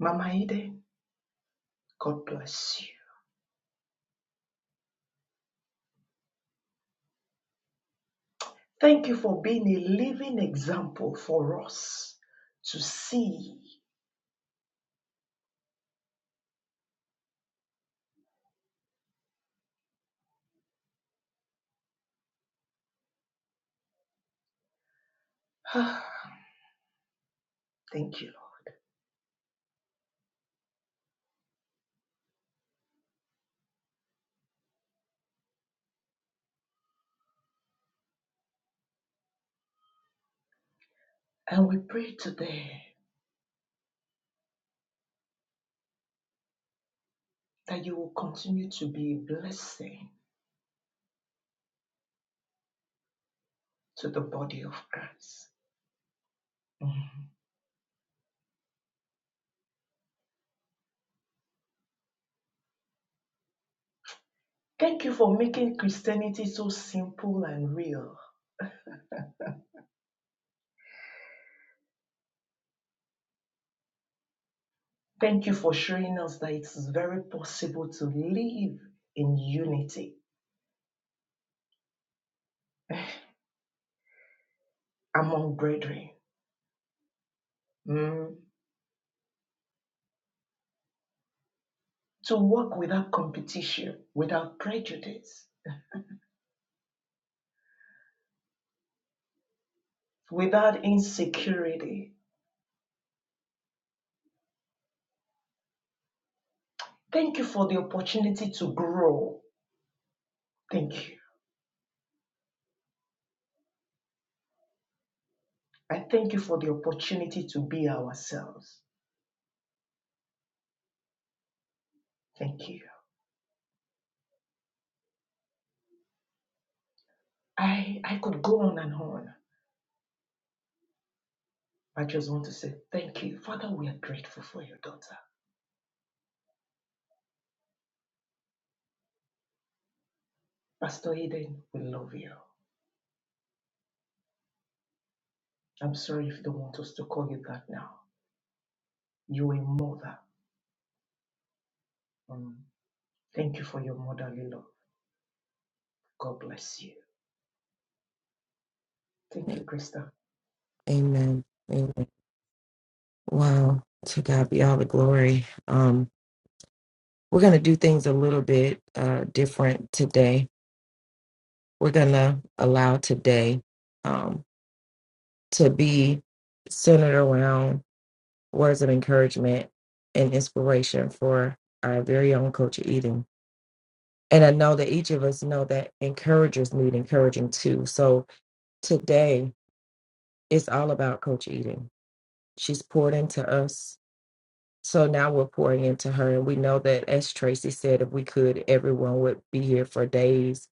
S6: Mama Eden, God bless you. Thank you for being a living example for us to see. [SIGHS] Thank you. Lord. And we pray today that you will continue to be a blessing to the body of Christ. Mhm. Thank you for making Christianity so simple and real. Thank you for showing us that it's very possible to live in unity among brethren, Mm. to work without competition, without prejudice, without insecurity, Thank you for the opportunity to grow. Thank you. I thank you for the opportunity to be ourselves. Thank you. I, I could go on and on. I just want to say thank you. Father, we are grateful for your daughter. Pastor Eden, we love you. I'm sorry if you don't want us to call you that now. You're a mother. Mm. Thank you for your motherly love. God bless you. Thank you, Krista.
S4: Amen. Amen. Wow. To God be all the glory. Um, we're going to do things a little bit uh, different today. We're going to allow today um, to be centered around words of encouragement and inspiration for our very own Coach Eden. And I know that each of us know that encouragers need encouraging too. So today it's all about Coach Eden. She's poured into us. So now we're pouring into her. And we know that, as Tracy said, if we could, everyone would be here for days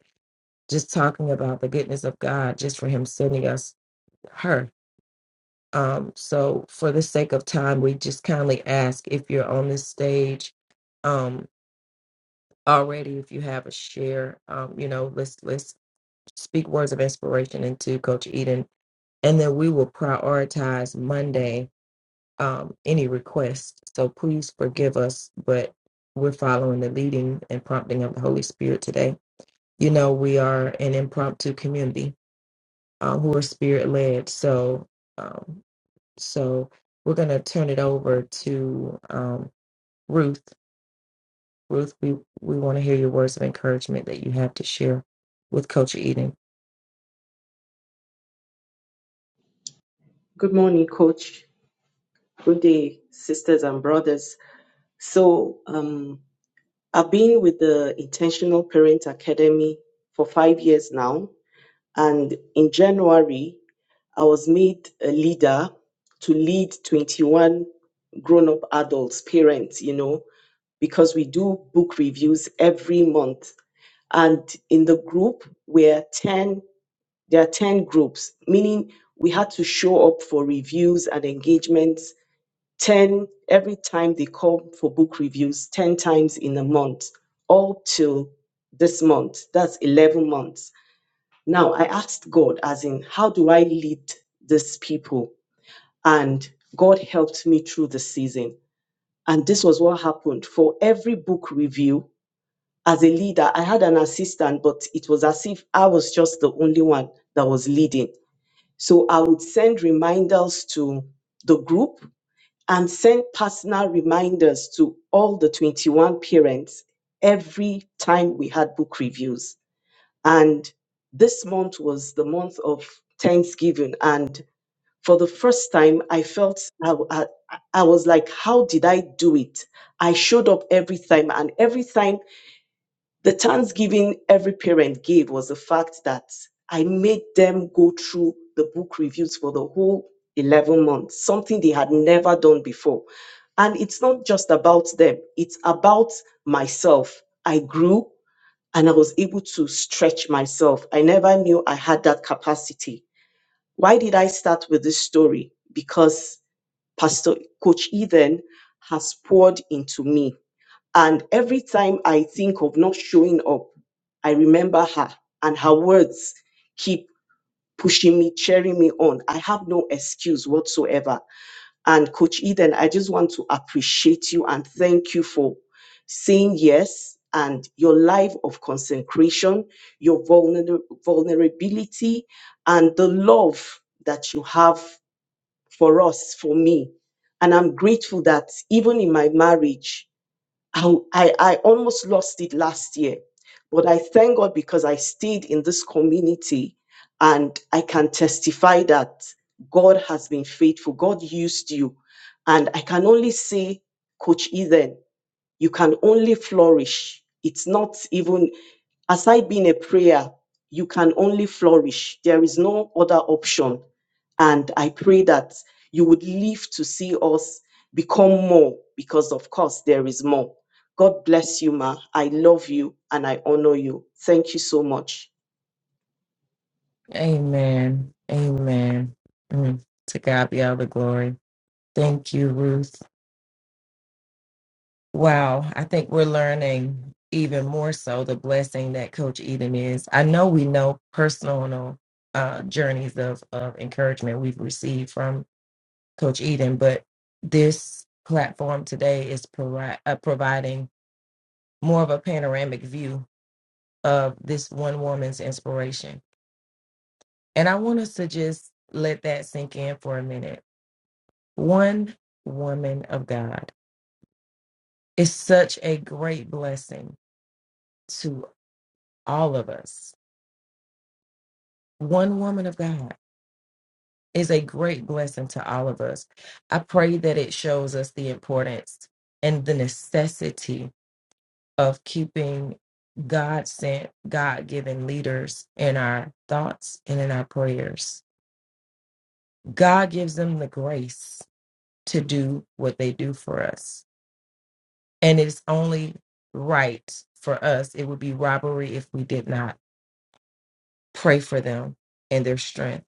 S4: just talking about the goodness of God, just for Him sending us her. Um, so, for the sake of time, we just kindly ask if you're on this stage um, already if you have a share um you know let's let's speak words of inspiration into coach eden and then we will prioritize monday um any requests so please forgive us but we're following the leading and prompting of the holy spirit today you know we are an impromptu community uh, who are spirit led so um so we're going to turn it over to um ruth Ruth, we, we want to hear your words of encouragement that you have to share with Coach Eden.
S7: Good morning, Coach. Good day, sisters and brothers. So, um, I've been with the Intentional Parent Academy for five years now. And in January, I was made a leader to lead 21 grown up adults, parents, you know, because we do book reviews every month. And in the group, we're 10, there are 10 groups, meaning we had to show up for reviews and engagements 10 every time they call for book reviews 10 times in a month all till this month that's 11 months now i asked god as in how do i lead these people and god helped me through the season and this was what happened for every book review as a leader i had an assistant but it was as if i was just the only one that was leading so i would send reminders to the group and send personal reminders to all the 21 parents every time we had book reviews. And this month was the month of Thanksgiving. And for the first time, I felt I, I, I was like, how did I do it? I showed up every time, and every time the thanksgiving every parent gave was the fact that I made them go through the book reviews for the whole 11 months, something they had never done before. And it's not just about them, it's about myself. I grew and I was able to stretch myself. I never knew I had that capacity. Why did I start with this story? Because Pastor Coach Eden has poured into me and every time I think of not showing up, I remember her and her words keep pushing me, cheering me on. I have no excuse whatsoever. And Coach Eden, I just want to appreciate you and thank you for saying yes and your life of consecration, your vulner- vulnerability, and the love that you have for us, for me. And I'm grateful that even in my marriage, I, I, I almost lost it last year, but I thank God because I stayed in this community and I can testify that God has been faithful. God used you. And I can only say, Coach Ethan, you can only flourish. It's not even aside being a prayer, you can only flourish. There is no other option. And I pray that you would live to see us become more because, of course, there is more. God bless you, Ma. I love you and I honor you. Thank you so much.
S4: Amen. Amen. Mm. To God be all the glory. Thank you, Ruth. Wow. I think we're learning even more so the blessing that Coach Eden is. I know we know personal uh, journeys of, of encouragement we've received from Coach Eden, but this platform today is provi- uh, providing more of a panoramic view of this one woman's inspiration. And I want us to just let that sink in for a minute. One woman of God is such a great blessing to all of us. One woman of God is a great blessing to all of us. I pray that it shows us the importance and the necessity of keeping God sent, God given leaders in our thoughts and in our prayers. God gives them the grace to do what they do for us. And it's only right for us. It would be robbery if we did not pray for them and their strength.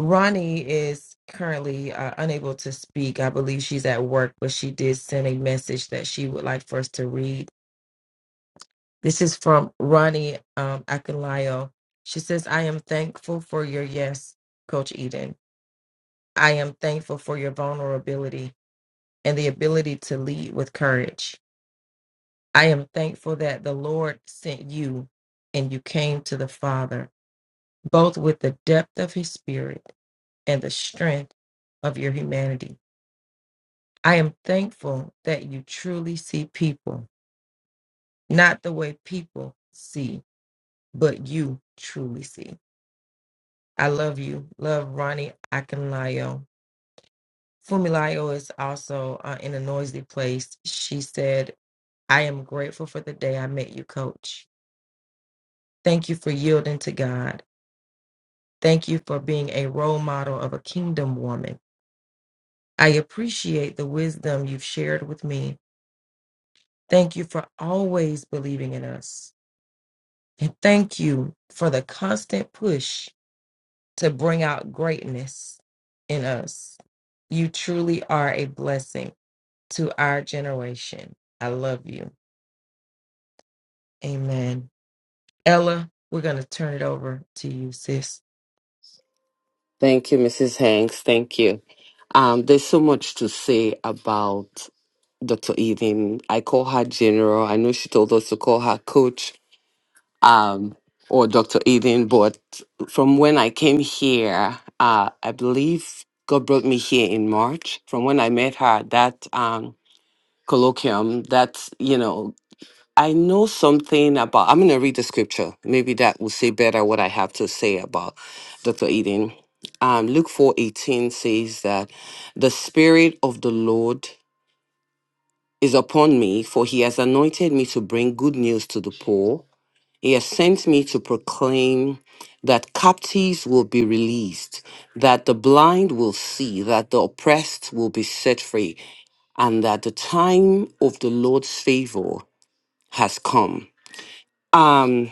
S4: Ronnie is currently uh, unable to speak. I believe she's at work, but she did send a message that she would like for us to read. This is from Ronnie um, Akinlayo. She says, I am thankful for your yes, Coach Eden. I am thankful for your vulnerability and the ability to lead with courage. I am thankful that the Lord sent you and you came to the Father, both with the depth of his spirit and the strength of your humanity. I am thankful that you truly see people, not the way people see, but you truly see. I love you. Love Ronnie Akinlayo. Fumilayo is also uh, in a noisy place. She said, I am grateful for the day I met you, coach. Thank you for yielding to God. Thank you for being a role model of a kingdom woman. I appreciate the wisdom you've shared with me. Thank you for always believing in us. And thank you for the constant push to bring out greatness in us. You truly are a blessing to our generation. I love you. Amen. Ella, we're going to turn it over to you, sis.
S8: Thank you, Mrs. Hanks. Thank you. Um, there's so much to say about Dr. Eden. I call her General. I know she told us to call her Coach um, or Dr. Eden, but from when I came here, uh, I believe God brought me here in March. From when I met her, at that um, colloquium, that you know I know something about, I'm going to read the scripture. Maybe that will say better what I have to say about Dr. Eden. Um, Luke four eighteen says that the Spirit of the Lord is upon me, for he has anointed me to bring good news to the poor. He has sent me to proclaim that captives will be released, that the blind will see, that the oppressed will be set free, and that the time of the Lord's favor has come. Um,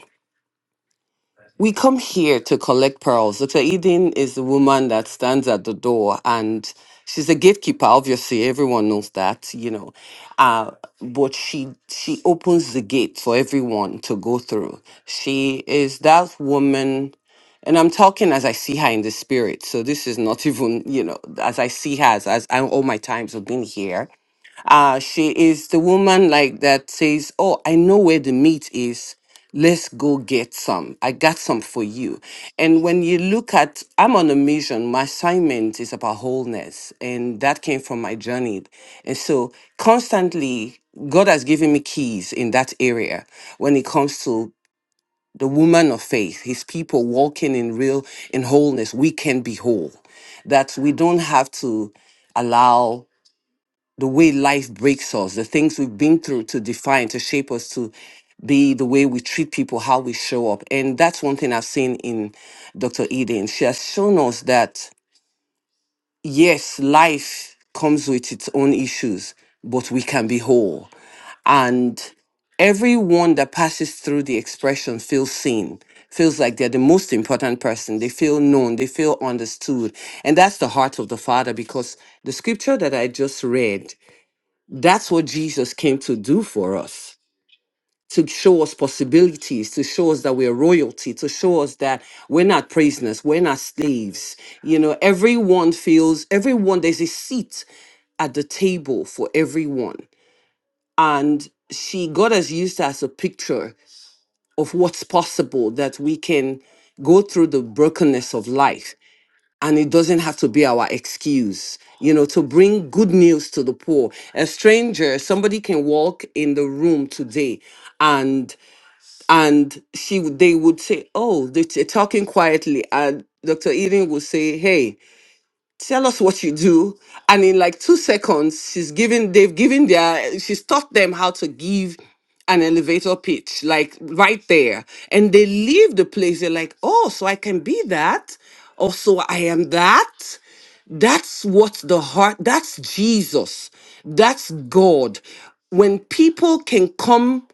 S8: We come here to collect pearls. Dr. Eden is the woman that stands at the door and she's a gatekeeper, obviously. Everyone knows that, you know. Uh, but she she opens the gate for everyone to go through. She is that woman, and I'm talking as I see her in the spirit. So this is not [LAUGHS] even, you know, as I see her as, as I, all my times have been here. Uh, she is the woman like that says, "Oh, I know where the meat is. Let's go get some. I got some for you." And when you look at, I'm on a mission. My assignment is about wholeness, and that came from my journey. And so, constantly, God has given me keys in that area when it comes to the woman of faith, His people walking in real in wholeness. We can be whole. That we don't have to allow the way life breaks us, the things we've been through to define, to shape us to be the way we treat people, how we show up. And that's one thing I've seen in Dr. Eden. She has shown us that, yes, life comes with its own issues, but we can be whole. And everyone that passes through the expression feels seen feels like they're the most important person they feel known they feel understood and that's the heart of the father because the scripture that i just read that's what Jesus came to do for us to show us possibilities, to show us that we're royalty, to show us that we're not prisoners, we're not slaves. You know, everyone feels, everyone, there's a seat at the table for everyone. And she, God has used her as a picture of what's possible that we can go through the brokenness of life and it doesn't have to be our excuse you know to bring good news to the poor a stranger somebody can walk in the room today and and she would- they would say oh they're t- talking quietly and dr eden would say hey tell us what you do and in like two seconds she's given they've given their she's taught them how to give an elevator pitch like right there and they leave the place they're like oh so i can be that also I am that. That's what the heart, that's Jesus, that's God. When people can come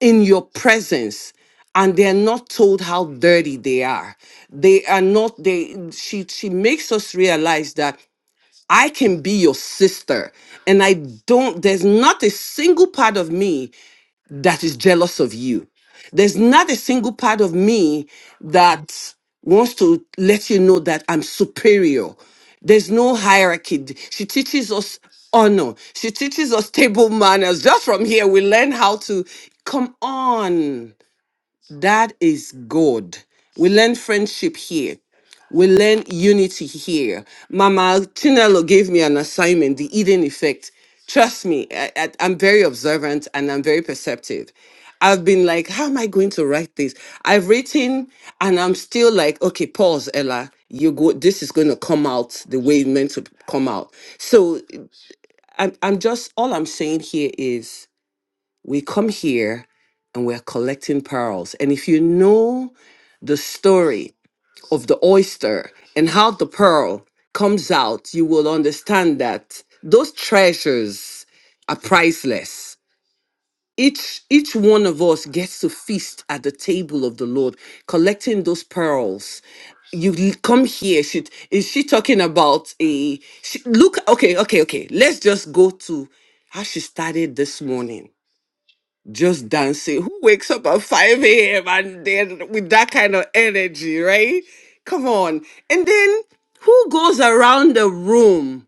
S8: in your presence and they're not told how dirty they are, they are not, they, she, she makes us realize that I can be your sister. And I don't, there's not a single part of me that is jealous of you. There's not a single part of me that wants to let you know that I'm superior. There's no hierarchy. She teaches us honor. She teaches us table manners. Just from here, we learn how to come on. That is good. We learn friendship here. We learn unity here. Mama Chinelo gave me an assignment, the Eden effect. Trust me, I, I, I'm very observant and I'm very perceptive. I've been like, how am I going to write this? I've written and I'm still like, okay, pause, Ella. You go, this is going to come out the way it meant to come out. So I'm, I'm just, all I'm saying here is we come here and we're collecting pearls. And if you know the story, of the oyster and how the pearl comes out, you will understand that those treasures are priceless. Each each one of us gets to feast at the table of the Lord, collecting those pearls. You l- come here. She, is she talking about a she, look? Okay, okay, okay. Let's just go to how she started this morning just dancing. Who wakes up at 5 a.m. and then with that kind of energy, right? Come on. And then who goes around the room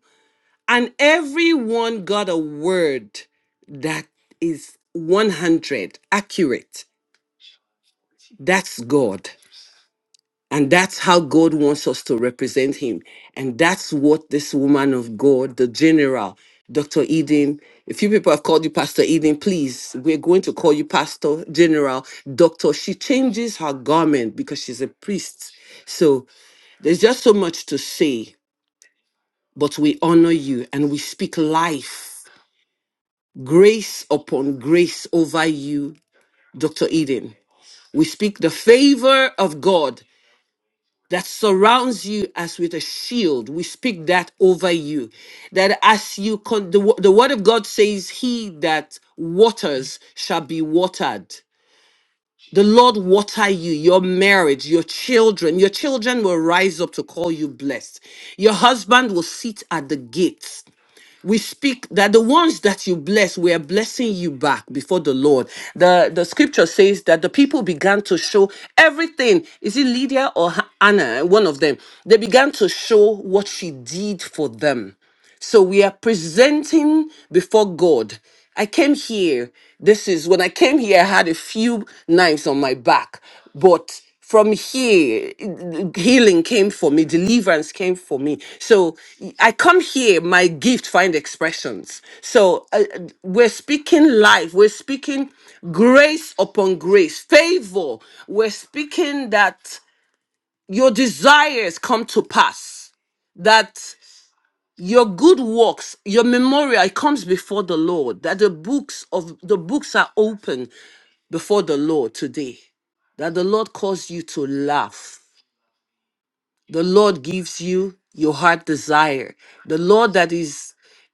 S8: and everyone got a word that is 100 accurate? That's God. And that's how God wants us to represent him. And that's what this woman of God, the general, Dr. Eden, a few people have called you Pastor Eden. Please, we're going to call you Pastor General, Doctor. She changes her garment because she's a priest. So there's just so much to say, but we honor you and we speak life, grace upon grace over you, Dr. Eden. We speak the favor of God that surrounds you as with a shield. We speak that over you. That as you, con- the, wo- the word of God says, He that waters shall be watered. The Lord water you, your marriage, your children. Your children will rise up to call you blessed. Your husband will sit at the gates we speak that the ones that you bless, we are blessing you back before the Lord. The the scripture says that the people began to show everything. Is it Lydia or Ha- Anna? One of them. They began to show what she did for them. So we are presenting before God. I came here. This is when I came here, I had a few knives on my back. But from here, healing came for me, deliverance came for me. So I come here, my gift find expressions. So uh, uh, we're speaking life, we're speaking grace upon grace, favor. We're speaking that your desires come to pass that your good works your memorial it comes before the lord that the books of the books are open before the lord today that the lord calls you to laugh the lord gives you your heart desire the lord that is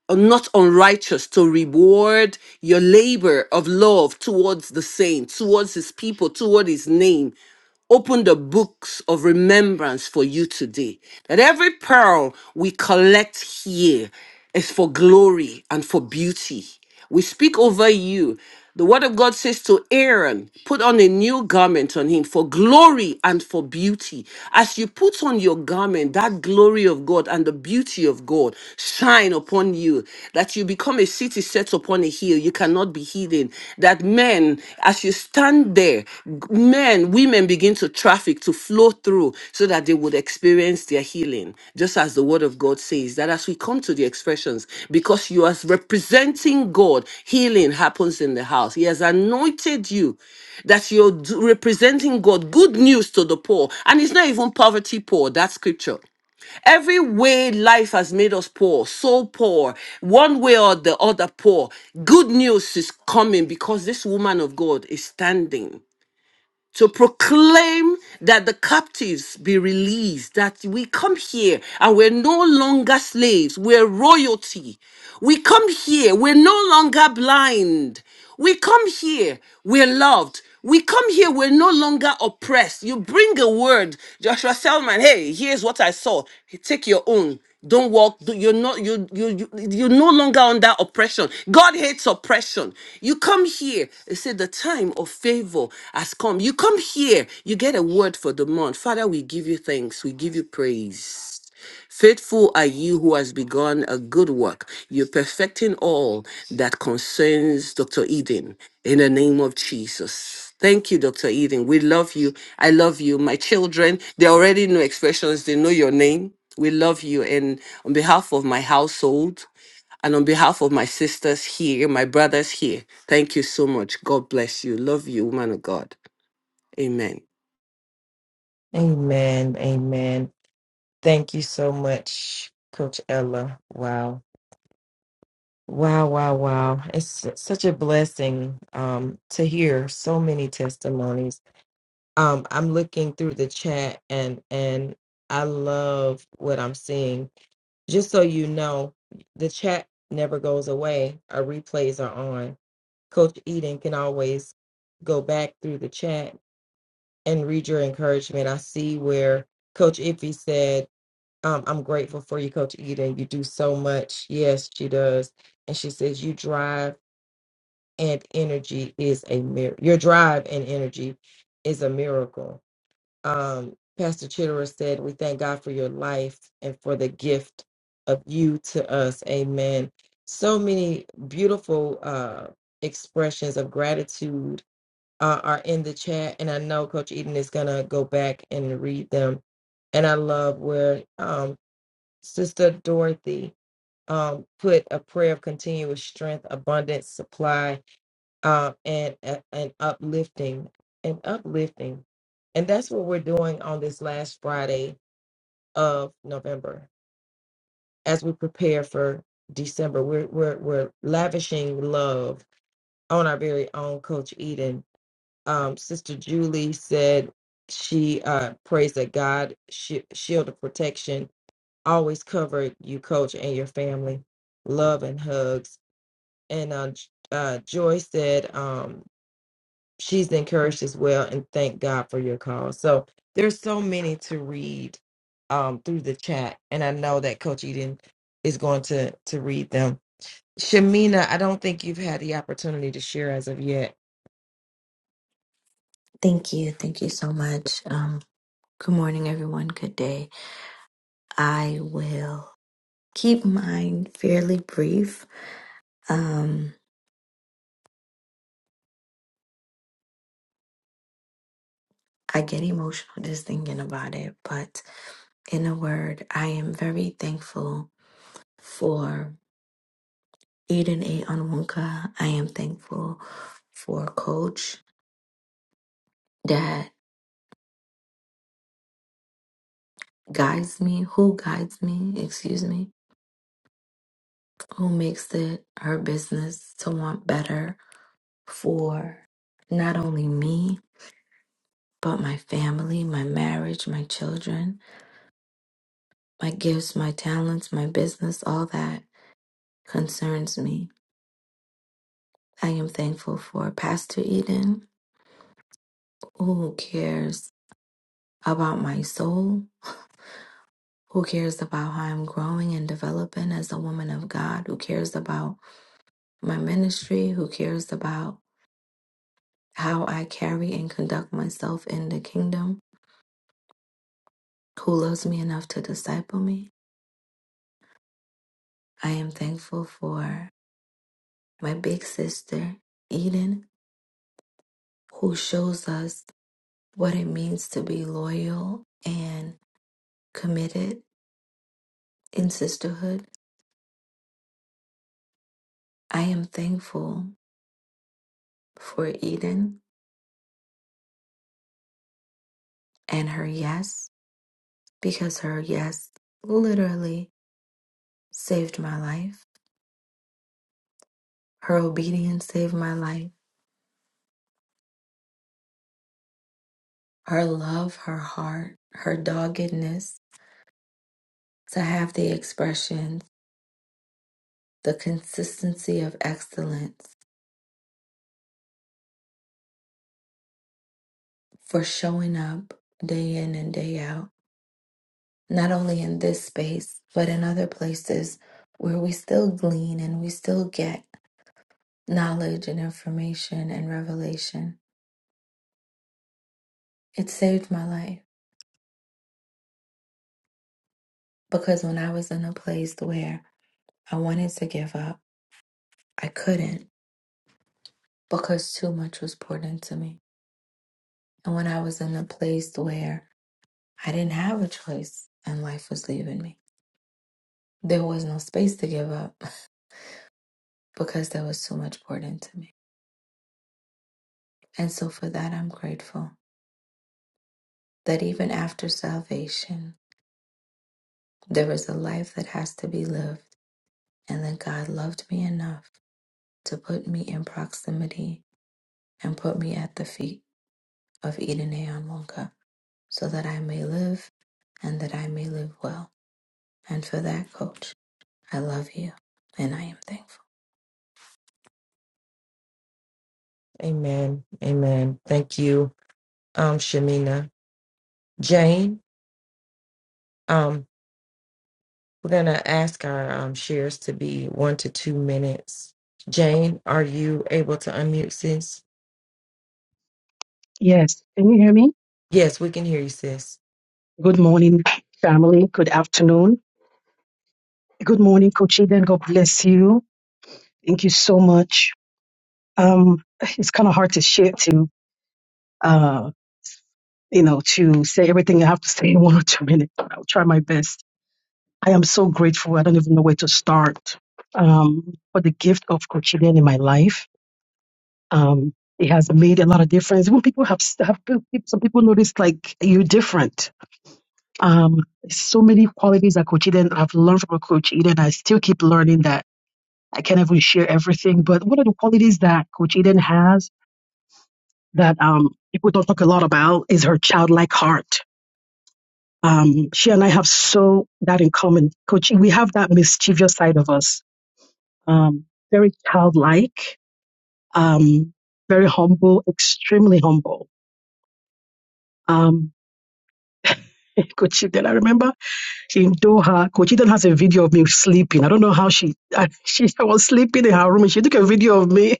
S8: not unrighteous to reward your labor of love towards the saint towards his people toward his name open the books of remembrance for you today. That every pearl we collect here is for glory and for beauty. We speak over you. The word of God says to Aaron, put on a new garment on him for glory and for beauty. As you put on your garment, that glory of God and the beauty of God shine upon you, that you become a city set upon upon a hill. You cannot be hidden. That men, as you stand there, g- men, women begin to traffic, to flow through so that they would experience their healing. Just as the word of God says, that as we come to the expressions, because you are representing God, healing happens in the house. He has anointed you that you're d- representing God, good news to the poor. And it's not even poverty poor, that scripture. Every way life has made us poor, so poor, one way or the other poor. Good news is coming because this woman of God is standing to proclaim that the captives be released, that we come here and we're no longer slaves, we're royalty. We come here, we're no longer blind. We come here, we're loved. We come here, we're no longer oppressed. You bring a word, Joshua Selman, hey, here's what I saw. Take your own don't walk do- you're not you you you you're no longer under oppression god hates oppression you come here they say the time of favor has come you come here you get a word for the month father we give you thanks we give you praise Faithful are you who has begun a good work. You're perfecting all that concerns Dr. Eden in the name of Jesus. Thank you, Dr. Eden. We love you. I love you. My children, they already know expressions, they know your name. We love you. And on behalf of my household and on behalf of my sisters here, my brothers here, thank you so much. God bless you. Love you, woman of God. Amen.
S4: Amen. Amen. Thank you so much, Coach Ella. Wow Wow, wow, wow. It's s- such a blessing um to hear so many testimonies. Um I'm looking through the chat and and I love what I'm seeing. Just so you know, the chat never goes away. Our replays are on. Coach Eden can always go back through the chat and read your encouragement. I see where Coach Iffy said, um, I'm grateful for you, Coach Eden. You do so much. Yes, she does. And she says, You drive and energy is a mir- your drive and energy is a miracle. Um, Pastor Chitterer said, "We thank God for your life and for the gift of you to us." Amen. So many beautiful uh, expressions of gratitude uh, are in the chat, and I know Coach Eden is gonna go back and read them. And I love where um, Sister Dorothy um, put a prayer of continuous strength, abundance, supply um, and and and uplifting and uplifting and that's what we're doing on this last friday of november as we prepare for december we're we're, we're lavishing love on our very own coach eden um, sister julie said she uh, prays that god shi shield of protection always cover you coach and your family love and hugs and uh, J- uh, joy said um, she's encouraged as well and thank god for your call so there's so many to read um through the chat and i know that coach eden is going to to read them shamina i don't think you've had the opportunity to share as of yet
S9: Thank you. Thank you so much. Um, good morning, everyone. Good day. I will keep mine fairly brief. Um, I get emotional just thinking about it, but in a word, I am very thankful for Eden A. Onwunka. I am thankful for a Coach that guides me, who guides me, excuse me, who makes it her business to want better for not only me but my family, my marriage, my children, my gifts, my talents, my business, all that concerns me. I am thankful for Pastor Eden, who cares about my soul, who cares about how I'm growing and developing as a woman of God, who cares about my ministry, who cares about how I carry and conduct myself in the kingdom, who loves me enough to disciple me. I am thankful for my big sister, Eden, who shows us what it means to be loyal and committed in sisterhood. I am thankful for Eden and her yes, because her yes literally saved my life. Her obedience saved my life. Her love, her heart, her doggedness to have the expressions, the consistency of excellence for showing up day in and day out not only in this space, but in other places where we still glean and we still get knowledge and information and revelation. It saved my life because when I was in a place where I wanted to give up, I couldn't because too much was poured into me. And when I was in a place where I didn't have a choice and life was leaving me, there was no space to give up [LAUGHS] because there was too much poured into me. And so for that, I'm grateful that even after salvation, There is a life that has to be lived, and that God loved me enough to put me in proximity and put me at the feet of Eden Wonka so that I may live and that I may live well. And for that, coach, I love you and I am thankful.
S4: amen amen thank you um shamina jane um we're going to ask our um, shares to be one to two minutes jane are you able to unmute sis
S10: Yes. Can you hear me?
S4: yes we can hear you sis
S10: Good morning, family. Good afternoon. Good morning, Coach Eden. God bless you. Thank you so much. Um, it's kind of hard to share to, uh, you know, to say everything I have to say [LAUGHS] in one or two minutes. but I'll try my best. I am so grateful. I don't even know where to start. Um, for the gift of Coach Eden in my life. Um, it has made a lot of difference. When people have, have some people notice like you're different Um, so many qualities that Coach Eden I've learned from Coach Eden. I still keep learning that I can't even share everything. But one of the qualities that Coach Eden has that um, people don't talk a lot about is her childlike heart. Um, she and I have so that in common. Coach, we have that mischievous side of us. Um, very childlike, um, very humble, extremely humble. Um, [LAUGHS] Coach Eden, I remember. in Doha. Coach Eden has a video of me sleeping. I don't know how she [LAUGHS] I, she I was sleeping in her room and she took a video of me.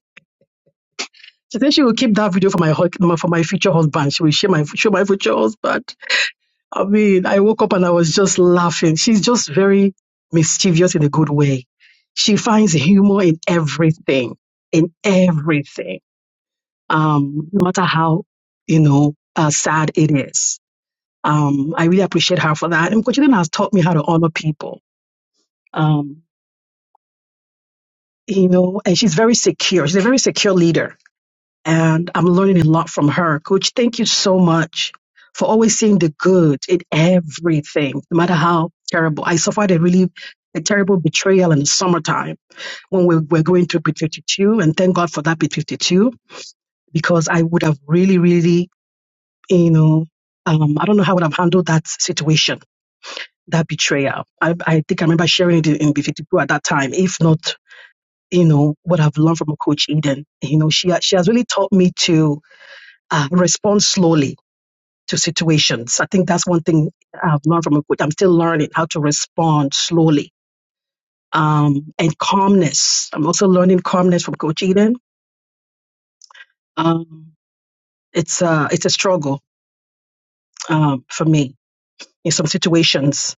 S10: She said she will keep that video for my hu- for my future husband. She will share my show my future husband. I mean, I woke up and I was just laughing. She's just very mischievous in a good way. She finds humor in everything, in everything, um, no matter how you know uh, sad it is. Um, I really appreciate her for that. And Coach Eden has taught me how to honor people. Um. you know, and she's very secure. She's a very secure leader. And I'm learning a lot from her. Coach, thank you so much for always seeing the good in everything, no matter how terrible. I suffered a really a terrible betrayal in the summertime when we were going through Pit 52. And thank God for that Pit 52, because I would have really, really, you know, um, I don't know how I would have handled that situation, that betrayal. I, I think I remember sharing it in, in 52 at that time, if not you know what I've learned from Coach Eden. You know, she she has really taught me to uh, respond slowly to situations. I think that's one thing I've learned from a coach. I'm still learning how to respond slowly um, and calmness. I'm also learning calmness from Coach Eden. Um, it's a it's a struggle um, for me in some situations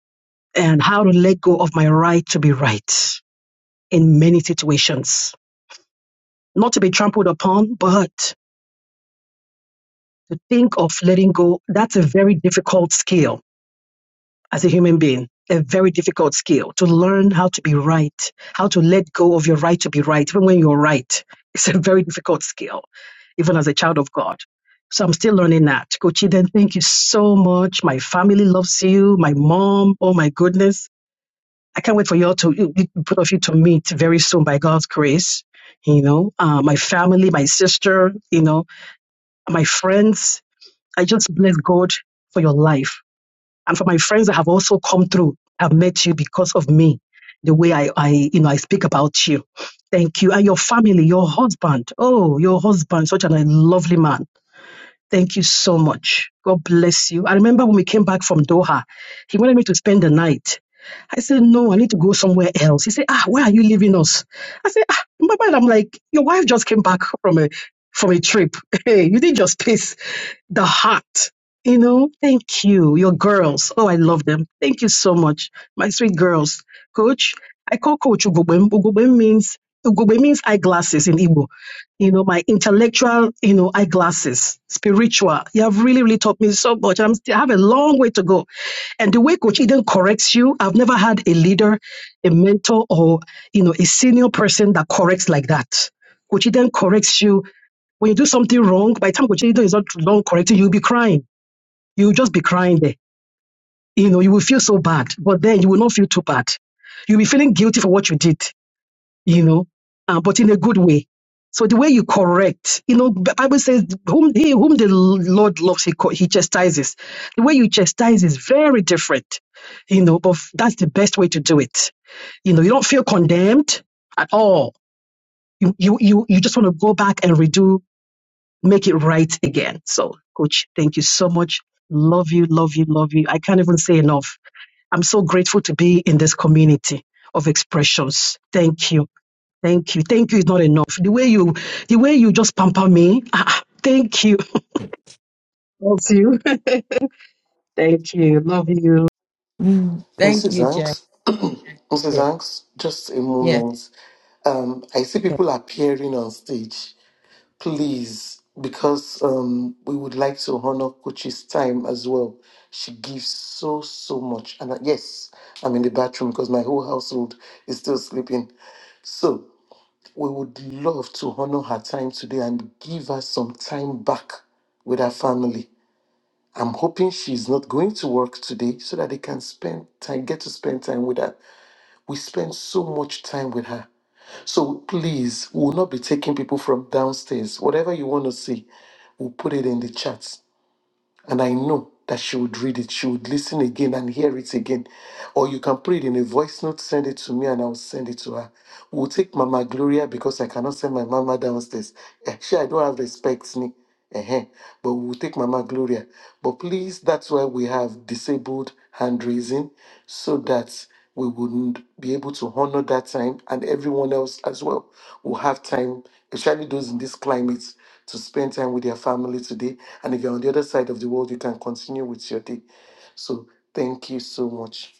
S10: and how to let go of my right to be right in many situations, not to be trampled upon, but to think of letting go, that's a very difficult skill as a human being, a very difficult skill to learn how to be right, how to let go of your right to be right, even when you're right. [LAUGHS] It's a very difficult skill, even as a child of God. So I'm still learning that. Coach Eden, thank you so much. My family loves you. My mom, oh my goodness. I can't wait for you all to, you- both of you to meet very soon by God's grace. You know, uh, my family, my sister, you know, my friends, I just bless God for your life and for my friends that have also come through, have met you because of me, the way I, I you know, I speak about you. Thank you. And your family, your husband. Oh, your husband, such a lovely man. Thank you so much. God bless you. I remember when we came back from Doha, he wanted me to spend the night. I said, No, I need to go somewhere else. He said, Ah, where are you leaving us? I said, Ah, my mind, I'm like, Your wife just came back from a from a trip. [LAUGHS] Hey, you did your space the heart. You know, thank you, your girls. Oh, I love them. Thank you so much, my sweet girls. Coach, I call Coach Ugobem. Ugobem means Ugobem means eyeglasses in Igbo. You know, my intellectual, you know, eyeglasses, spiritual. You have really, really taught me so much. I'm, still, I have a long way to go. And the way Coach Eden corrects you, I've never had a leader, a mentor, or you know, a senior person that corrects like that. Coach Eden corrects you when you do something wrong, by the time Kochido is not long correcting, you'll be crying. You'll just be crying there. You know, you will feel so bad, but then you will not feel too bad. You'll be feeling guilty for what you did, you know, uh, but in a good way. So the way you correct, you know, the Bible says, whom, he, whom the Lord loves, he, co- he chastises. The way you chastise is very different, you know, but that's the best way to do it. You know, you don't feel condemned at all. You, you, you, you just want to go back and redo make it right again. So, coach, thank you so much. Love you, love you, love you. I can't even say enough. I'm so grateful to be in this community of expressions. Thank you. Thank you. Thank you is not enough. The way you the way you just pamper me. ah, ah, thank you. Love you. [LAUGHS] Thank you. Love you.
S4: Mm, thank
S2: Mrs.
S4: you jane
S2: Hanks, [CLEARS THROAT] Mrs. Hanks, just a
S4: yes
S2: moment. Um, I see
S4: Okay.
S2: people appearing on stage. Please, because um, we would like to honor Coach's time as well. She gives so, so much. And uh, yes, I'm in the bathroom because my whole household is still sleeping. So. We would love to honor her time today and give her some time back with her family. I'm hoping she's not going to work today so that they can spend time, get to spend time with her. We spend so much time with her. So please, we will not be taking people from downstairs. Whatever you want to see, we'll put it in the chat. And I know that she would read it, she would listen again and hear it again. Or you can put it in a voice note, send it to me, and I'll send it to her. We'll take Mama Gloria because I cannot send my mama downstairs. Eh, She, I don't have respect, ni. Ehen. But we'll take Mama Gloria. But please, that's why we have disabled hand raising so that we wouldn't be able to honor that time and everyone else as well will have time, especially those in this climate to spend time with their family today. And if you're on the other side of the world, you can continue with your day. So thank you so much.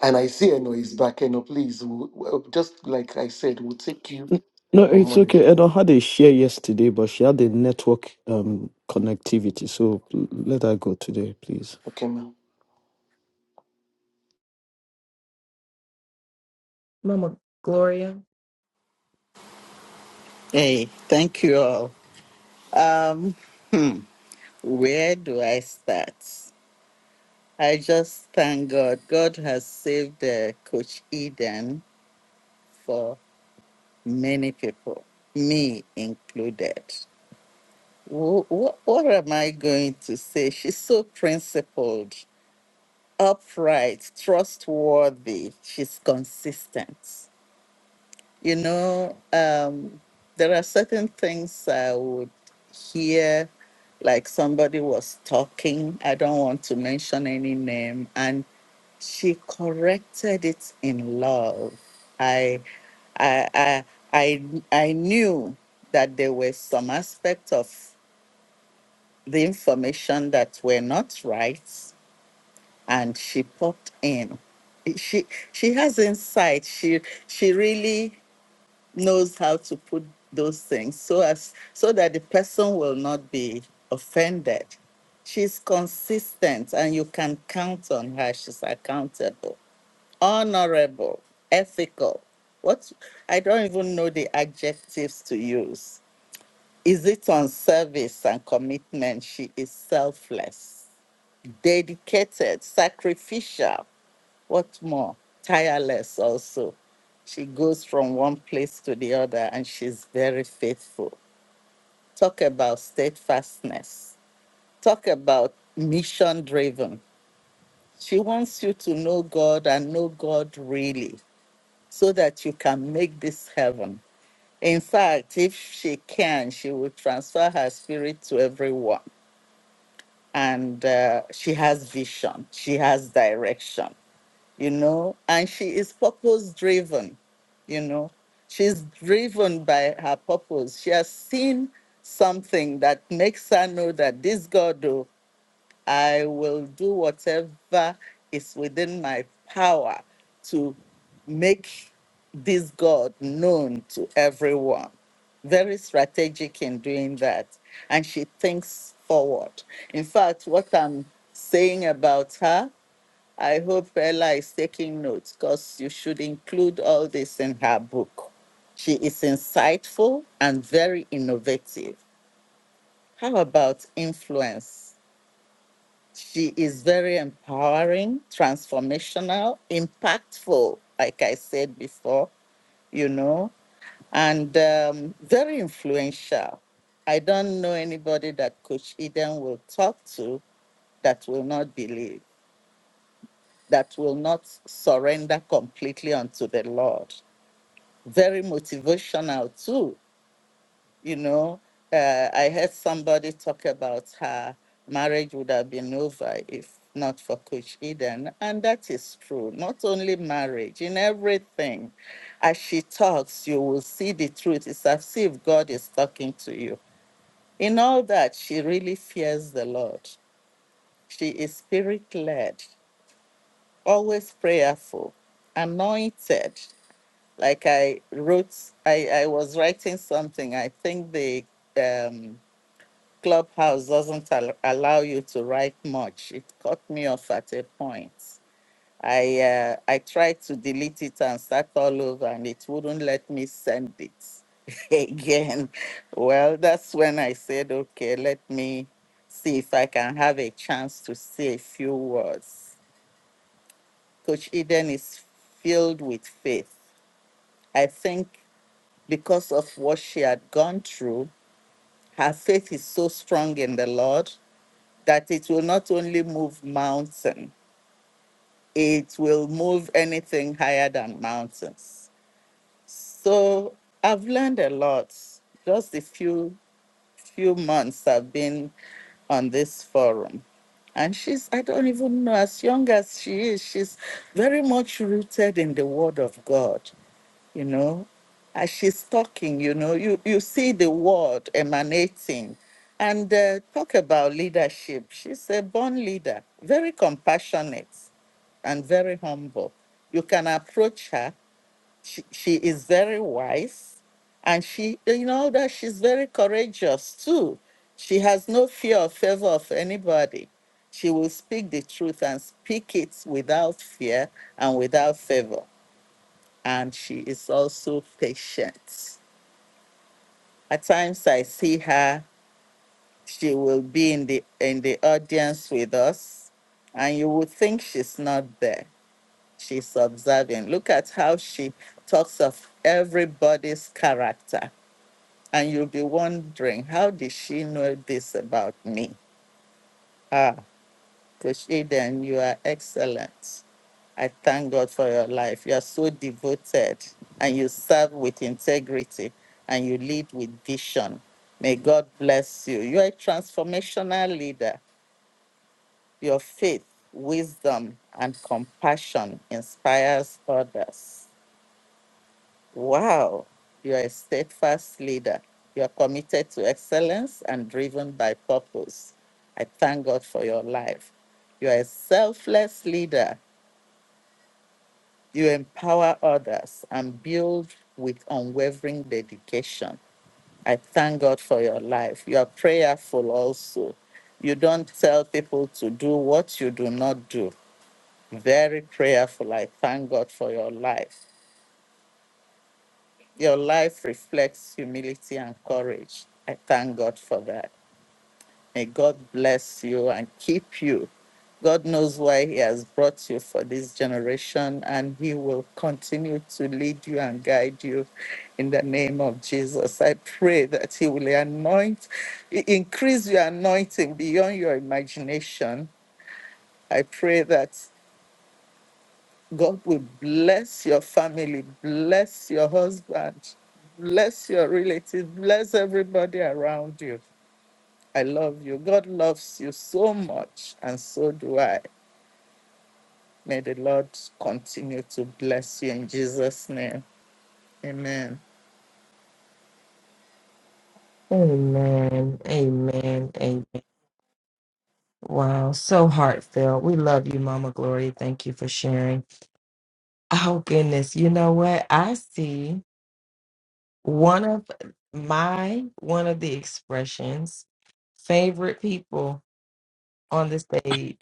S2: And I see Eno is back. Eno, please, we'll, well, just like I said, we'll take you
S1: No,
S2: on
S1: it's
S2: Monday.
S1: okay. Edo had a share yesterday, but she had a network um connectivity. So l- let her go today, please.
S2: Okay, ma'am.
S4: Mama Gloria.
S11: Hey, thank you all. Um, hmm, where do I start? I just thank God. God has saved uh, Coach Eden for many people, me included. Wh- wh- what am I going to say? She's so principled, upright, trustworthy. She's consistent. You know, um, there are certain things I would hear like somebody was talking i don't want to mention any name and she corrected it in love i i i i, I knew that there were some aspects of the information that were not right and she popped in she she has insight she she really knows how to put those things so as so that the person will not be offended. She's consistent and you can count on her. She's accountable, honorable, ethical. What I don't even know the adjectives to use. Is it on service and commitment? She is selfless, dedicated, sacrificial, what more? Tireless also. She goes from one place to the other and she's very faithful. Talk about steadfastness. Talk about mission driven. She wants you to know God and know God really so that you can make this heaven. In fact, if she can, she will transfer her spirit to everyone. And uh, she has vision, she has direction you know, and she is purpose driven, you know. She's driven by her purpose. She has seen something that makes her know that this God, oh, I will do whatever is within my power to make this God known to everyone. Very strategic in doing that. And she thinks forward. In fact, what I'm saying about her I hope Ella is taking notes because you should include all this in her book. She is insightful and very innovative. How about influence? She is very empowering, transformational, impactful, like I said before, you know, and um, very influential. I don't know anybody that Coach Eden will talk to that will not believe, that will not surrender completely unto the Lord. very motivational too. You know, uh, I heard somebody talk about her marriage would have been over if not for Coach Eden. And that is true. Not only marriage, in everything. As she talks, you will see the truth. It's as if God is talking to you. In all that, she really fears the Lord. She is spirit led, always prayerful, anointed. like I wrote, I, I was writing something. I think the um, clubhouse doesn't al- allow you to write much. It cut me off at a point. I uh, I tried to delete it and start all over, and it wouldn't let me send it [LAUGHS] again. Well, that's when I said, okay, let me see if I can have a chance to say a few words. Coach Eden is filled with faith. I think because of what she had gone through, her faith is so strong in the Lord that it will not only move mountain, it will move anything higher than mountains. So I've learned a lot. Just the few few months I've been on this forum. And she's, I don't even know, as young as she is, she's very much rooted in the Word of God. you know as she's talking you know you you see the word emanating and uh, talk about leadership she's a born leader very compassionate and very humble you can approach her she, she is very wise and she you know that she's very courageous too she has no fear or favor of anybody she will speak the truth and speak it without fear and without favor and she is also patient. At times I see her, she will be in the in the audience with us, and you would think she's not there. She's observing. Look at how she talks of everybody's character. And you'll be wondering, how did she know this about me? Ah. Koshidan, you are excellent. I thank God for your life. You are so devoted and you serve with integrity and you lead with vision. May God bless you. You are a transformational leader. Your faith, wisdom, and compassion inspires others. Wow. You are a steadfast leader. You are committed to excellence and driven by purpose. I thank God for your life. You are a selfless leader You empower others and build with unwavering dedication. I thank God for your life. You are prayerful also. You don't tell people to do what you do not do. Very prayerful. I thank God for your life. Your life reflects humility and courage. I thank God for that. May God bless you and keep you. God knows why He has brought you for this generation, and He will continue to lead you and guide you in the name of Jesus. I pray that He will anoint, i- increase your anointing beyond your imagination. I pray that God will bless your family, bless your husband, bless your relatives, bless everybody around you. I love you. God loves you so much, and so do I. May the Lord continue to bless you in Jesus' name. Amen.
S4: Amen. Amen. Amen. Wow. So heartfelt. We love you, Mama Gloria. Thank you for sharing. Oh goodness. You know what? I see one of my one of the expressions, favorite people on the stage,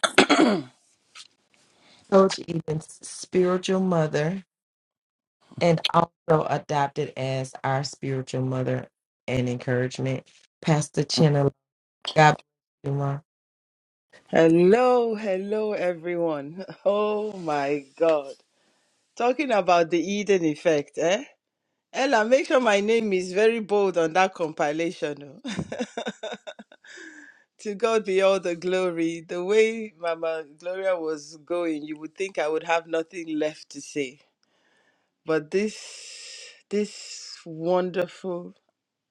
S4: Coach Eden's spiritual mother, and also adopted as our spiritual mother and encouragement, Pastor Chenna. God bless you, Ma.
S12: Hello, hello everyone. [LAUGHS] Oh my God. Talking about the Eden effect, eh? Ella, make sure my name is very bold on that compilation. oh. [LAUGHS] to God be all the glory. The way Mama Gloria was going, you would think I would have nothing left to say. But this, this wonderful,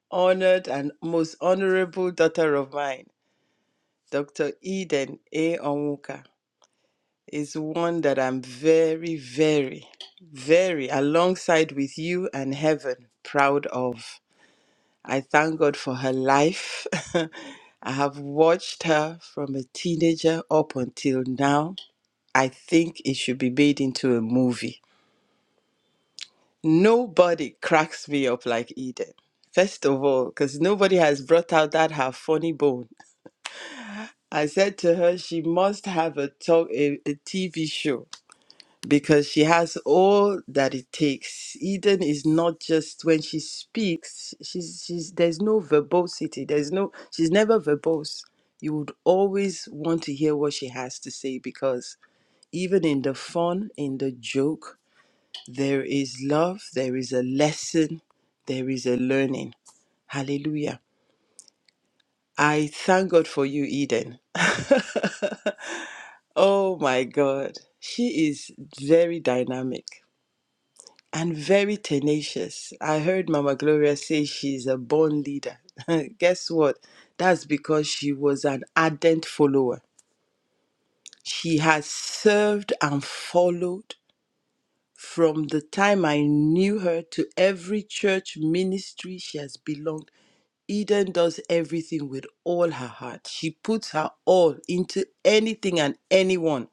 S12: honored, and most honorable daughter of mine, Dr. Eden A. Onwuka. is one that I'm very, very, very alongside with you and heaven proud of. I thank God for her life. [LAUGHS] I have watched her from a teenager up until now. I think it should be made into a movie. Nobody cracks me up like Eden. First of all, because nobody has brought out that her funny bone. I said to her, she must have a talk, a, TV show because she has all that it takes. Eden is not just when she speaks, she's she's there's no verbosity. There's no she's never verbose. You would always want to hear what she has to say because even in the fun, in the joke, there is love, there is a lesson, there is a learning. Hallelujah. I thank God for you, Eden. [LAUGHS] oh my God. She is very dynamic and very tenacious. I heard Mama Gloria say she's a born leader. [LAUGHS] Guess what? That's because she was an ardent follower. She has served and followed from the time I knew her to every church ministry she has belonged. Eden does everything with all her heart. She puts her all into anything and anyone,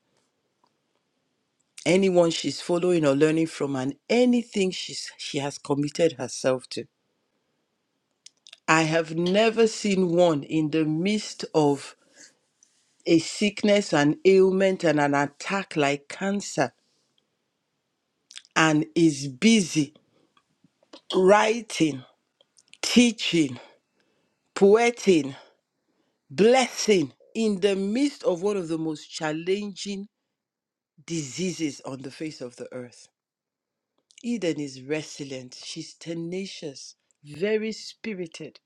S12: anyone she's following or learning from, and anything she's, she has committed herself to. I have never seen one in the midst of a sickness, an ailment, and an attack like cancer, and is busy writing, teaching, poeting, blessing in the midst of one of the most challenging diseases on the face of the earth. Eden is resilient, she's tenacious, very spirited,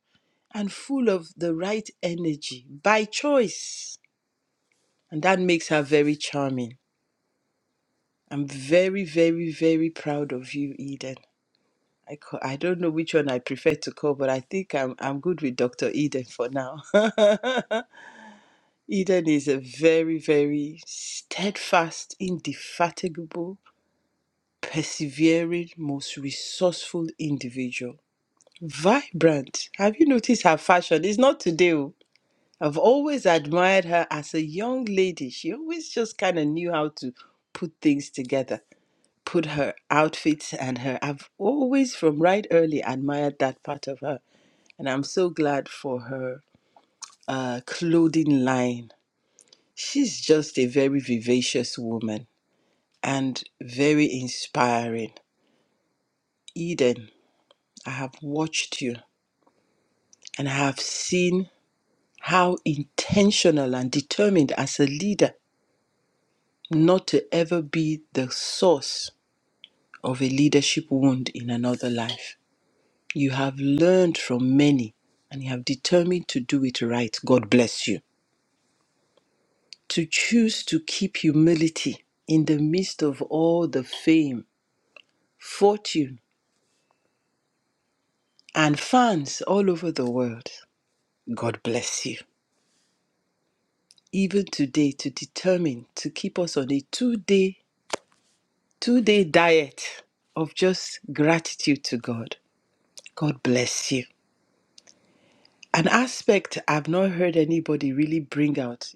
S12: and full of the right energy by choice. And that makes her very charming. I'm very, very, very proud of you, Eden. I call, I don't know which one I prefer to call, but I think I'm I'm good with Dr. Eden for now. [LAUGHS] Eden is a very, very steadfast, indefatigable, persevering, most resourceful individual. Vibrant. Have you noticed her fashion? It's not today. oh. I've always admired her as a young lady. She always just kind of knew how to put things together. put her outfit and her I've always from right early admired that part of her and I'm so glad for her uh clothing line. She's just a very vivacious woman and very inspiring. Eden, I have watched you and I have seen how intentional and determined as a leader not to ever be the source of a leadership wound in another life. You have learned from many and you have determined to do it right. God bless you. To choose to keep humility in the midst of all the fame, fortune, and fans all over the world. God bless you. Even today, to determine to keep us on a two day, two day diet of just gratitude to God. God bless you. An aspect I've not heard anybody really bring out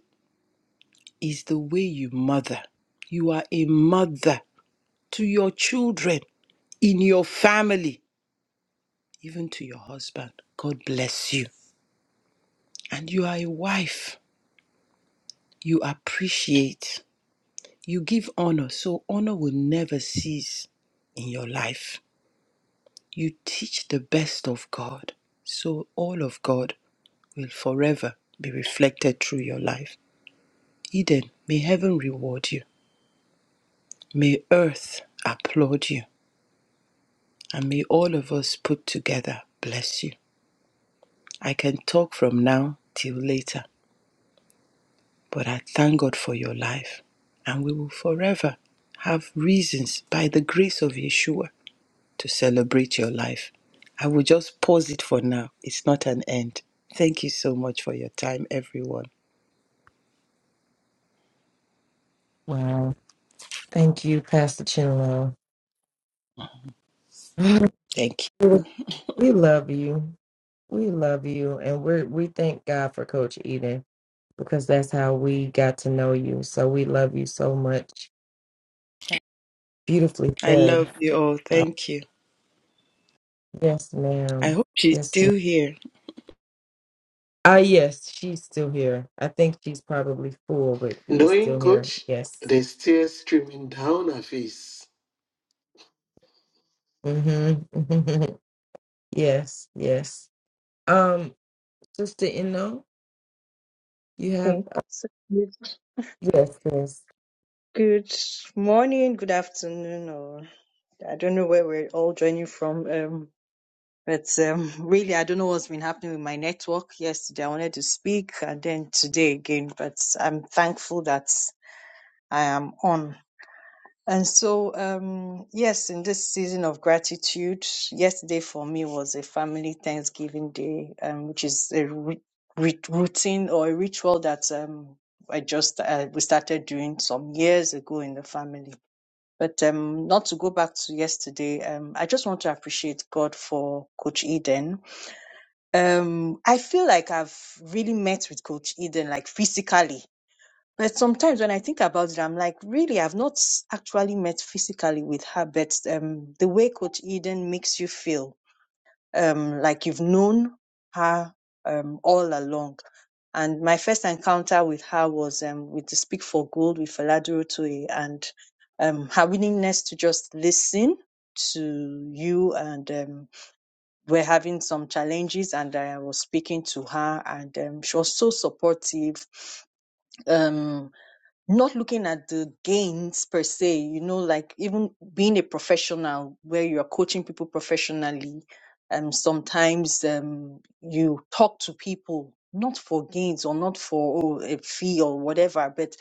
S12: is the way you mother. You are a mother to your children, in your family, even to your husband. God bless you. And you are a wife. You appreciate. You give honor. So honor will never cease in your life. You teach the best of God. So all of God will forever be reflected through your life. Eden, may heaven reward you. May earth applaud you. And may all of us put together bless you. I can talk from now till later, but I thank God for your life. And we will forever have reasons, by the grace of Yeshua, to celebrate your life. I will just pause it for now. It's not an end. Thank you so much for your time, everyone.
S4: Wow. Thank you, Pastor Chinlo.
S12: Thank you.
S4: [LAUGHS] we love you. We love you. And we we thank God for Coach Eden because that's how we got to know you. So we love you so much. Beautifully
S12: I
S4: said.
S12: love you all.
S4: Wow.
S12: Thank you.
S4: Yes,
S12: I
S4: ma'am.
S12: hope she's
S4: Yes, ma'am.
S12: still here.
S4: Ah, yes, she's still here. I think she's probably full, but she is
S2: Knowing,
S4: still here.
S2: coach,
S4: Yes.
S2: there's tears streaming down her face.
S4: Mm-hmm. [LAUGHS] yes, yes. Um, Sister Eno, you have.
S13: Okay. So good,
S4: yes, yes.
S13: good morning, good afternoon, or I don't know where we're all joining from. Um, but um, really, I don't know what's been happening with my network. Yesterday, I wanted to speak, and then today again. But I'm thankful that I am on. And so, um, yes, in this season of gratitude, yesterday for me was a family Thanksgiving day, um, which is a ri- ri- routine or a ritual that um, I just uh, we started doing some years ago in the family. But um, not to go back to yesterday, um, I just want to appreciate God for Coach Eden. Um, I feel like I've really met with Coach Eden, like physically but sometimes when I think about it, I'm like, really, I've not s- actually met physically with her, but um, the way Coach Eden makes you feel um, like you've known her um, all along. And my first encounter with her was um, with the Speak for Gold with Faladuro Toye and um, her willingness to just listen to you. And um, we're having some challenges, and I was speaking to her, and um, she was so supportive Um, not looking at the gains per se, you know, like even being a professional where you're coaching people professionally, um, sometimes um, you talk to people not for gains or not for oh, a fee or whatever, but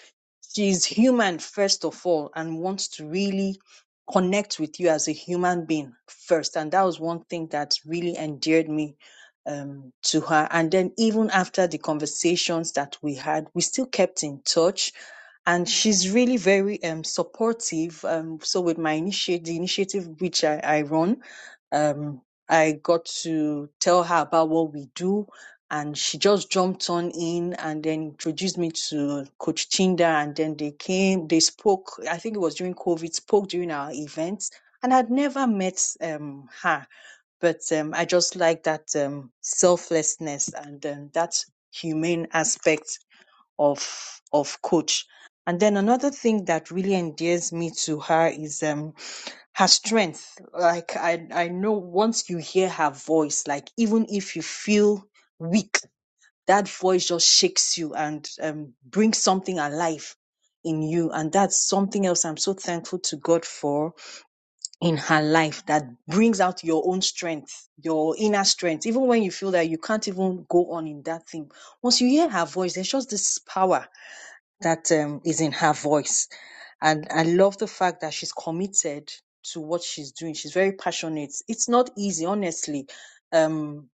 S13: she's human first of all and wants to really connect with you as a human being first. And that was one thing that really endeared me um, to her. And then even after the conversations that we had, we still kept in touch and she's really very um, supportive. Um, so with my initiative, the initiative which I, I run, um, I got to tell her about what we do, and she just jumped on in and then introduced me to Coach Chinda, and then they came, they spoke. I think it was during COVID, spoke during our events, and I'd never met um, her, but um, I just like that um, selflessness and um, that humane aspect of of coach. And then another thing that really endears me to her is um her strength. Like I I know once you hear her voice, like even if you feel weak, that voice just shakes you and um brings something alive in you. And that's something else I'm so thankful to God for in her life that brings out your own strength, your inner strength, even when you feel that you can't even go on in that thing. Once you hear her voice, there's just this power that um, is in her voice. And I love the fact that she's committed to what she's doing. She's very passionate. It's not easy, honestly. Um,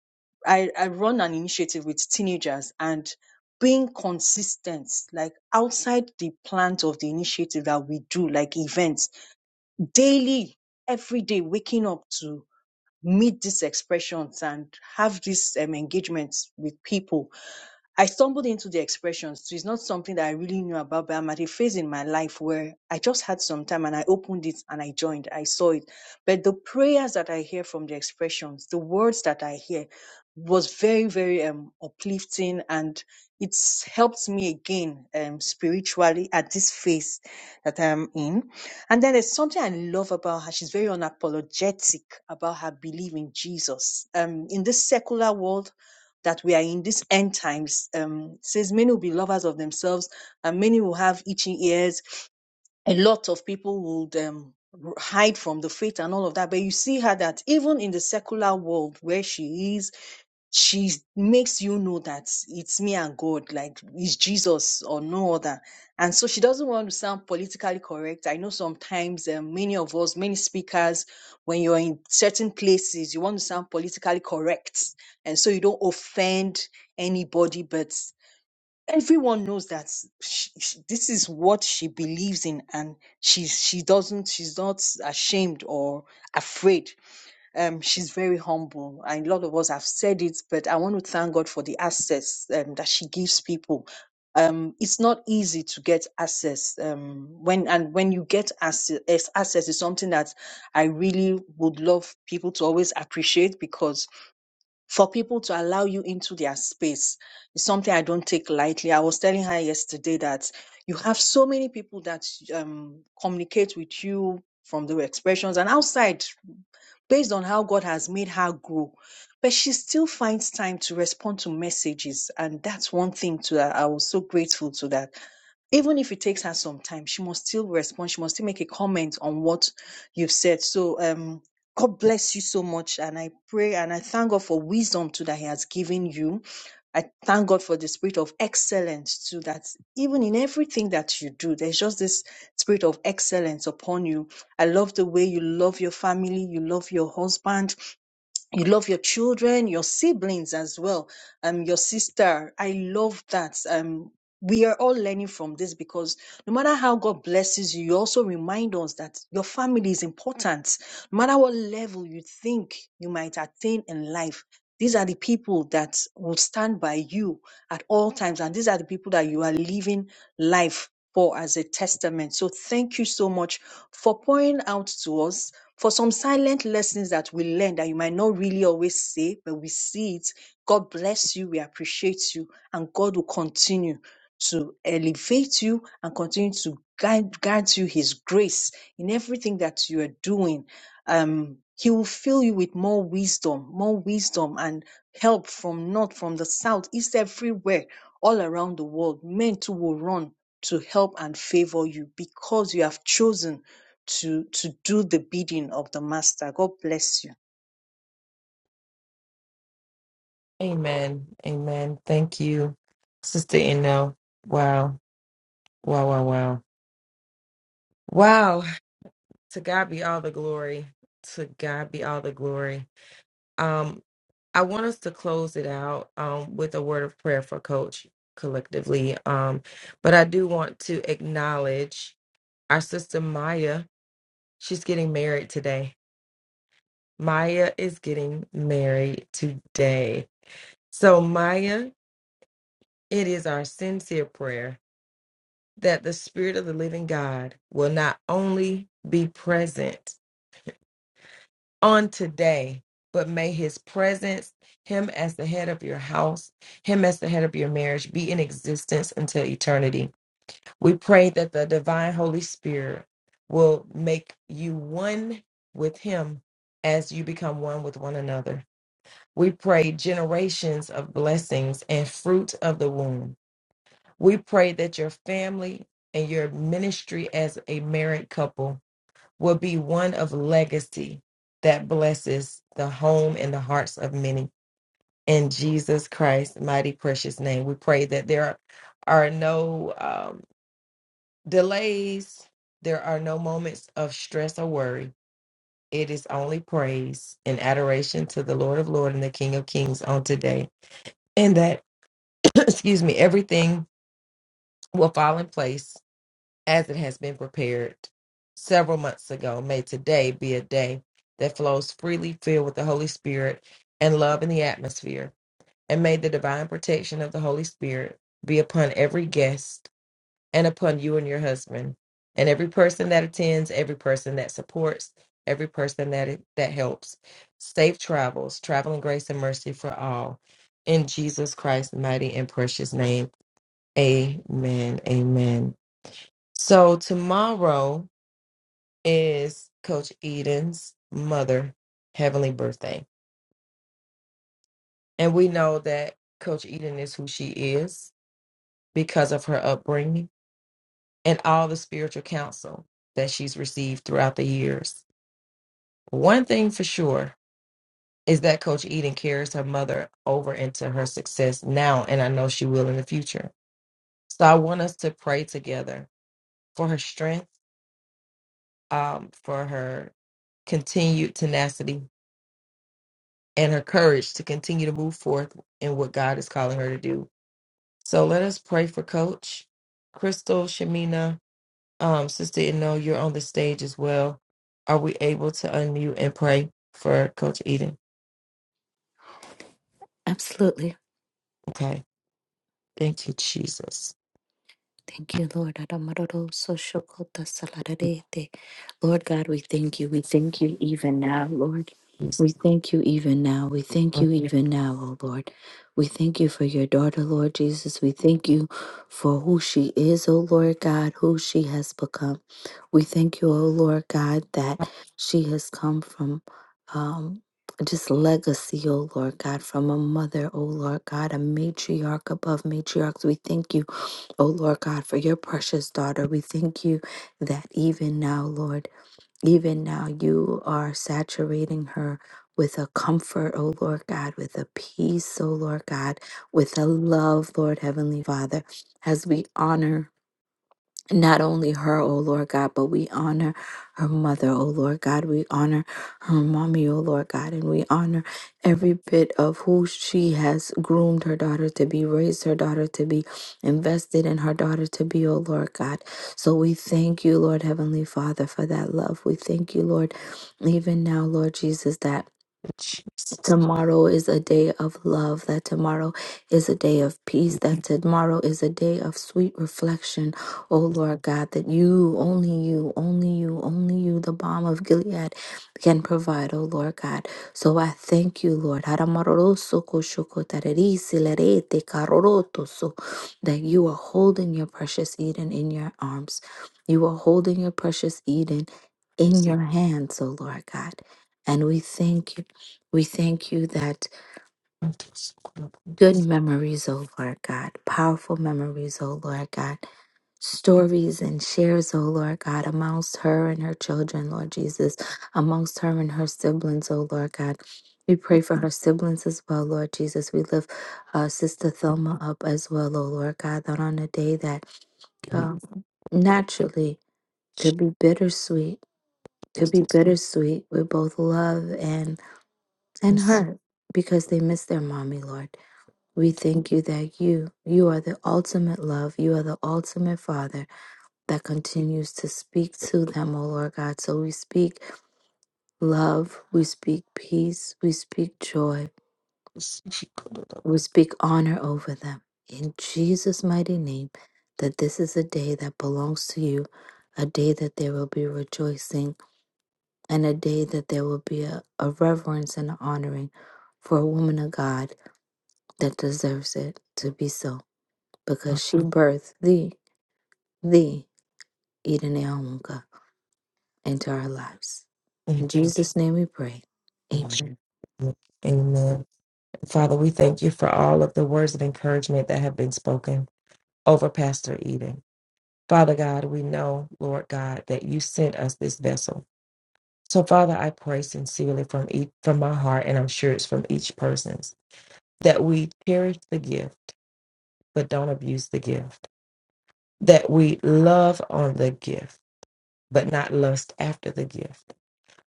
S13: I, I run an initiative with teenagers and being consistent, like outside the plans of the initiative that we do, like events daily, every day, waking up to meet these expressions and have these um, engagements with people I stumbled into the expressions. So it's not something that I really knew about, but I'm at a phase in my life where I just had some time and I opened it and I joined. I saw it. But the prayers that I hear from the expressions, the words that I hear was very, very um, uplifting and it's helped me again um, spiritually at this phase that I'm in. And then there's something I love about her. She's very unapologetic about her belief in Jesus. Um, in this secular world, that we are in these end times. Um, says many will be lovers of themselves, and many will have itching ears. A lot of people would um, hide from the faith and all of that. But you see her that even in the secular world where she is, she makes you know that it's me and God, like it's Jesus or no other. And so she doesn't want to sound politically correct. I know sometimes um, many of us, many speakers, when you're in certain places, you want to sound politically correct. And so you don't offend anybody, but everyone knows that she, she- this is what she believes in and she, she doesn't, she's not ashamed or afraid um, she's very humble, and a lot of us have said it, but I want to thank God for the access um, that she gives people. Um, it's not easy to get access um, when and when you get access, access is something that I really would love people to always appreciate because for people to allow you into their space is something I don't take lightly. I was telling her yesterday that you have so many people that um, communicate with you from the expressions and outside based on how God has made her grow. But she still finds time to respond to messages. And that's one thing to that. I was so grateful to that even if it takes her some time, she must still respond. She must still make a comment on what you've said. So, um, God bless you so much. And I pray and I thank God for wisdom too that He has given you. I thank God for the spirit of excellence too, that even in everything that you do, there's just this spirit of excellence upon you. I love the way you love your family, you love your husband, you love your children, your siblings as well, um, your sister. I love that. Um, we are all learning from this because no matter how God blesses you, you also remind us that your family is important. No matter what level you think you might attain in life, these are the people that will stand by you at all times. And these are the people that you are living life for as a testament. So thank you so much for pouring out to us for some silent lessons that we learn that you might not really always say, but we see it. God bless you. We appreciate you. And God will continue to elevate you and continue to guide, guide you his grace in everything that you are doing. Um, he will fill you with more wisdom, more wisdom and help from north, from the south, east, everywhere, all around the world. Men too will run to help and favor you because you have chosen to to do the bidding of the master. God bless you.
S4: Amen. Amen. Thank you, Sister Inno. Wow. Wow. Wow. Wow. Wow. To God be all the glory. To God be all the glory. Um, I want us to close it out um with a word of prayer for Coach collectively. Um, but I do want to acknowledge our sister Maya. She's getting married today. Maya is getting married today. So Maya, it is our sincere prayer that the Spirit of the living God will not only be present on today, but may his presence, him as the head of your house, him as the head of your marriage, be in existence until eternity. We pray that the divine Holy Spirit will make you one with him as you become one with one another. We pray generations of blessings and fruit of the womb we pray that your family and your ministry as a married couple will be one of legacy that blesses the home and the hearts of many. In Jesus Christ's mighty precious name, we pray that there are no um, delays, there are no moments of stress or worry. It is only praise and adoration to the Lord of Lords and the King of Kings on today. And that, [CLEARS THROAT] excuse me, everything will fall in place as it has been prepared several months ago. May today be a day that flows freely, filled with the Holy Spirit and love in the atmosphere. And may the divine protection of the Holy Spirit be upon every guest and upon you and your husband, and every person that attends, every person that supports, every person that that helps. Safe travels, traveling grace and mercy for all. In Jesus Christ's mighty and precious name. Amen. Amen. So tomorrow is Coach Eden's mother heavenly birthday. And we know that Coach Eden is who she is because of her upbringing and all the spiritual counsel that she's received throughout the years. One thing for sure is that Coach Eden carries her mother over into her success now, and I know she will in the future. So I want us to pray together for her strength, um, for her continued tenacity, and her courage to continue to move forth in what God is calling her to do. So let us pray for Coach Crystal Shamina. Um, Sister know you're on the stage as well. Are we able to unmute and pray for Coach Eden?
S9: Absolutely.
S4: Okay. Thank you, Jesus.
S9: Thank you, Lord. Adamaroro soshokota salarerete. Lord God, we thank you. We thank you even now, Lord.
S4: Yes.
S9: We thank you even now. We thank you even now, O Lord. We thank you for your daughter, Lord Jesus. We thank you for who she is, O Lord God, who she has become. We thank you, O Lord God, that she has come from um, just legacy, O Lord God, from a mother, O Lord God, a matriarch above matriarchs. We thank you Oh Lord God, for your precious daughter, we thank you that even now, Lord, even now you are saturating her with a comfort, oh Lord God, with a peace, oh Lord God, with a love, Lord Heavenly Father, as we honor not only her, O Lord God, but we honor her mother, O Lord God. We honor her mommy, O Lord God, and we honor every bit of who she has groomed her daughter to be, raised her daughter to be, invested in her daughter to be, O Lord God. So we thank you, Lord Heavenly Father, for that love. We thank you, Lord, even now, Lord Jesus, that tomorrow is a day of love, that tomorrow is a day of peace, that tomorrow is a day of sweet reflection. Oh Lord God, that you, only you, only you, only you, the balm of Gilead can provide, oh Lord God. So I thank you, Lord. Haramaroroso koshoko lerete karorotoso. That you are holding your precious Eden in your arms. You are holding your precious Eden in your hands, oh Lord God. And we thank you. We thank you that good memories, O Lord God, powerful memories, O Lord God, stories and shares, O Lord God, amongst her and her children, Lord Jesus, amongst her and her siblings, O Lord God. We pray for her siblings as well, Lord Jesus. We lift uh, Sister Thelma up as well, O Lord God, that on a day that uh, naturally could be bittersweet, could be bittersweet with both love and and
S4: Jesus.
S9: hurt because they miss their mommy, Lord. We thank you that you, you are the ultimate love. You are the ultimate Father that continues to speak to them, O Lord God. So we speak love, we speak peace, we speak joy, we speak honor over them. In Jesus' mighty name, that this is a day that belongs to you, a day that there will be rejoicing, and a day that there will be a, a reverence and an honoring for a woman of God that deserves it to be so because she birthed thee the Idaneaunga into our lives. In
S4: Thank you.
S9: Jesus' name we pray.
S4: In Jesus'
S9: Amen.
S4: name, Amen. Father, we thank you for all of the words of encouragement that have been spoken over Pastor Eden. Father God, we know, Lord God, that you sent us this vessel. So, Father, I pray sincerely from each, from my heart, and I'm sure it's from each person's, that we cherish the gift, but don't abuse the gift. That we love on the gift, but not lust after the gift.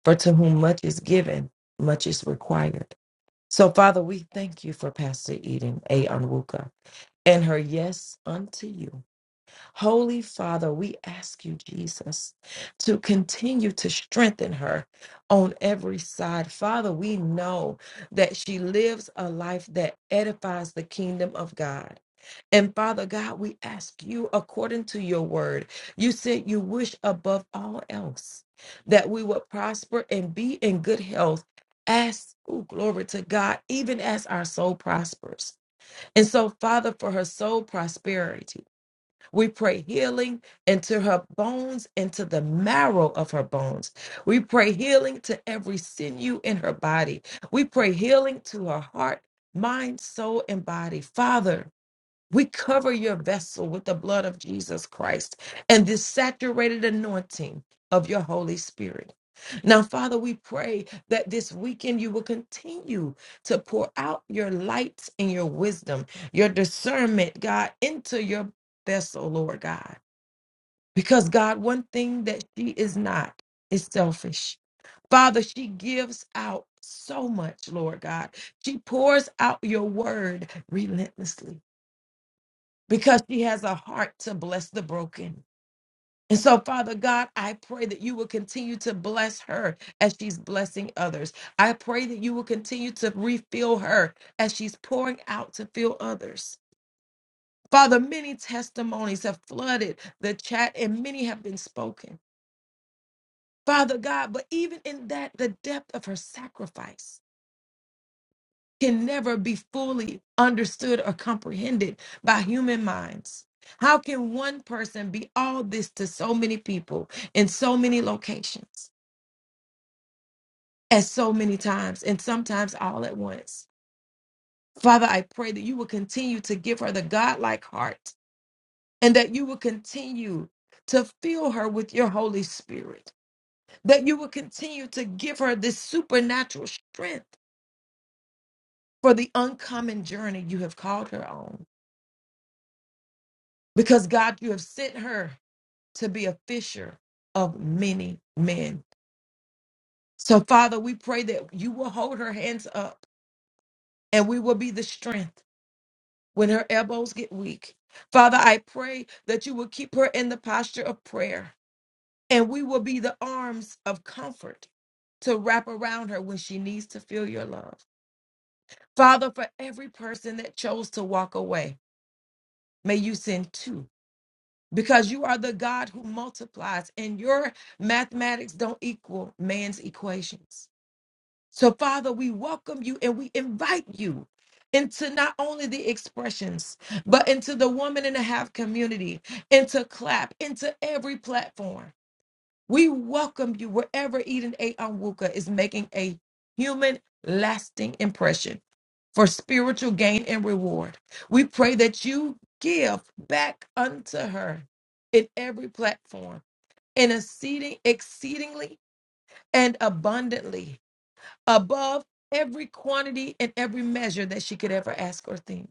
S4: For to whom much is given, much is required. So, Father, we thank you for Pastor Eden A. Onwuka and her yes unto you. Holy Father, we ask you, Jesus, to continue to strengthen her on every side. Father, we know that she lives a life that edifies the kingdom of God. And Father God, we ask you, according to your word, you said you wish above all else that we would prosper and be in good health. As, ooh, glory to God, even as our soul prospers. And so, Father, for her soul prosperity. We pray healing into her bones, into the marrow of her bones. We pray healing to every sinew in her body. We pray healing to her heart, mind, soul, and body. Father, we cover your vessel with the blood of Jesus Christ and this saturated anointing of your Holy Spirit. Now, Father, we pray that this weekend you will continue to pour out your light and your wisdom, your discernment, God, into your vessel, Lord God. Because, God, one thing that she is not is selfish. Father, she gives out so much, Lord God. She pours out your word relentlessly because she has a heart to bless the broken. And so, Father God, I pray that you will continue to bless her as she's blessing others. I pray that you will continue to refill her as she's pouring out to fill others. Father, many testimonies have flooded the chat and many have been spoken. Father God, but even in that, the depth of her sacrifice. can never be fully understood or comprehended by human minds. How can one person be all this to so many people in so many locations at so many times and sometimes all at once? Father, I pray that you will continue to give her the godlike heart and that you will continue to fill her with your Holy Spirit, that you will continue to give her this supernatural strength for the uncommon journey you have called her on. Because God, you have sent her to be a fisher of many men. So, Father, we pray that you will hold her hands up and we will be the strength when her elbows get weak. Father, I pray that you will keep her in the posture of prayer and we will be the arms of comfort to wrap around her when she needs to feel your love. Father, for every person that chose to walk away, may you send two because you are the God who multiplies and your mathematics don't equal man's equations. So, Father, we welcome you and we invite you into not only the expressions, but into the woman and a half community, into clap, into every platform. We welcome you wherever Eden A. Onwuka is making a human lasting impression for spiritual gain and reward. We pray that you give back unto her in every platform, in exceeding, exceedingly and abundantly above every quantity and every measure that she could ever ask or think.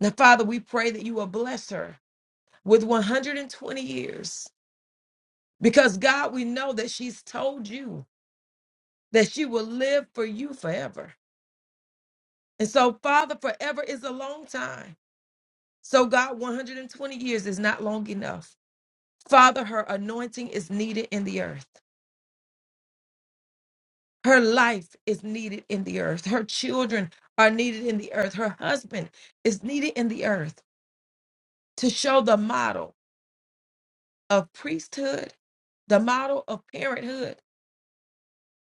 S4: Now, Father, we pray that you will bless her with 120 years because, God, we know that she's told you that she will live for you forever. And so, Father, forever is a long time. So, God, 120 years is not long enough. Father, her anointing is needed in the earth. Her life is needed in the earth. Her children are needed in the earth. Her husband is needed in the earth. to show the model of priesthood, the model of parenthood,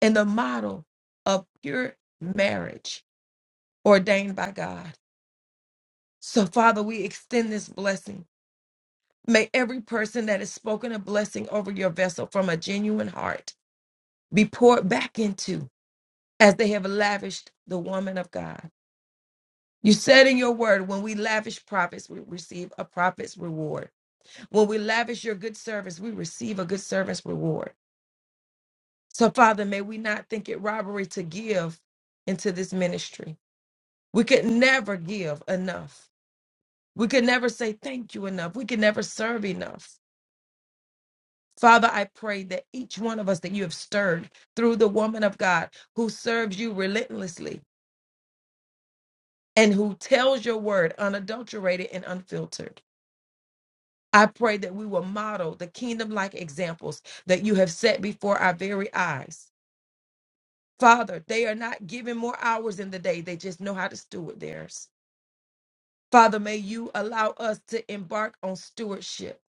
S4: and the model of pure marriage ordained by God. So, Father, we extend this blessing. May every person that has spoken a blessing over your vessel from a genuine heart be poured back into as they have lavished the woman of God. You said in your word, when we lavish prophets, we receive a prophet's reward. When we lavish your good service, we receive a good service reward. So, Father, may we not think it robbery to give into this ministry. We could never give enough. We could never say thank you enough. We could never serve enough. Father, I pray that each one of us that you have stirred through the woman of God who serves you relentlessly and who tells your word unadulterated and unfiltered. I pray that we will model the kingdom like examples that you have set before our very eyes. Father, they are not given more hours in the day, they just know how to steward theirs. Father, may you allow us to embark on stewardship,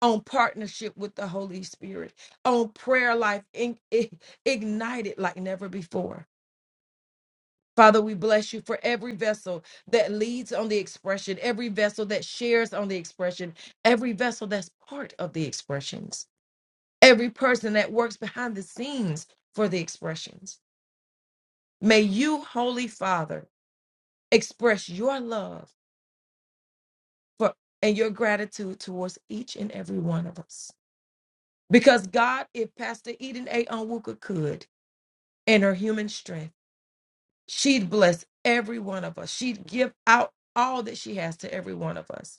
S4: on partnership with the Holy Spirit, on prayer life in, i- ignited like never before. Father, we bless you for every vessel that leads on the expression, every vessel that shares on the expression, every vessel that's part of the expressions, every person that works behind the scenes for the expressions. May you, Holy Father, express your love for and your gratitude towards each and every one of us. Because God, if Pastor Eden A. Onwuka could, in her human strength, she'd bless every one of us. She'd give out all that she has to every one of us.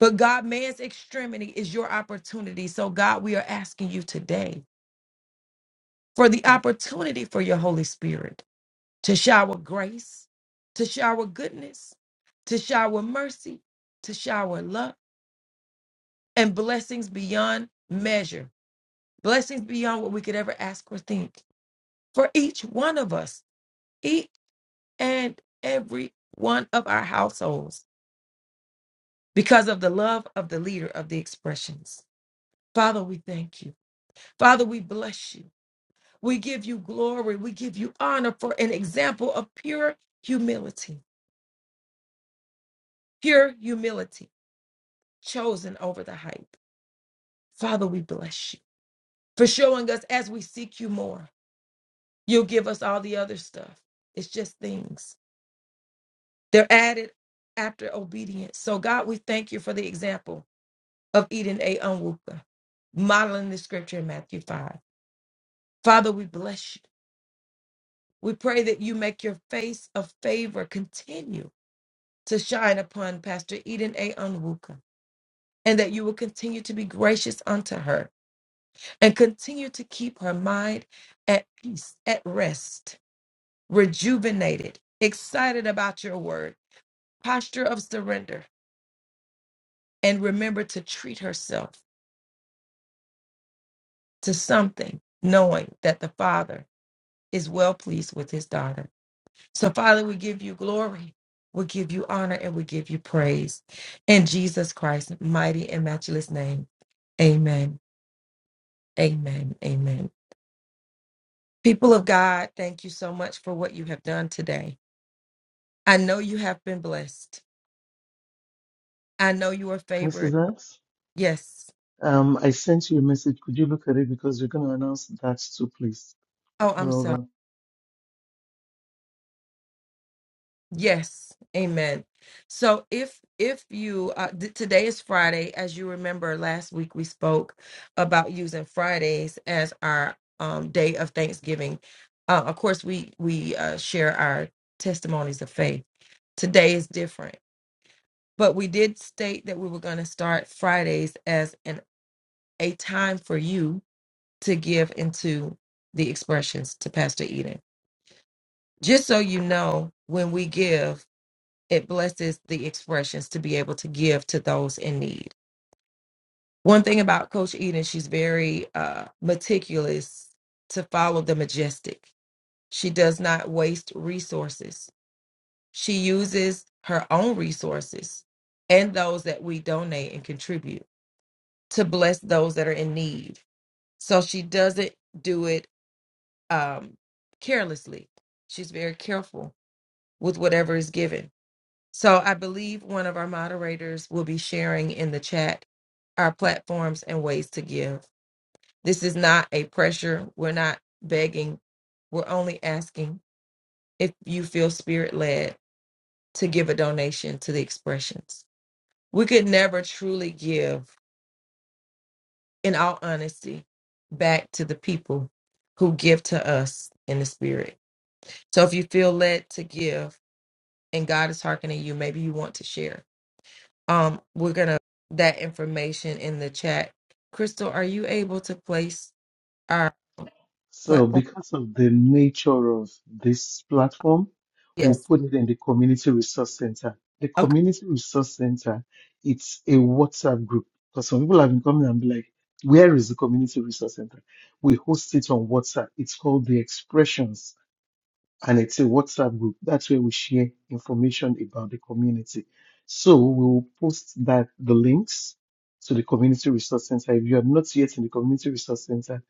S4: But God, man's extremity is your opportunity. So, God, we are asking you today for the opportunity for your Holy Spirit to shower grace, to shower goodness, to shower mercy, to shower love, and blessings beyond measure, blessings beyond what we could ever ask or think for each one of us each and every one of our households because of the love of the leader of the expressions. Father, we thank you. Father, we bless you. We give you glory. We give you honor for an example of pure humility, pure humility chosen over the hype. Father, we bless you for showing us as we seek you more. You'll give us all the other stuff. It's just things. They're added after obedience. So, God, we thank you for the example. of Eden A. Onwuka, modeling the scripture in Matthew 5. Father, we bless you. We pray that you make your face of favor continue to shine upon Pastor Eden A. Onwuka, and that you will continue to be gracious unto her and continue to keep her mind at peace, at rest, rejuvenated, excited about your word, posture of surrender, and remember to treat herself to something, knowing that the Father is well pleased with his daughter. So, Father, we give you glory, we give you honor, and we give you praise. In Jesus Christ's mighty and matchless name, amen, amen, amen. People of God, thank you so much for what you have done today. I know you have been blessed. I know you are favored.
S2: Mrs. X,
S4: Yes.
S2: um, I sent you a message. Could you look at it because we are going to announce that too, please?
S4: Oh, I'm
S2: Well
S4: sorry.
S2: done.
S4: Yes, amen. So if if you uh, th- today is Friday, as you remember last week we spoke about using Fridays as our um, day of Thanksgiving. Uh, of course, we we uh, share our testimonies of faith. Today is different, but we did state that we were going to start Fridays as an a time for you to give into the expressions to Pastor Eden. Just so you know, when we give. it blesses the expressions to be able to give to those in need. One thing about Coach Eden, she's very uh, meticulous to follow the majestic. She does not waste resources. She uses her own resources and those that we donate and contribute to bless those that are in need. So she doesn't do it um, carelessly. She's very careful with whatever is given So I believe one of our moderators will be sharing in the chat our platforms and ways to give. This is not a pressure. We're not begging. We're only asking if you feel spirit led to give a donation to the expressions. We could never truly give, in all honesty, back to the people who give to us in the spirit. So if you feel led to give and God is hearkening you, maybe you want to share Um, we're gonna that information in the chat. Crystal, are you able to place our
S2: So
S4: platform?
S2: because of the nature of this platform, we'll
S4: Yes.
S2: put it in the community resource center. The
S4: Okay.
S2: community resource center, it's a WhatsApp group because some people have been coming and be like, where is the community resource center? We host it on WhatsApp. It's called the expressions and it's a WhatsApp group. That's where we share information about the community. So we will post that the links to the community resource center. If you are not yet in the community resource center,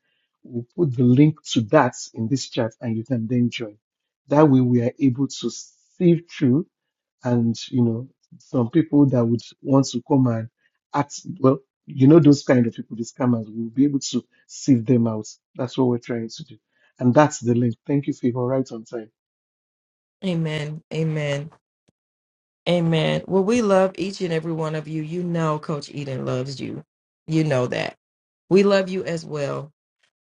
S2: we'll put the link to that in this chat and you can then join. That way we are able to sieve through and you know some people that would want to come and act well, you know those kind of people, the scammers, we'll be able to sieve them out. That's what we're trying to do. And that's the link. Thank you, Favor. Right on time.
S4: Amen. Amen. Amen. Well, we love each and every one of you. You know, Coach Eden loves you. You know that. We love you as well.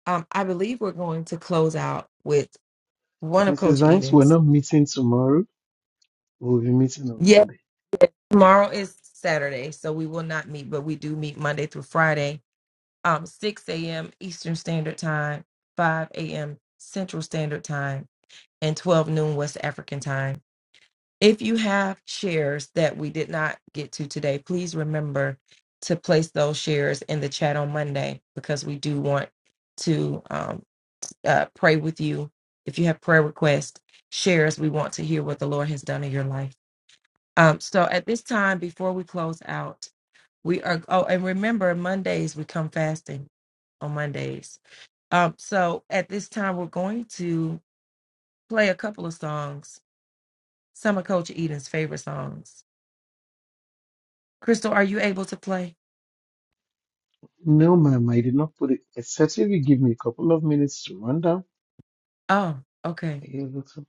S4: Um, I believe we're going to close out with one of
S2: Mrs.
S4: Coach
S2: Banks, we're
S4: Eden's.
S2: not meeting tomorrow. We'll be meeting on
S4: Yes,
S2: Monday.
S4: tomorrow is Saturday, so we will not meet, but we do meet Monday through Friday um, 6 a.m. Eastern Standard Time, 5 a.m. Central Standard Time, and 12 noon West African Time. If you have shares that we did not get to today, please remember to place those shares in the chat on Monday because we do want to um, uh, pray with you. If you have prayer requests, shares, we want to hear what the Lord has done in your life. Um, so at this time, before we close out, we are, oh, and remember, Mondays we come fasting on Mondays. Um, so at this time, we're going to play a couple of songs, some of Coach Eden's favorite songs. Crystal, are you able to play?
S2: No, ma'am, I did not put it, except if you give me a couple of minutes to run down.
S4: Oh, okay,
S2: I give it to-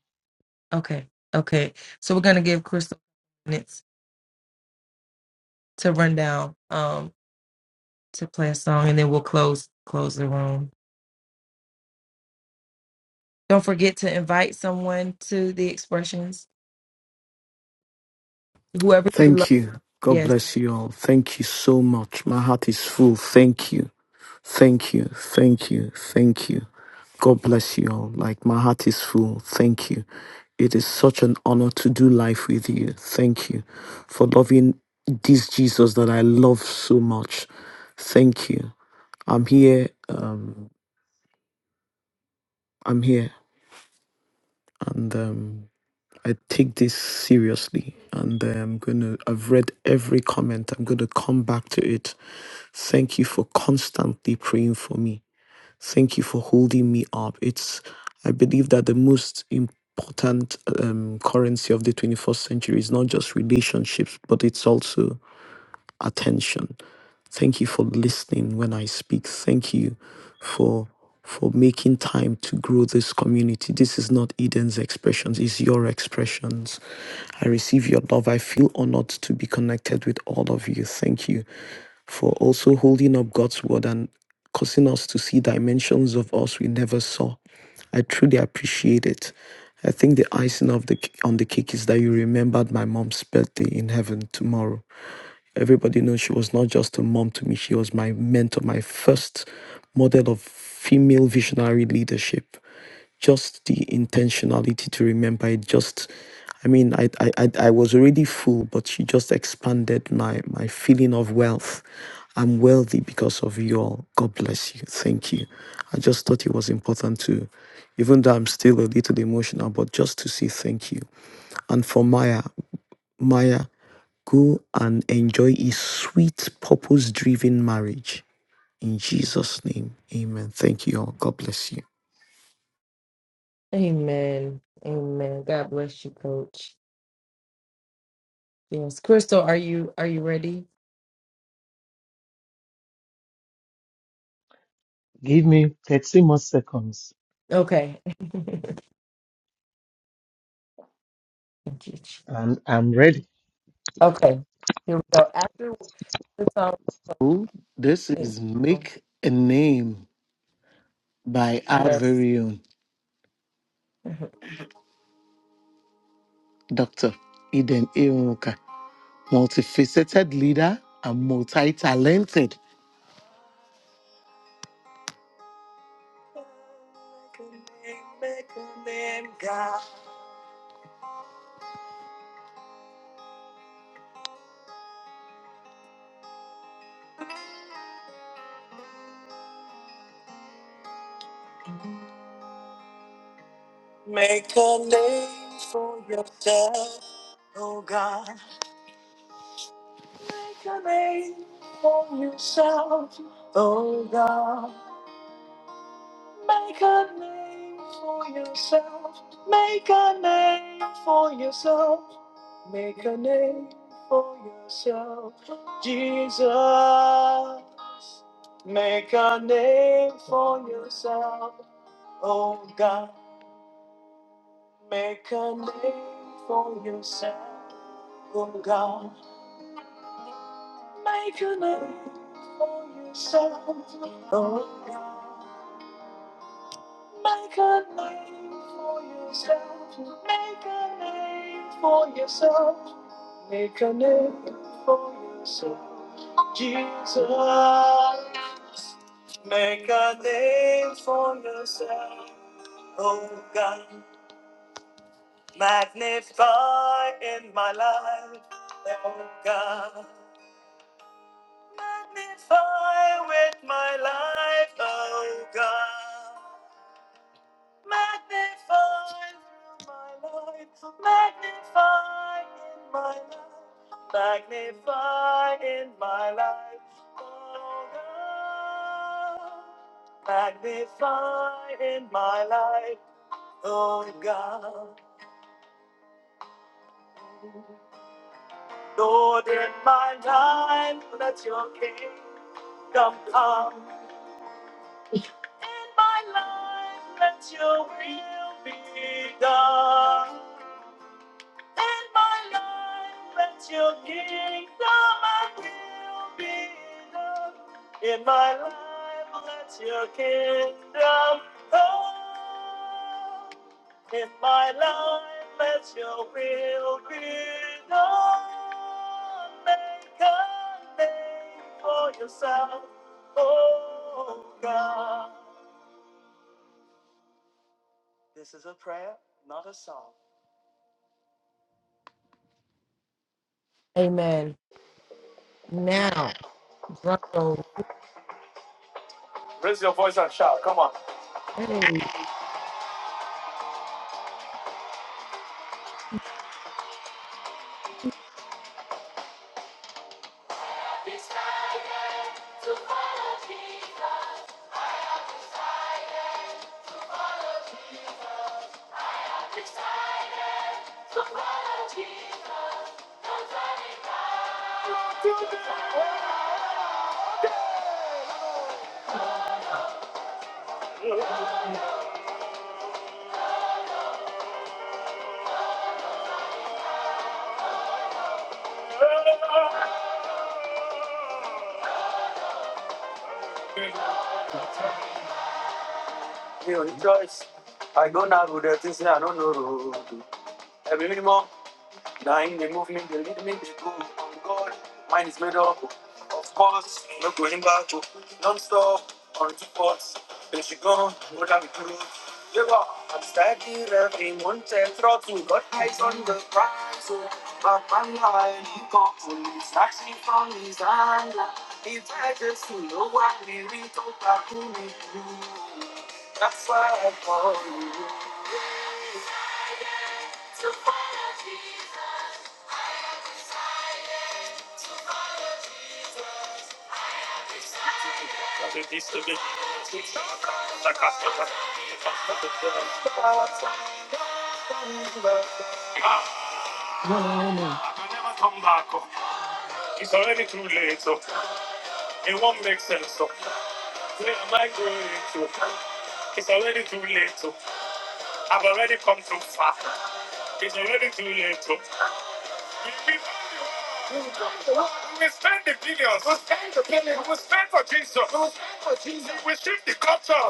S4: okay, okay. So we're gonna give Crystal minutes to run down, um, to play a song, and then we'll close close the room. Don't forget to invite someone to the expressions. Whoever you love.
S1: Thank you. God
S4: Yes.
S1: bless you all. Thank you so much. My heart is full. Thank you. Thank you. Thank you. Thank you. God bless you all. Like my heart is full. Thank you. It is such an honor to do life with you. Thank you for loving this Jesus that I love so much. Thank you. I'm here. I'm here. And um, I take this seriously. And um, I'm going to, I've read every comment. I'm going to come back to it Thank you for constantly praying for me. Thank you for holding me up. It's, I believe that the most important um, currency of the 21st century is not just relationships, but it's also attention. Thank you for listening when I speak. Thank you for for making time to grow this community. This is not Eden's expressions, it's your expressions. I receive your love. I feel honored to be connected with all of you. Thank you for also holding up God's word and causing us to see dimensions of us we never saw. I truly appreciate it. I think the icing of the c- on the cake is that you remembered my mom's birthday in heaven tomorrow. Everybody knows she was not just a mom to me, she was my mentor, my first model of female visionary leadership. Just the intentionality to remember it, just I mean, I, I, I I was already full, but she just expanded my, my feeling of wealth. I'm wealthy because of you all. God bless you. Thank you. I just thought it was important to, even though I'm still a little emotional, but just to say thank you. And for Maya, Maya, go and enjoy a sweet, purpose driven marriage. In Jesus' name, amen. Thank you all. God bless you.
S4: Amen. Amen. God bless you, Coach. Yes. Crystal, are you are you ready?
S2: Give me 30 more seconds
S4: Okay. [LAUGHS] Thank you.
S2: and I'm ready.
S4: Okay, here we go. After the song,
S2: Ooh, This
S4: thanks.
S2: is
S4: Lord.
S2: Make a Name by our
S4: Yes. [LAUGHS]
S2: very own
S4: Mhm.
S2: Dr. Eden Ironka, multifaceted leader and multi talented. Make a name for yourself, oh God. a name for yourself, oh God. Make a name for yourself. Make a name for yourself. Make a name for yourself, Jesus. Make a name for yourself, oh God. Make a name for yourself, oh God. Make a name for yourself, oh Make a name for yourself. Make a name for yourself. Make a name for yourself. Jesus, make a name for yourself. Oh God, magnify in my life. Oh God, magnify with my life. Oh God. Magnify through my life, magnify in my life, magnify in my life, oh God. Magnify in my life, oh God. Lord, in my life, let your kingdom come. In my life, let your will be done. In my life, let your kingdom and will be done. In my life, let your kingdom come. In my life, let your will be done. Make a name for yourself, oh God. This is a prayer, not a song.
S4: Amen. Now, drum roll.
S2: Raise your voice and shout, come on.
S4: Hey.
S2: It's time to follow Jesus. mi ò choice. I go now with the things I don't know. Every minimum, dying, they move me, they lead me, to go. Oh God, mine is made up. Of course, no going back. Don't stop, on two parts. Then she gone, what I'm through. Yeah, I'm steady, revving, one tail throttle. Got eyes on the prize, so my man. Ah, I can never come back. oh. It's already too late, so it won't make sense. So where am I going to? It's already too late. oh. I've already come too far. It's already too late. oh. We we we spend the billions. We spend the billions. We spend for Jesus. We will Jesus. We shift the culture.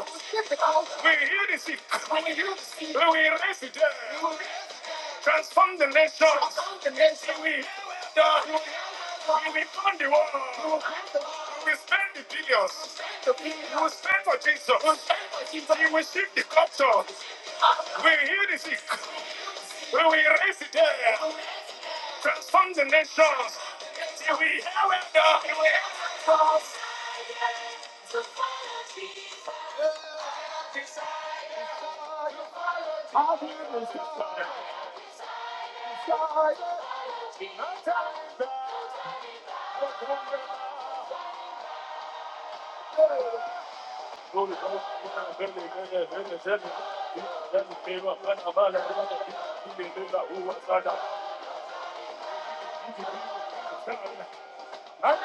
S2: We heal the sick. We will heal the sick. We will raise the dead. We will transform the nation. Transform the nation. We will heal the we we will burn the world. We will burn the world. We will spend the billions. We will spend the billions. We will spend for Jesus. We will spend for Jesus. We will shift the culture. We heal the sick. We will raise the dead, transform the nations. Till we have it done. We will have it done. I'll We can't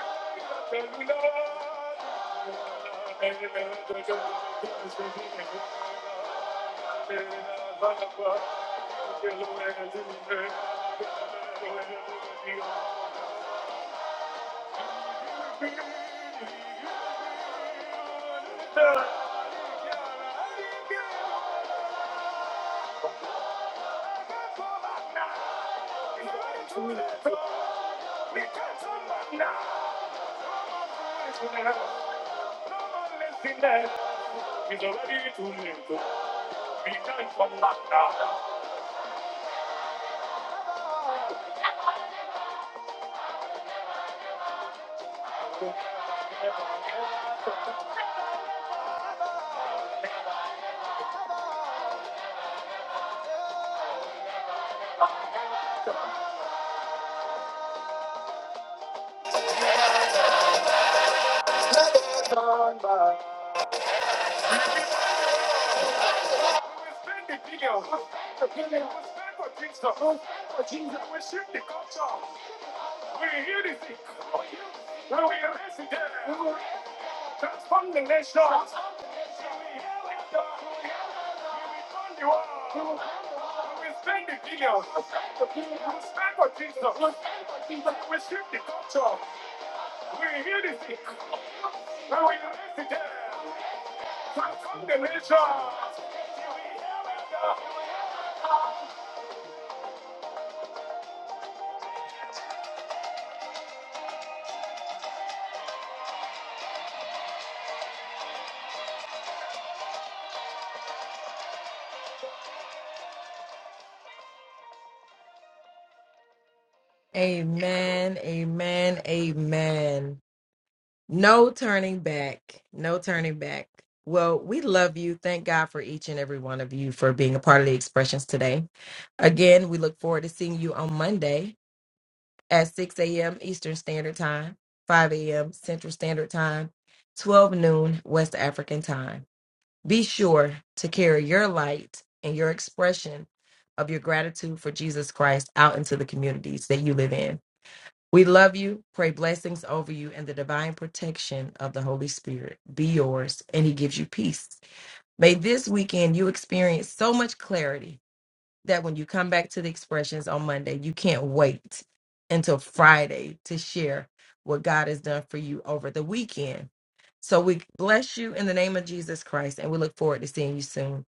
S2: stop Now, He's already too late. We can't come back now. We spend the billion. We spend for things we spend for things we shift the culture. We hear the sick. When we raise the dead. we will Transform the nation. We heal the dark. We return the world. We spend the billion. We spend for things we spend the culture. We heal the sick. When we raise the dead. Welcome to
S4: Amen. Amen. Amen. No turning back. No turning back. Well, we love you. Thank God for each and every one of you for being a part of the expressions today. Again, we look forward to seeing you on Monday. at 6 a.m. Eastern Standard Time, 5 a.m. Central Standard Time, 12 noon West African Time. Be sure to carry your light and your expression of your gratitude for Jesus Christ out into the communities that you live in. We love you, pray blessings over you, and the divine protection of the Holy Spirit be yours, and He gives you peace. May this weekend you experience so much clarity that when you come back to the expressions on Monday, you can't wait until Friday to share what God has done for you over the weekend. So we bless you in the name of Jesus Christ and we look forward to seeing you soon.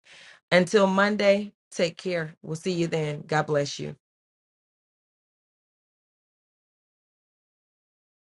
S4: Until Monday, take care. We'll see you then. God bless you.